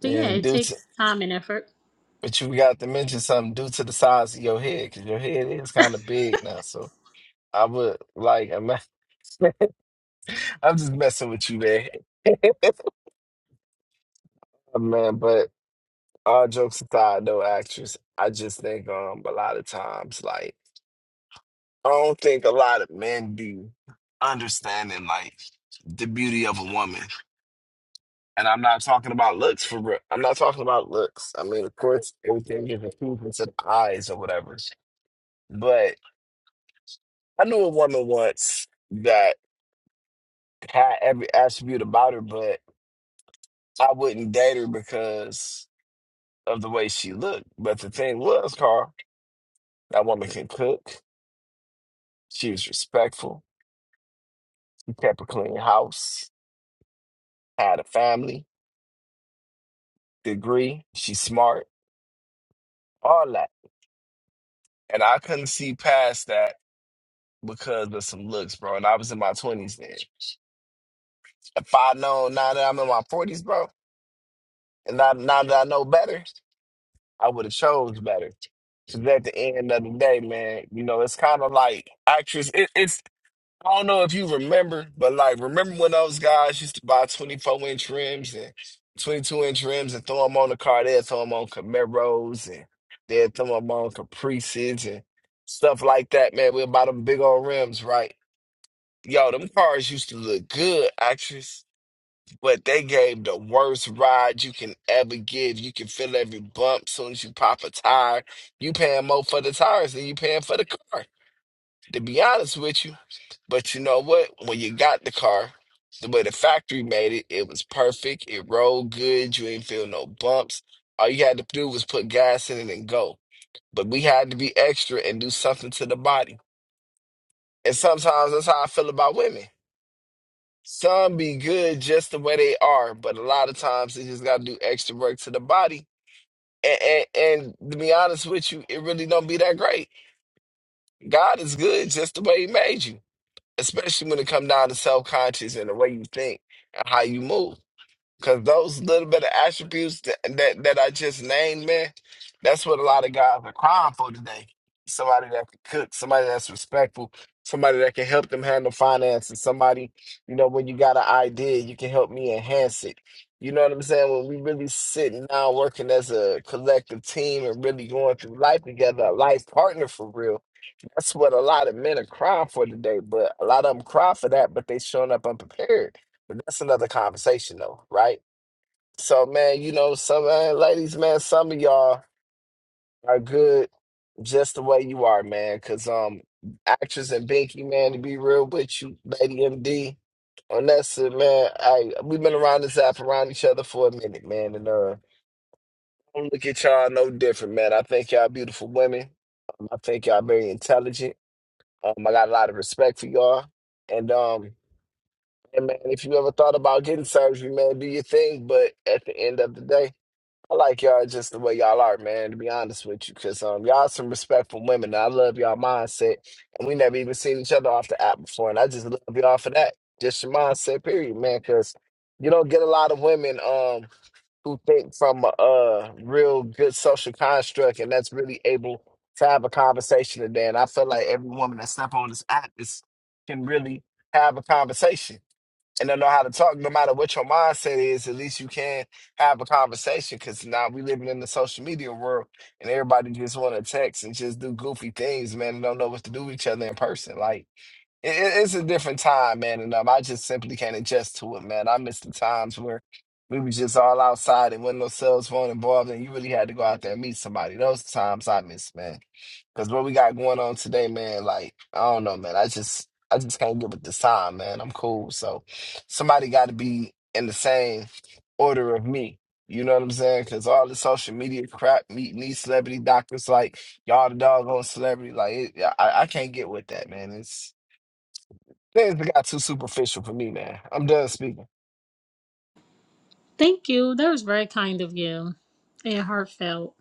K: But yeah,
G: And
K: it
G: due to,
K: takes time and effort.
G: but you got to mention something due to the size of your head, because your head is kind of big now. So I would like, I'm, (laughs) I'm just messing with you, man. (laughs) Uh, Man, but all jokes aside, though, actress, I just think um a lot of times, like, I don't think a lot of men be understanding like the beauty of a woman. And I'm not talking about looks for real. I'm not talking about looks. I mean, of course, everything is improvement to the eyes or whatever. But I knew a woman once that had every attribute about her, but I wouldn't date her because of the way she looked. But the thing was, Carl, that woman can cook. She was respectful. She kept a clean house, had a family, degree. She's smart, all that. And I couldn't see past that because of some looks, bro. And I was in my 20s then. If I known now that I'm in my 40s, bro, and now, now that I know better, I would have chose better. Because at the end of the day, man, you know, it's kind of like actress. It, it's I don't know if you remember, but like, remember when those guys used to buy 24 inch rims and 22 inch rims and throw them on the car? They'd throw them on Camaros and they'd throw them on Caprices and stuff like that, man. We'd buy them big old rims, right? Yo, them cars used to look good, actress, but they gave the worst ride you can ever give. You can feel every bump soon as you pop a tire. You paying more for the tires than you paying for the car, to be honest with you. But you know what? When you got the car, the way the factory made it, it was perfect. It rolled good. You ain't feel no bumps. All you had to do was put gas in it and go. But we had to be extra and do something to the body. And sometimes that's how I feel about women. Some be good just the way they are, but a lot of times they just gotta do extra work to the body. And, and, and to be honest with you, it really don't be that great. God is good just the way He made you. especially when it comes down to self-conscious and the way you think and how you move. Because those little bit of attributes that, that that I just named, man, that's what a lot of guys are crying for today. Somebody that can cook, somebody that's respectful, somebody that can help them handle finances, somebody, you know, when you got an idea, you can help me enhance it. You know what I'm saying? When we really sitting down working as a collective team and really going through life together, a life partner for real that's what a lot of men are crying for today, but a lot of them cry for that, but they showing up unprepared. But that's another conversation though, right? So man, you know, some man, ladies, man, some of y'all are good just the way you are, man. Cause um actress and Binky, man, to be real with you, Lady MD, on that shit, man, I we've been around this app around each other for a minute, man. And uh I don't look at y'all no different, man. I think y'all beautiful women. I think y'all very intelligent. Um, I got a lot of respect for y'all. And um, and man, if you ever thought about getting surgery, man, do your thing. But at the end of the day, I like y'all just the way y'all are, man. To be honest with you, because um, y'all some respectful women. I love y'all mindset, and we never even seen each other off the app before, and I just love y'all for that. Just your mindset, period, man. Because you don't get a lot of women. Um, who think from a, a real good social construct and that's really able to have a conversation today. And I feel like every woman that step on this app is can really have a conversation and they know how to talk. No matter what your mindset is, at least you can have a conversation. Because now we living in the social media world and everybody just want to text and just do goofy things, man. And don't know what to do with each other in person. Like it, it- it's a different time, man. And um, I just simply can't adjust to it, man. I miss the times where we were just all outside and when no cell phone involved, and you really had to go out there and meet somebody. Those times I miss, man. Because what we got going on today, man, like I don't know, man. I just I just can't get with this time, man. I'm cool, so somebody got to be in the same order of me. You know what I'm saying? Because all the social media crap, meeting these celebrity doctors, like y'all the doggone celebrity, like it, I, I can't get with that, man. It's Things got too superficial for me, man. I'm done speaking.
K: Thank you. That was very kind of you and heartfelt.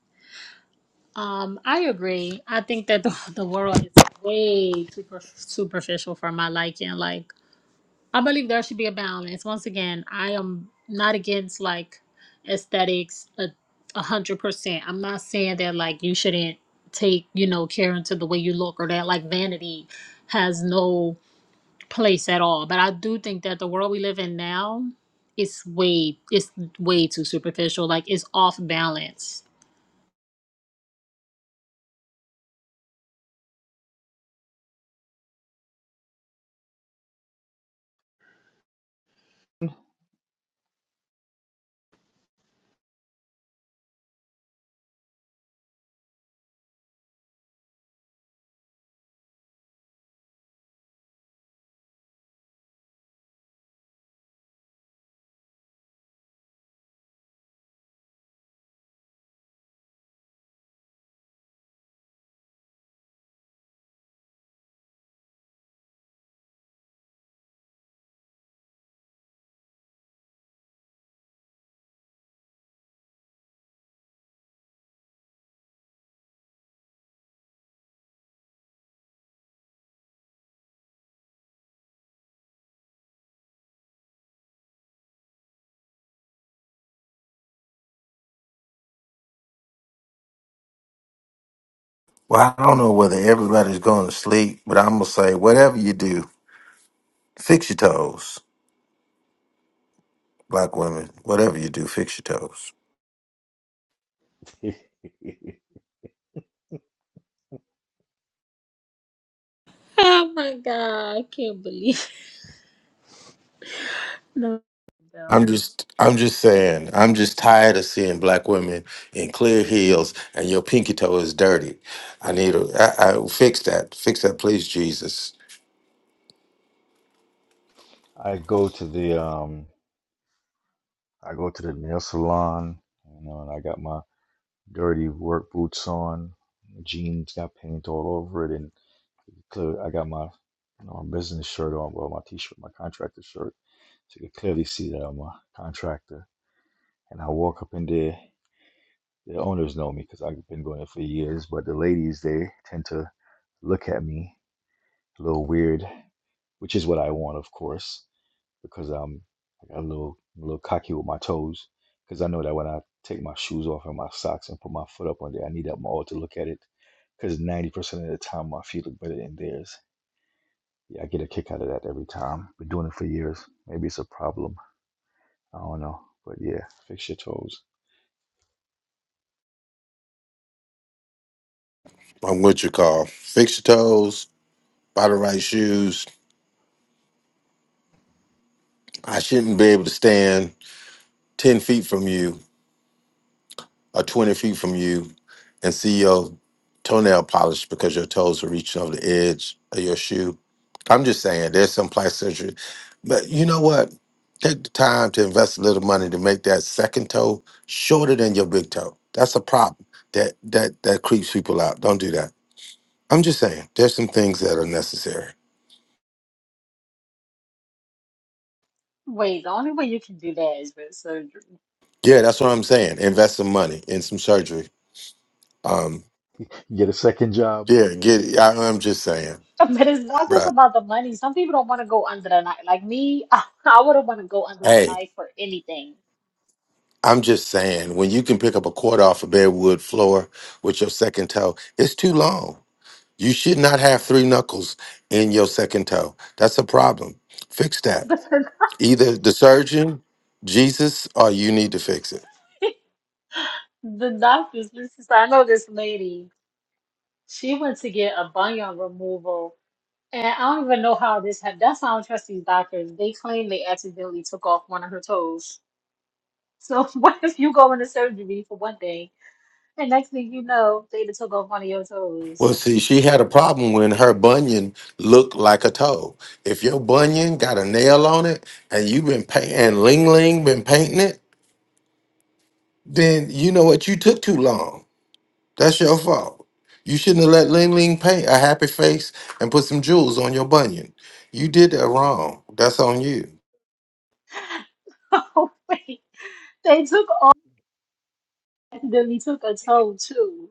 K: Um, I agree. I think that the, (laughs) the world is way too per- superficial for my liking. Like, I believe there should be a balance. Once again, I am not against like aesthetics a a hundred percent. I'm not saying that like you shouldn't take you know care into the way you look or that like vanity has no place at all. But I do think that the world we live in now is way it's way too superficial. Like, it's off balance. (laughs)
M: Well, I don't know whether everybody's going to sleep, but I'm going to say whatever you do, fix your toes. black women, whatever you do, fix your toes.
L: (laughs)
K: Oh my god, I can't believe. No, no.
M: I'm just, I'm just saying, I'm just tired of seeing black women in clear heels and your pinky toe is dirty. I need to I I fix that, fix that, please, Jesus.
L: I go to the um I go to the nail salon, you know, and I got my dirty work boots on. My jeans got paint all over it and. Clearly, I got my you know, my business shirt on. Well, my T-shirt, my contractor shirt. So you can clearly see that I'm a contractor. And I walk up in there. The owners know me because I've been doing it for years. But the ladies, they tend to look at me a little weird, which is what I want, of course, because I'm I got a little a little cocky with my toes. Because I know that when I take my shoes off and my socks and put my foot up on there, I need that mall to look at it. Because 90% of the time, my feet look better than theirs. Yeah, I get a kick out of that every time. Been doing it for years. Maybe it's a problem. I don't know. But yeah, fix your toes.
M: I'm what you call fix your toes, buy the right shoes. I shouldn't be able to stand ten feet from you or 20 feet from you and see your toenail polish because your toes are reaching over the edge of your shoe. I'm just saying, there's some plastic surgery. But you know what? Take the time to invest a little money to make that second toe shorter than your big toe. That's a problem that that that creeps people out. Don't do that. I'm just saying, there's some things that are necessary.
K: Wait, the only way you can do that is with surgery. (laughs)
M: Yeah, that's what I'm saying. Invest some money in some surgery. Um,
L: Get a second job.
M: yeah, get. I, I'm just saying,
K: But it's not just
M: bruh.
K: about the money. Some people don't want to go under the knife. Like me, (laughs) I, wouldn't want to go under the
M: Hey,
K: knife for anything.
M: I'm just saying, when you can pick up a quarter off a bedwood floor with your second toe, it's too long. You should not have three knuckles in your second toe. That's a problem. Fix
K: (laughs)
M: that.
K: But
M: Either the surgeon, Jesus, or you need to fix it.
K: the doctors, this is, I know this lady, she went to get a bunion removal. And I don't even know how this happened. That's why I don't trust these doctors. They claim they accidentally took off one of her toes. So (laughs) what if you go into surgery for one thing, and next thing you know, they done took off one of your
M: Well,
K: toes?
M: see, she had a problem when her bunion looked like a toe. If your bunion got a nail on it and you've been painting, and Ling Ling been painting it, then you know what? You took too long. That's your fault. You shouldn't have let Ling Ling paint a happy face and put some jewels on your bunion. You did that wrong. That's on you.
K: (laughs) Oh wait. They took all accidentally took a toe too.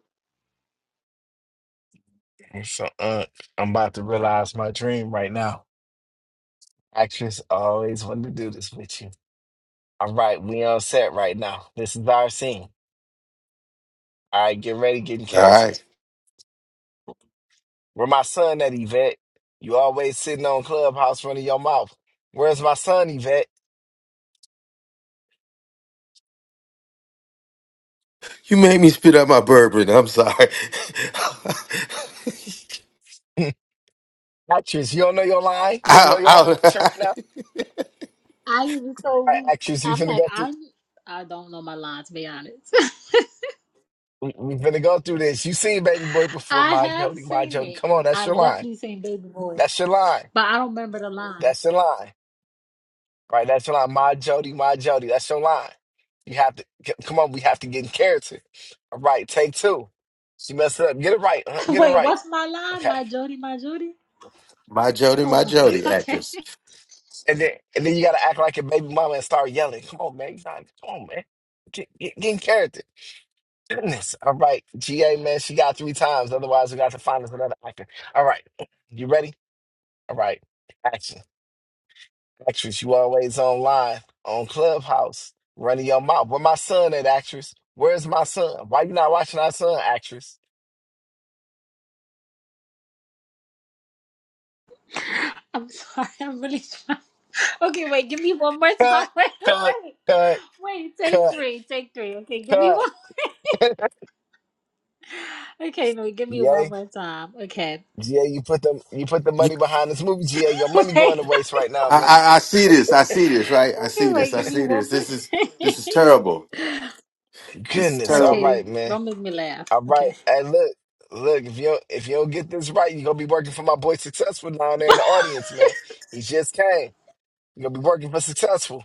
G: So, uh, I'm about to realize my dream right now. Actress I always wanted to do this with you. All right, we on set right now. This is our scene. All right, get ready, get in
M: All
G: character.
M: right.
G: Where my son at, Yvette? You always sitting on Clubhouse running your mouth. Where's my son, Yvette?
M: You made me spit out my bourbon. I'm sorry. (laughs)
G: (laughs) actress, you don't know your line? You don't
M: I,
G: know your motivation
M: I,
G: right now?
K: I was so
G: All right,
K: weak.
G: actress, we
K: I'm
G: finna
K: like,
G: go through.
K: I'm I don't know my line to be honest.
G: We we finna go through this. You seen Baby Boy
K: (laughs)
G: before,
K: I
G: my
K: have
G: Jody, my
K: seen
G: Jody.
K: it.
G: Come on, that's your
K: I've
G: line.
K: definitely seen Baby Boy.
G: That's your line.
K: But I don't remember the line.
G: That's the line, right? That's the line. My Jody, my Jody. That's your line. You have to c- come on. We have to get in character. All right, take two. She messed up. Get it right. uh,
K: (laughs)
G: Get it
K: Wait,
G: right.
K: what's my line?
G: Okay.
K: My Jody, my Jody?
M: (laughs) my Jody,
K: Oh
M: my
K: my god.
G: Yeah.
M: Jody,
K: Okay.
M: actress.
G: And then and then you gotta act like a baby mama and start yelling. Come on, man. You gotta- Come on, man. Get, get, get in character. Goodness. All right. GA man, she got three times. Otherwise, we got to find us another actor. All right. You ready? All right. Action. Actress, you always online on Clubhouse running your mouth. Where my son at, actress? Where's my son? Why you not watching our son, actress?
K: (laughs) I'm sorry. I'm really trying. Okay, wait, give me one more time.
G: Cut,
K: (laughs) Wait,
G: cut,
K: wait.
G: cut,
K: Wait, take
G: cut,
K: three. Take three. Okay, give me one.
G: cut. (laughs)
K: (laughs) Okay, no, give me one
G: GA,
K: more time. Okay.
G: GA, you put the you put the
M: You,
G: money behind this movie, GA. Your money
K: (laughs) Wait.
G: going to waste right now,
M: I,
G: man.
M: I, I see this. I see this. Right. I
K: (laughs) Okay,
M: see this.
K: wait,
M: I
K: give me
M: see
K: one
M: this.
K: more
M: This is this is
K: thing.
M: terrible. This is
K: (laughs)
G: Goodness, all
M: terrible.
K: okay,
G: right, man.
K: don't make me laugh.
G: All right,
K: Okay. (laughs)
G: hey, look, look. If you don't- if you don't get this right, you are gonna be working for my boy Successful down there in the audience, man. He just came. You are gonna be working for Successful.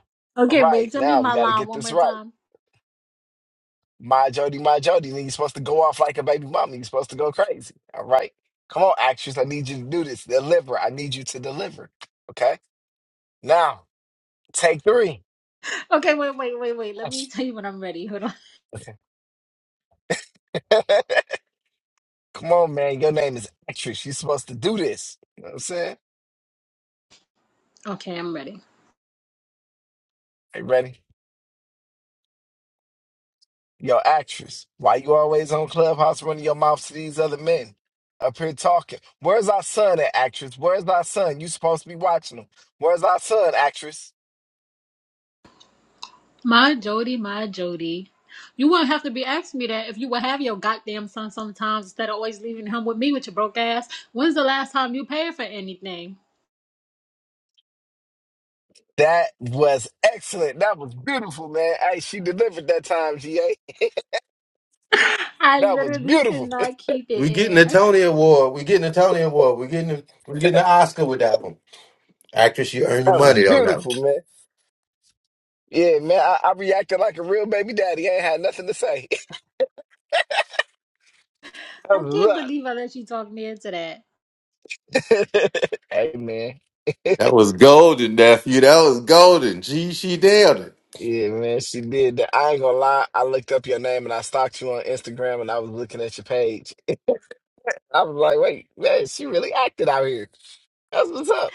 G: All
K: Okay, wait,
G: right,
K: tell me
G: now we
K: my
G: got to
K: line
G: get
K: one
G: this
K: more
G: right.
K: time.
G: My Jody, my Jody, then you're supposed to go off like a baby mama. You're supposed to go crazy. All right. Come on, actress. I need you to do this. Deliver. I need you to deliver. Okay. Now, take three.
K: Okay, wait, wait, wait, wait. Let me
G: Action.
K: tell you when I'm ready. Hold on.
G: (laughs) Come on, man. Your name is actress. You're supposed to do this. You know what I'm saying?
K: Okay, I'm ready.
G: Hey, ready? Yo, actress. Why you always on Clubhouse running your mouth to these other men? Up here talking. Where's our son at, actress? Where's our son? You supposed to be watching him. Where's our son, actress?
K: My Jody, my Jody. You wouldn't have to be asking me that if you would have your goddamn son sometimes instead of always leaving him with me with your broke ass. When's the last time you paid for anything?
G: That was excellent. That was beautiful, man. Hey, she delivered that time, GA.
K: (laughs) I
G: That was
K: literally could
G: beautiful. (laughs)
K: not keep it
M: We getting
K: in.
M: a
K: I,
M: Tony Award. We getting a Tony Award. We getting a, we getting an Oscar with that one. Actress, you earn your
G: That was
M: money on that. one.
G: beautiful, man. Yeah, man. I, I reacted like a real baby daddy. I ain't had nothing to say. (laughs) That
K: I
G: was
K: can't
G: love.
K: believe I let you talk me into that.
G: Hey, man.
M: That was golden, nephew. That was golden. She she nailed it.
G: Yeah, man. She did that. I ain't gonna lie. I looked up your name and I stalked you on Instagram and I was looking at your page. I was like, wait, man, she really acted out here. That's what's up.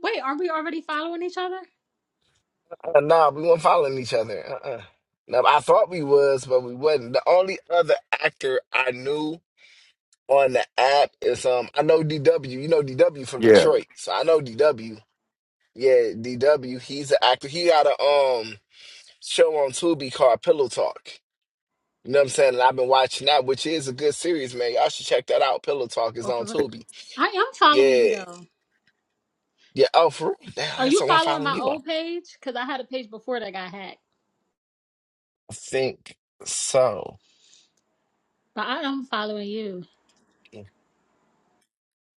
K: Wait, aren't we already following each other?
G: Uh, nah, we weren't following each other. Uh-uh. No, I thought we was, but we wasn't. The only other actor I knew on the app is um I know DW, you know DW from
M: Yeah.
G: Detroit. So I know DW. Yeah, DW, he's an actor. He got a um show on Tubi called Pillow Talk. You know what I'm saying? And I've been watching that, which is a good series, man. Y'all should check that out. Pillow Talk is
K: Oh, for
G: on
K: real.
G: Tubi.
K: I am following you
G: Yeah.
K: though.
G: Yeah. Oh, for real? Damn, I
K: Are
G: guess
K: you
G: I want to
K: following
G: follow
K: my
G: you up.
K: old page? Because I had a page before that got hacked.
G: I think so.
K: But I am following you.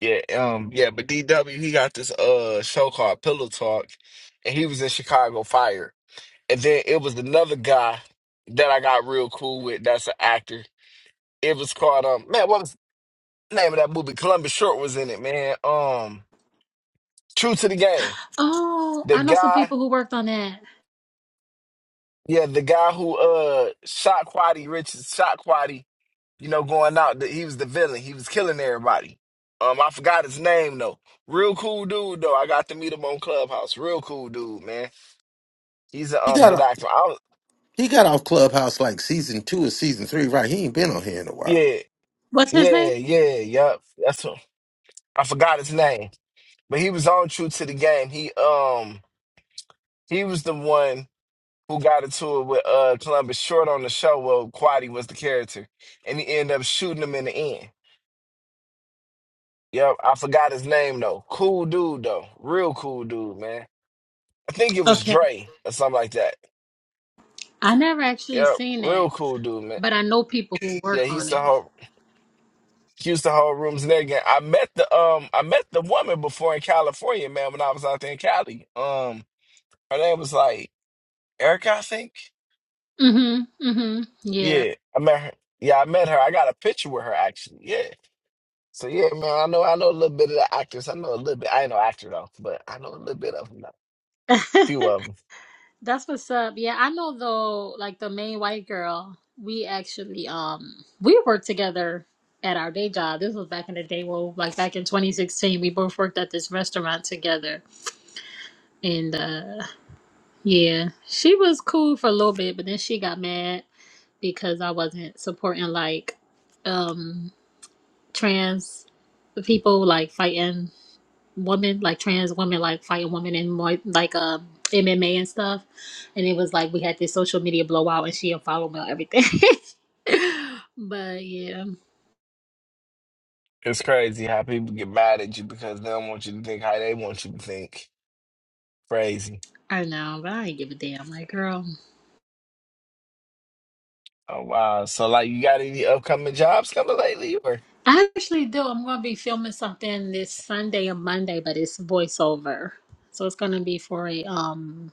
G: Yeah, um, yeah, but DW, he got this uh show called Pillow Talk, and he was in Chicago Fire. And then it was another guy that I got real cool with. That's an actor. It was called um man, what was the name of that movie? Columbus Short was in it, man. Um, True to the Game.
K: Oh,
G: The
K: I know some
G: guy,
K: people who worked on that.
G: yeah, the guy who uh shot Quaddy Richards, shot Quaddy. You know, going out. The, he was the villain. He was killing everybody. Um, I forgot his name though. Real cool dude though. I got to meet him on Clubhouse. Real cool dude, man. He's a
M: He
G: um
M: got
G: good
M: off,
G: actor. I was,
M: he got off Clubhouse like season two or season three, right? He ain't been on here in a while.
G: yeah,
K: What's his
G: yeah,
K: name?
G: yeah, yup. That's him. I forgot his name. But he was on true to the game. He um he was the one who got into it with uh Columbus short on the show. Well, Quadi was the character, and he ended up shooting him in the end. Yep, I forgot his name though. Cool dude though, real cool dude, man. I think it was
K: Okay.
G: Dre or something like that.
K: I never actually
G: Yep,
K: seen that,
G: real cool dude, man.
K: but I know people who
G: Yeah,
K: worked
G: he used
K: on it.
G: to hold he used to hold rooms in there again. I met the um I met the woman before in California, man. When I was out there in Cali, um, her name was like Erica, I think.
K: Mm-hmm. Mm-hmm. Yeah.
G: Yeah, I met her. Yeah, I met her. I got a picture with her actually. Yeah. So yeah, man, I know I know a little bit of the actors. I know a little bit. I ain't no actor though, but I know a little bit of them. A few
K: (laughs)
G: of them.
K: That's what's up. Yeah, I know though, like the main white girl, we actually um we worked together at our day job. This was back in the day, well, like back in 2016, we both worked at this restaurant together And uh yeah, she was cool for a little bit, but then she got mad because I wasn't supporting like um trans people like fighting women, like trans women like fighting women in more like um MMA and stuff. And it was like we had this social media blowout and she unfollowed me on everything. (laughs) but yeah,
G: It's crazy how people get mad at you because they don't want you to think how they want you to think. Crazy.
K: I know, but I ain't give a damn. Like girl.
G: Oh wow. So like, you got any upcoming jobs coming lately? Or
K: I actually do. I'm going to be filming something this Sunday and Monday, but it's voiceover. So it's going to be for a um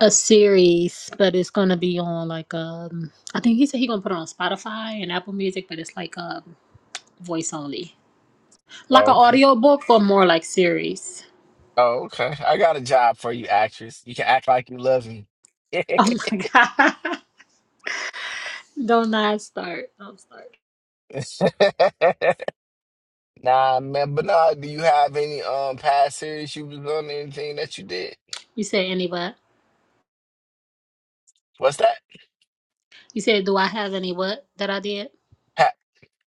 K: a series, but it's going to be on like um I think he said he going to put it on Spotify and Apple Music, but it's like um voice only. Like
G: oh,
K: an
G: okay.
K: audio book or more like series.
G: Oh okay. I got a job for you, actress. You can act like you love me.
K: Oh my (laughs) god. Don't not start. Don't start.
G: Nah, man. But nah, do you have any um past series you was on? Anything that you did?
K: You said any what?
G: What's that?
K: You said do I have any what that I did?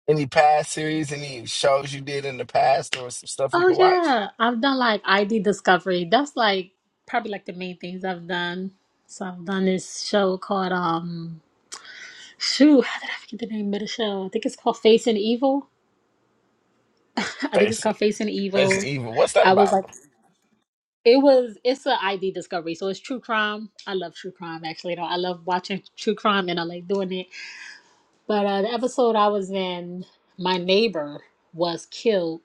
G: Any past series, any shows you did in the past, or some stuff we
K: Oh
G: could watch?
K: yeah, I've done like ID discovery. That's like probably like the main things I've done. So I've done this show called um shoot, how did I forget the name of the show? I think it's called Facing Evil. (laughs) I think it's
G: Facing,
K: called Facing Evil.
G: facing evil. What's that
K: I was
G: about?
K: like it was it's a ID discovery, so it's true crime. I love true crime actually. Though I love watching true crime and I like doing it. But uh, the episode I was in, my neighbor was killed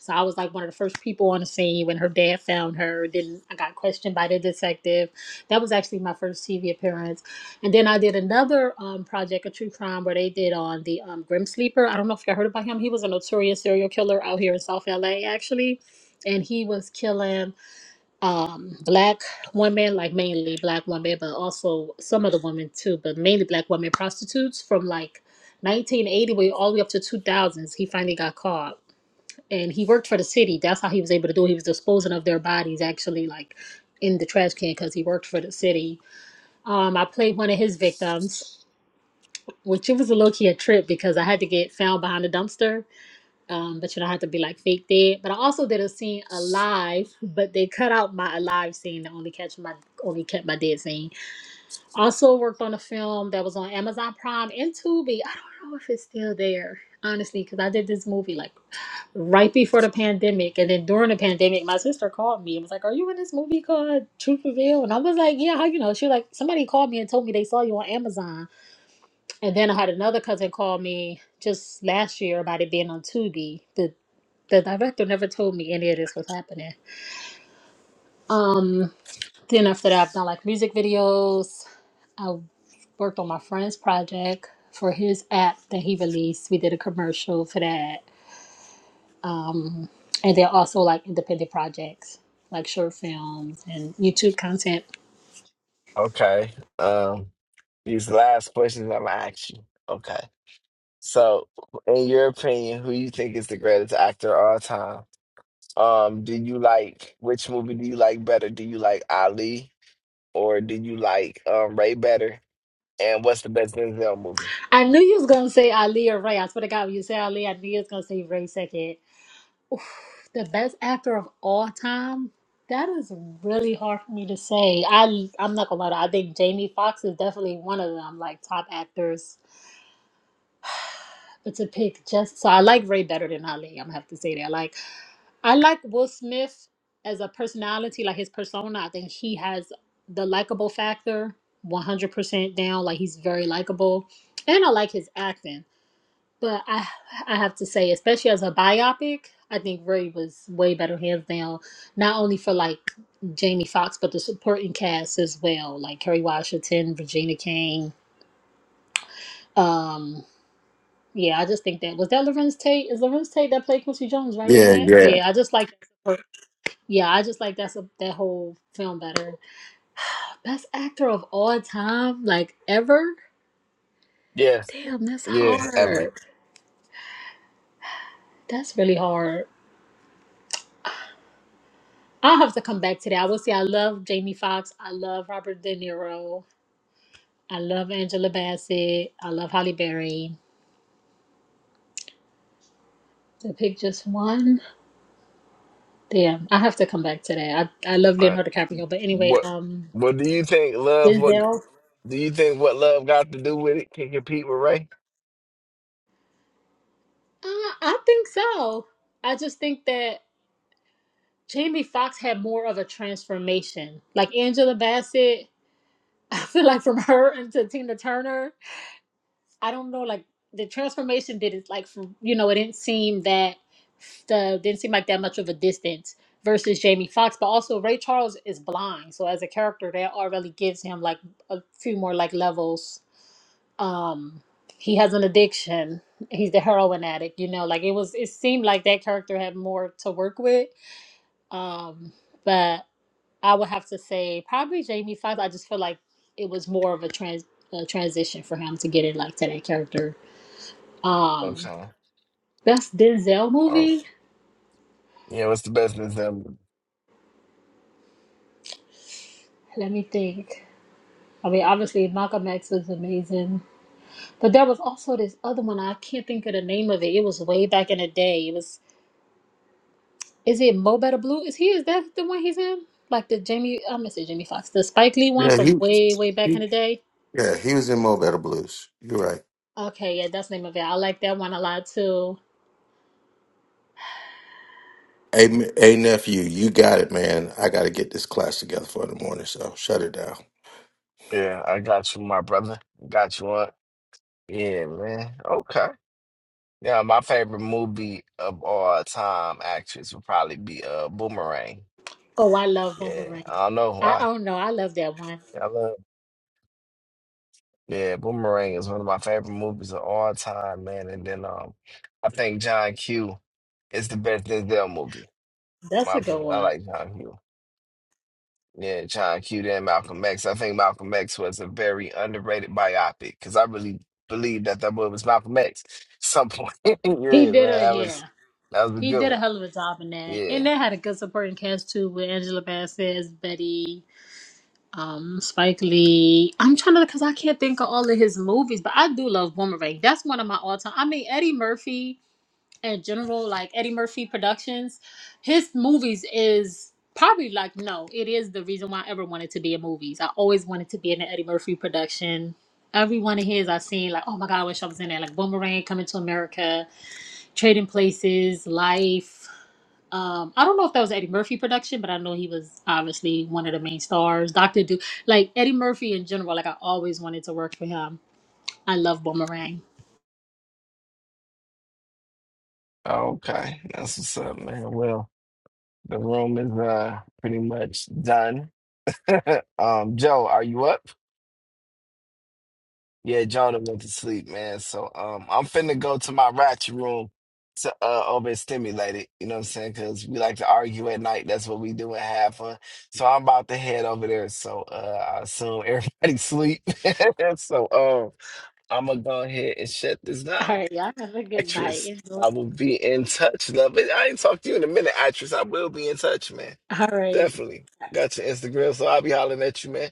K: So I was like one of the first people on the scene when her dad found her. Then I got questioned by the detective. That was actually my first TV appearance. And then I did another um, project, a true crime, where they did on the um, Grim Sleeper. I don't know if you heard about him. He was a notorious serial killer out here in South LA, actually. And he was killing um, black women, like mainly black women, but also some other women too, but mainly black women prostitutes from like 1980 way all the way up to 2000s. He finally got caught and he worked for the city. That's how he was able to do it. He was disposing of their bodies actually like in the trash can because he worked for the city. Um, I played one of his victims, which it was a low key a trip because I had to get found behind the dumpster. Um, but you don't have to be like fake dead. But I also did a scene alive, but they cut out my alive scene to only catch my only kept my dead scene. Also worked on a film that was on Amazon Prime and Tubi. I don't know if it's still there, honestly, because I did this movie like right before the pandemic and then during the pandemic my sister called me and was like are you in this movie called truth reveal and i was like yeah how you know she was like somebody called me and told me they saw you on amazon and then i had another cousin call me just last year about it being on tubi the the director never told me any of this was happening um then after that i've done like music videos i worked on my friend's project for his app that he released we did a commercial for that Um, and they're also like independent projects, like short films and YouTube content.
G: Okay. Um, these last questions I'm gonna ask you. Okay. So, in your opinion, who you think is the greatest actor of all time? Um, do you like which movie do you like better? Do you like Ali or do you like um Ray better? And what's the best Denzel movie?
K: I knew you was gonna say Ali or Ray. I swear to God, when you said Ali, I knew you was gonna say Ray second. The best actor of all time. That is really hard for me to say. I I'm not gonna lie. To you. I think Jamie Foxx is definitely one of them, like top actors. But to pick just so I like Ray better than Ali. I'm gonna have to say that. Like I like Will Smith as a personality, like his persona. I think he has the likable factor 100% down. Like he's very likable. And I like his acting. But I I have to say, especially as a biopic, I think Ray was way better hands down, not only for like Jamie Foxx, but the supporting cast as well, like Kerry Washington, Virginia King. Um, yeah, I just think that was that Lorenz Tate. Is Lorenz Tate that played Quincy Jones, right? In
M: Yeah,
K: that,
M: yeah.
K: yeah, I just like. Yeah, I just like that's a, that whole film better. (sighs) Best actor of all time, like ever.
G: Yes.
K: Damn, that's
G: Yeah, ever.
K: hard. That's really hard. I'll have to come back to that. I will say I love Jamie Foxx. I love Robert De Niro. I love Angela Bassett. I love Holly Berry. To pick just one, damn, I have to come back to that. I, I love
G: All right.
K: Leonardo DiCaprio, but anyway,
G: What
K: um,
G: What do you think? Love what?
K: Denzel. Uh,
G: Do you think what love got to do with it can compete with Ray?
K: I think so. I just think that. Jamie Foxx had more of a transformation. Like Angela Bassett, (laughs) I feel like from her into Tina Turner, I don't know, like the transformation didn't like from you know, it didn't seem that the didn't seem like that much of a distance versus Jamie Foxx. But also Ray Charles is blind. So as a character that already gives him like a few more like levels. Um he has an addiction. He's the heroin addict, you know, like it was it seemed like that character had more to work with. Um but I would have to say probably Jamie Foxx. I just feel like it was more of a trans a transition for him to get in like to that character. Um,
G: Okay.
K: best Denzel
G: Oh,
K: movie.
G: yeah, what's the best example?
K: Let me think. I mean, obviously Malcolm X was amazing, but there was also this other one. I can't think of the name of it. It was way back in the day. It was is it Mo Better Blue? Is he is that the one he's in? Like the Jamie, I'm gonna say Jamie Foxx, the Spike Lee one
M: Yeah,
K: from
M: he,
K: way way back
M: he
K: in the day.
M: yeah, he was in Mo Better Blues. You're right.
K: Okay, yeah, that's the name of it. I like that one a lot too.
M: Hey, m- hey, nephew, you got it, man. I got to get this class together for the morning, so shut it down.
G: Yeah, I got you, my brother. Got you on. Yeah, man. Okay. Yeah, my favorite movie of all time actress would probably be uh Boomerang.
K: Oh, I love
G: Yeah,
K: Boomerang.
G: I don't know
K: I
G: why.
K: don't know. I love that one.
G: Yeah, I love yeah, Boomerang is one of my favorite movies of all time, man. And then um I think John Q is the best Denzel movie, in
K: That's
G: my
K: a good
G: opinion. I
K: one.
G: like John Q. Yeah, John Q and Malcolm X. I think Malcolm X was a very underrated biopic because I really believe that that boy was Malcolm X at some point. (laughs) yeah,
K: He
G: man,
K: did a
G: that was
K: yeah.
G: that was a
K: He
G: good
K: did a
G: one.
K: hell of a job in that. And
G: Yeah.
K: that had a good supporting cast too with Angela Bassett, Betty, um, Spike Lee. I'm trying to because I can't think of all of his movies, but I do love Boomerang. That's one of my all time. I mean Eddie Murphy. in general, like Eddie Murphy Productions, his movies is probably like no, it is the reason why I ever wanted to be in movies. I always wanted to be in an Eddie Murphy production. Every one of his I've seen like, oh my god, I wish I was in there. Like Boomerang, Coming to America, Trading Places, Life. Um, I don't know if that was Eddie Murphy production, but I know he was obviously one of the main stars. Doctor Do, like Eddie Murphy in general, like I always wanted to work for him. I love Boomerang.
G: Okay, that's what's up, man. Well, the room is uh pretty much done. (laughs) Um, Joe, are you up? Yeah, Jonah went to sleep, man. So um, I'm finna go to my ratchet room to uh overstimulate it. You know what I'm saying? Because we like to argue at night. That's what we do and have fun. So I'm about to head over there. So uh, I assume everybody (laughs) sleep. (laughs) so um, I'm gonna go ahead and shut this
K: All
G: down,
K: right, y'all have a good night.
G: actress.
K: Enjoy.
G: I will be in touch, love. But I ain't talked to you in a minute, actress. I will be in touch, man.
K: All right.
G: Definitely. Got your Instagram, so I'll be hollering at you, man.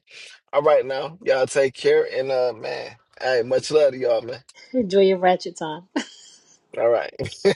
G: All right now. Y'all take care and uh man. Hey, much love to y'all, man.
K: Enjoy your ratchet time.
G: All right. (laughs)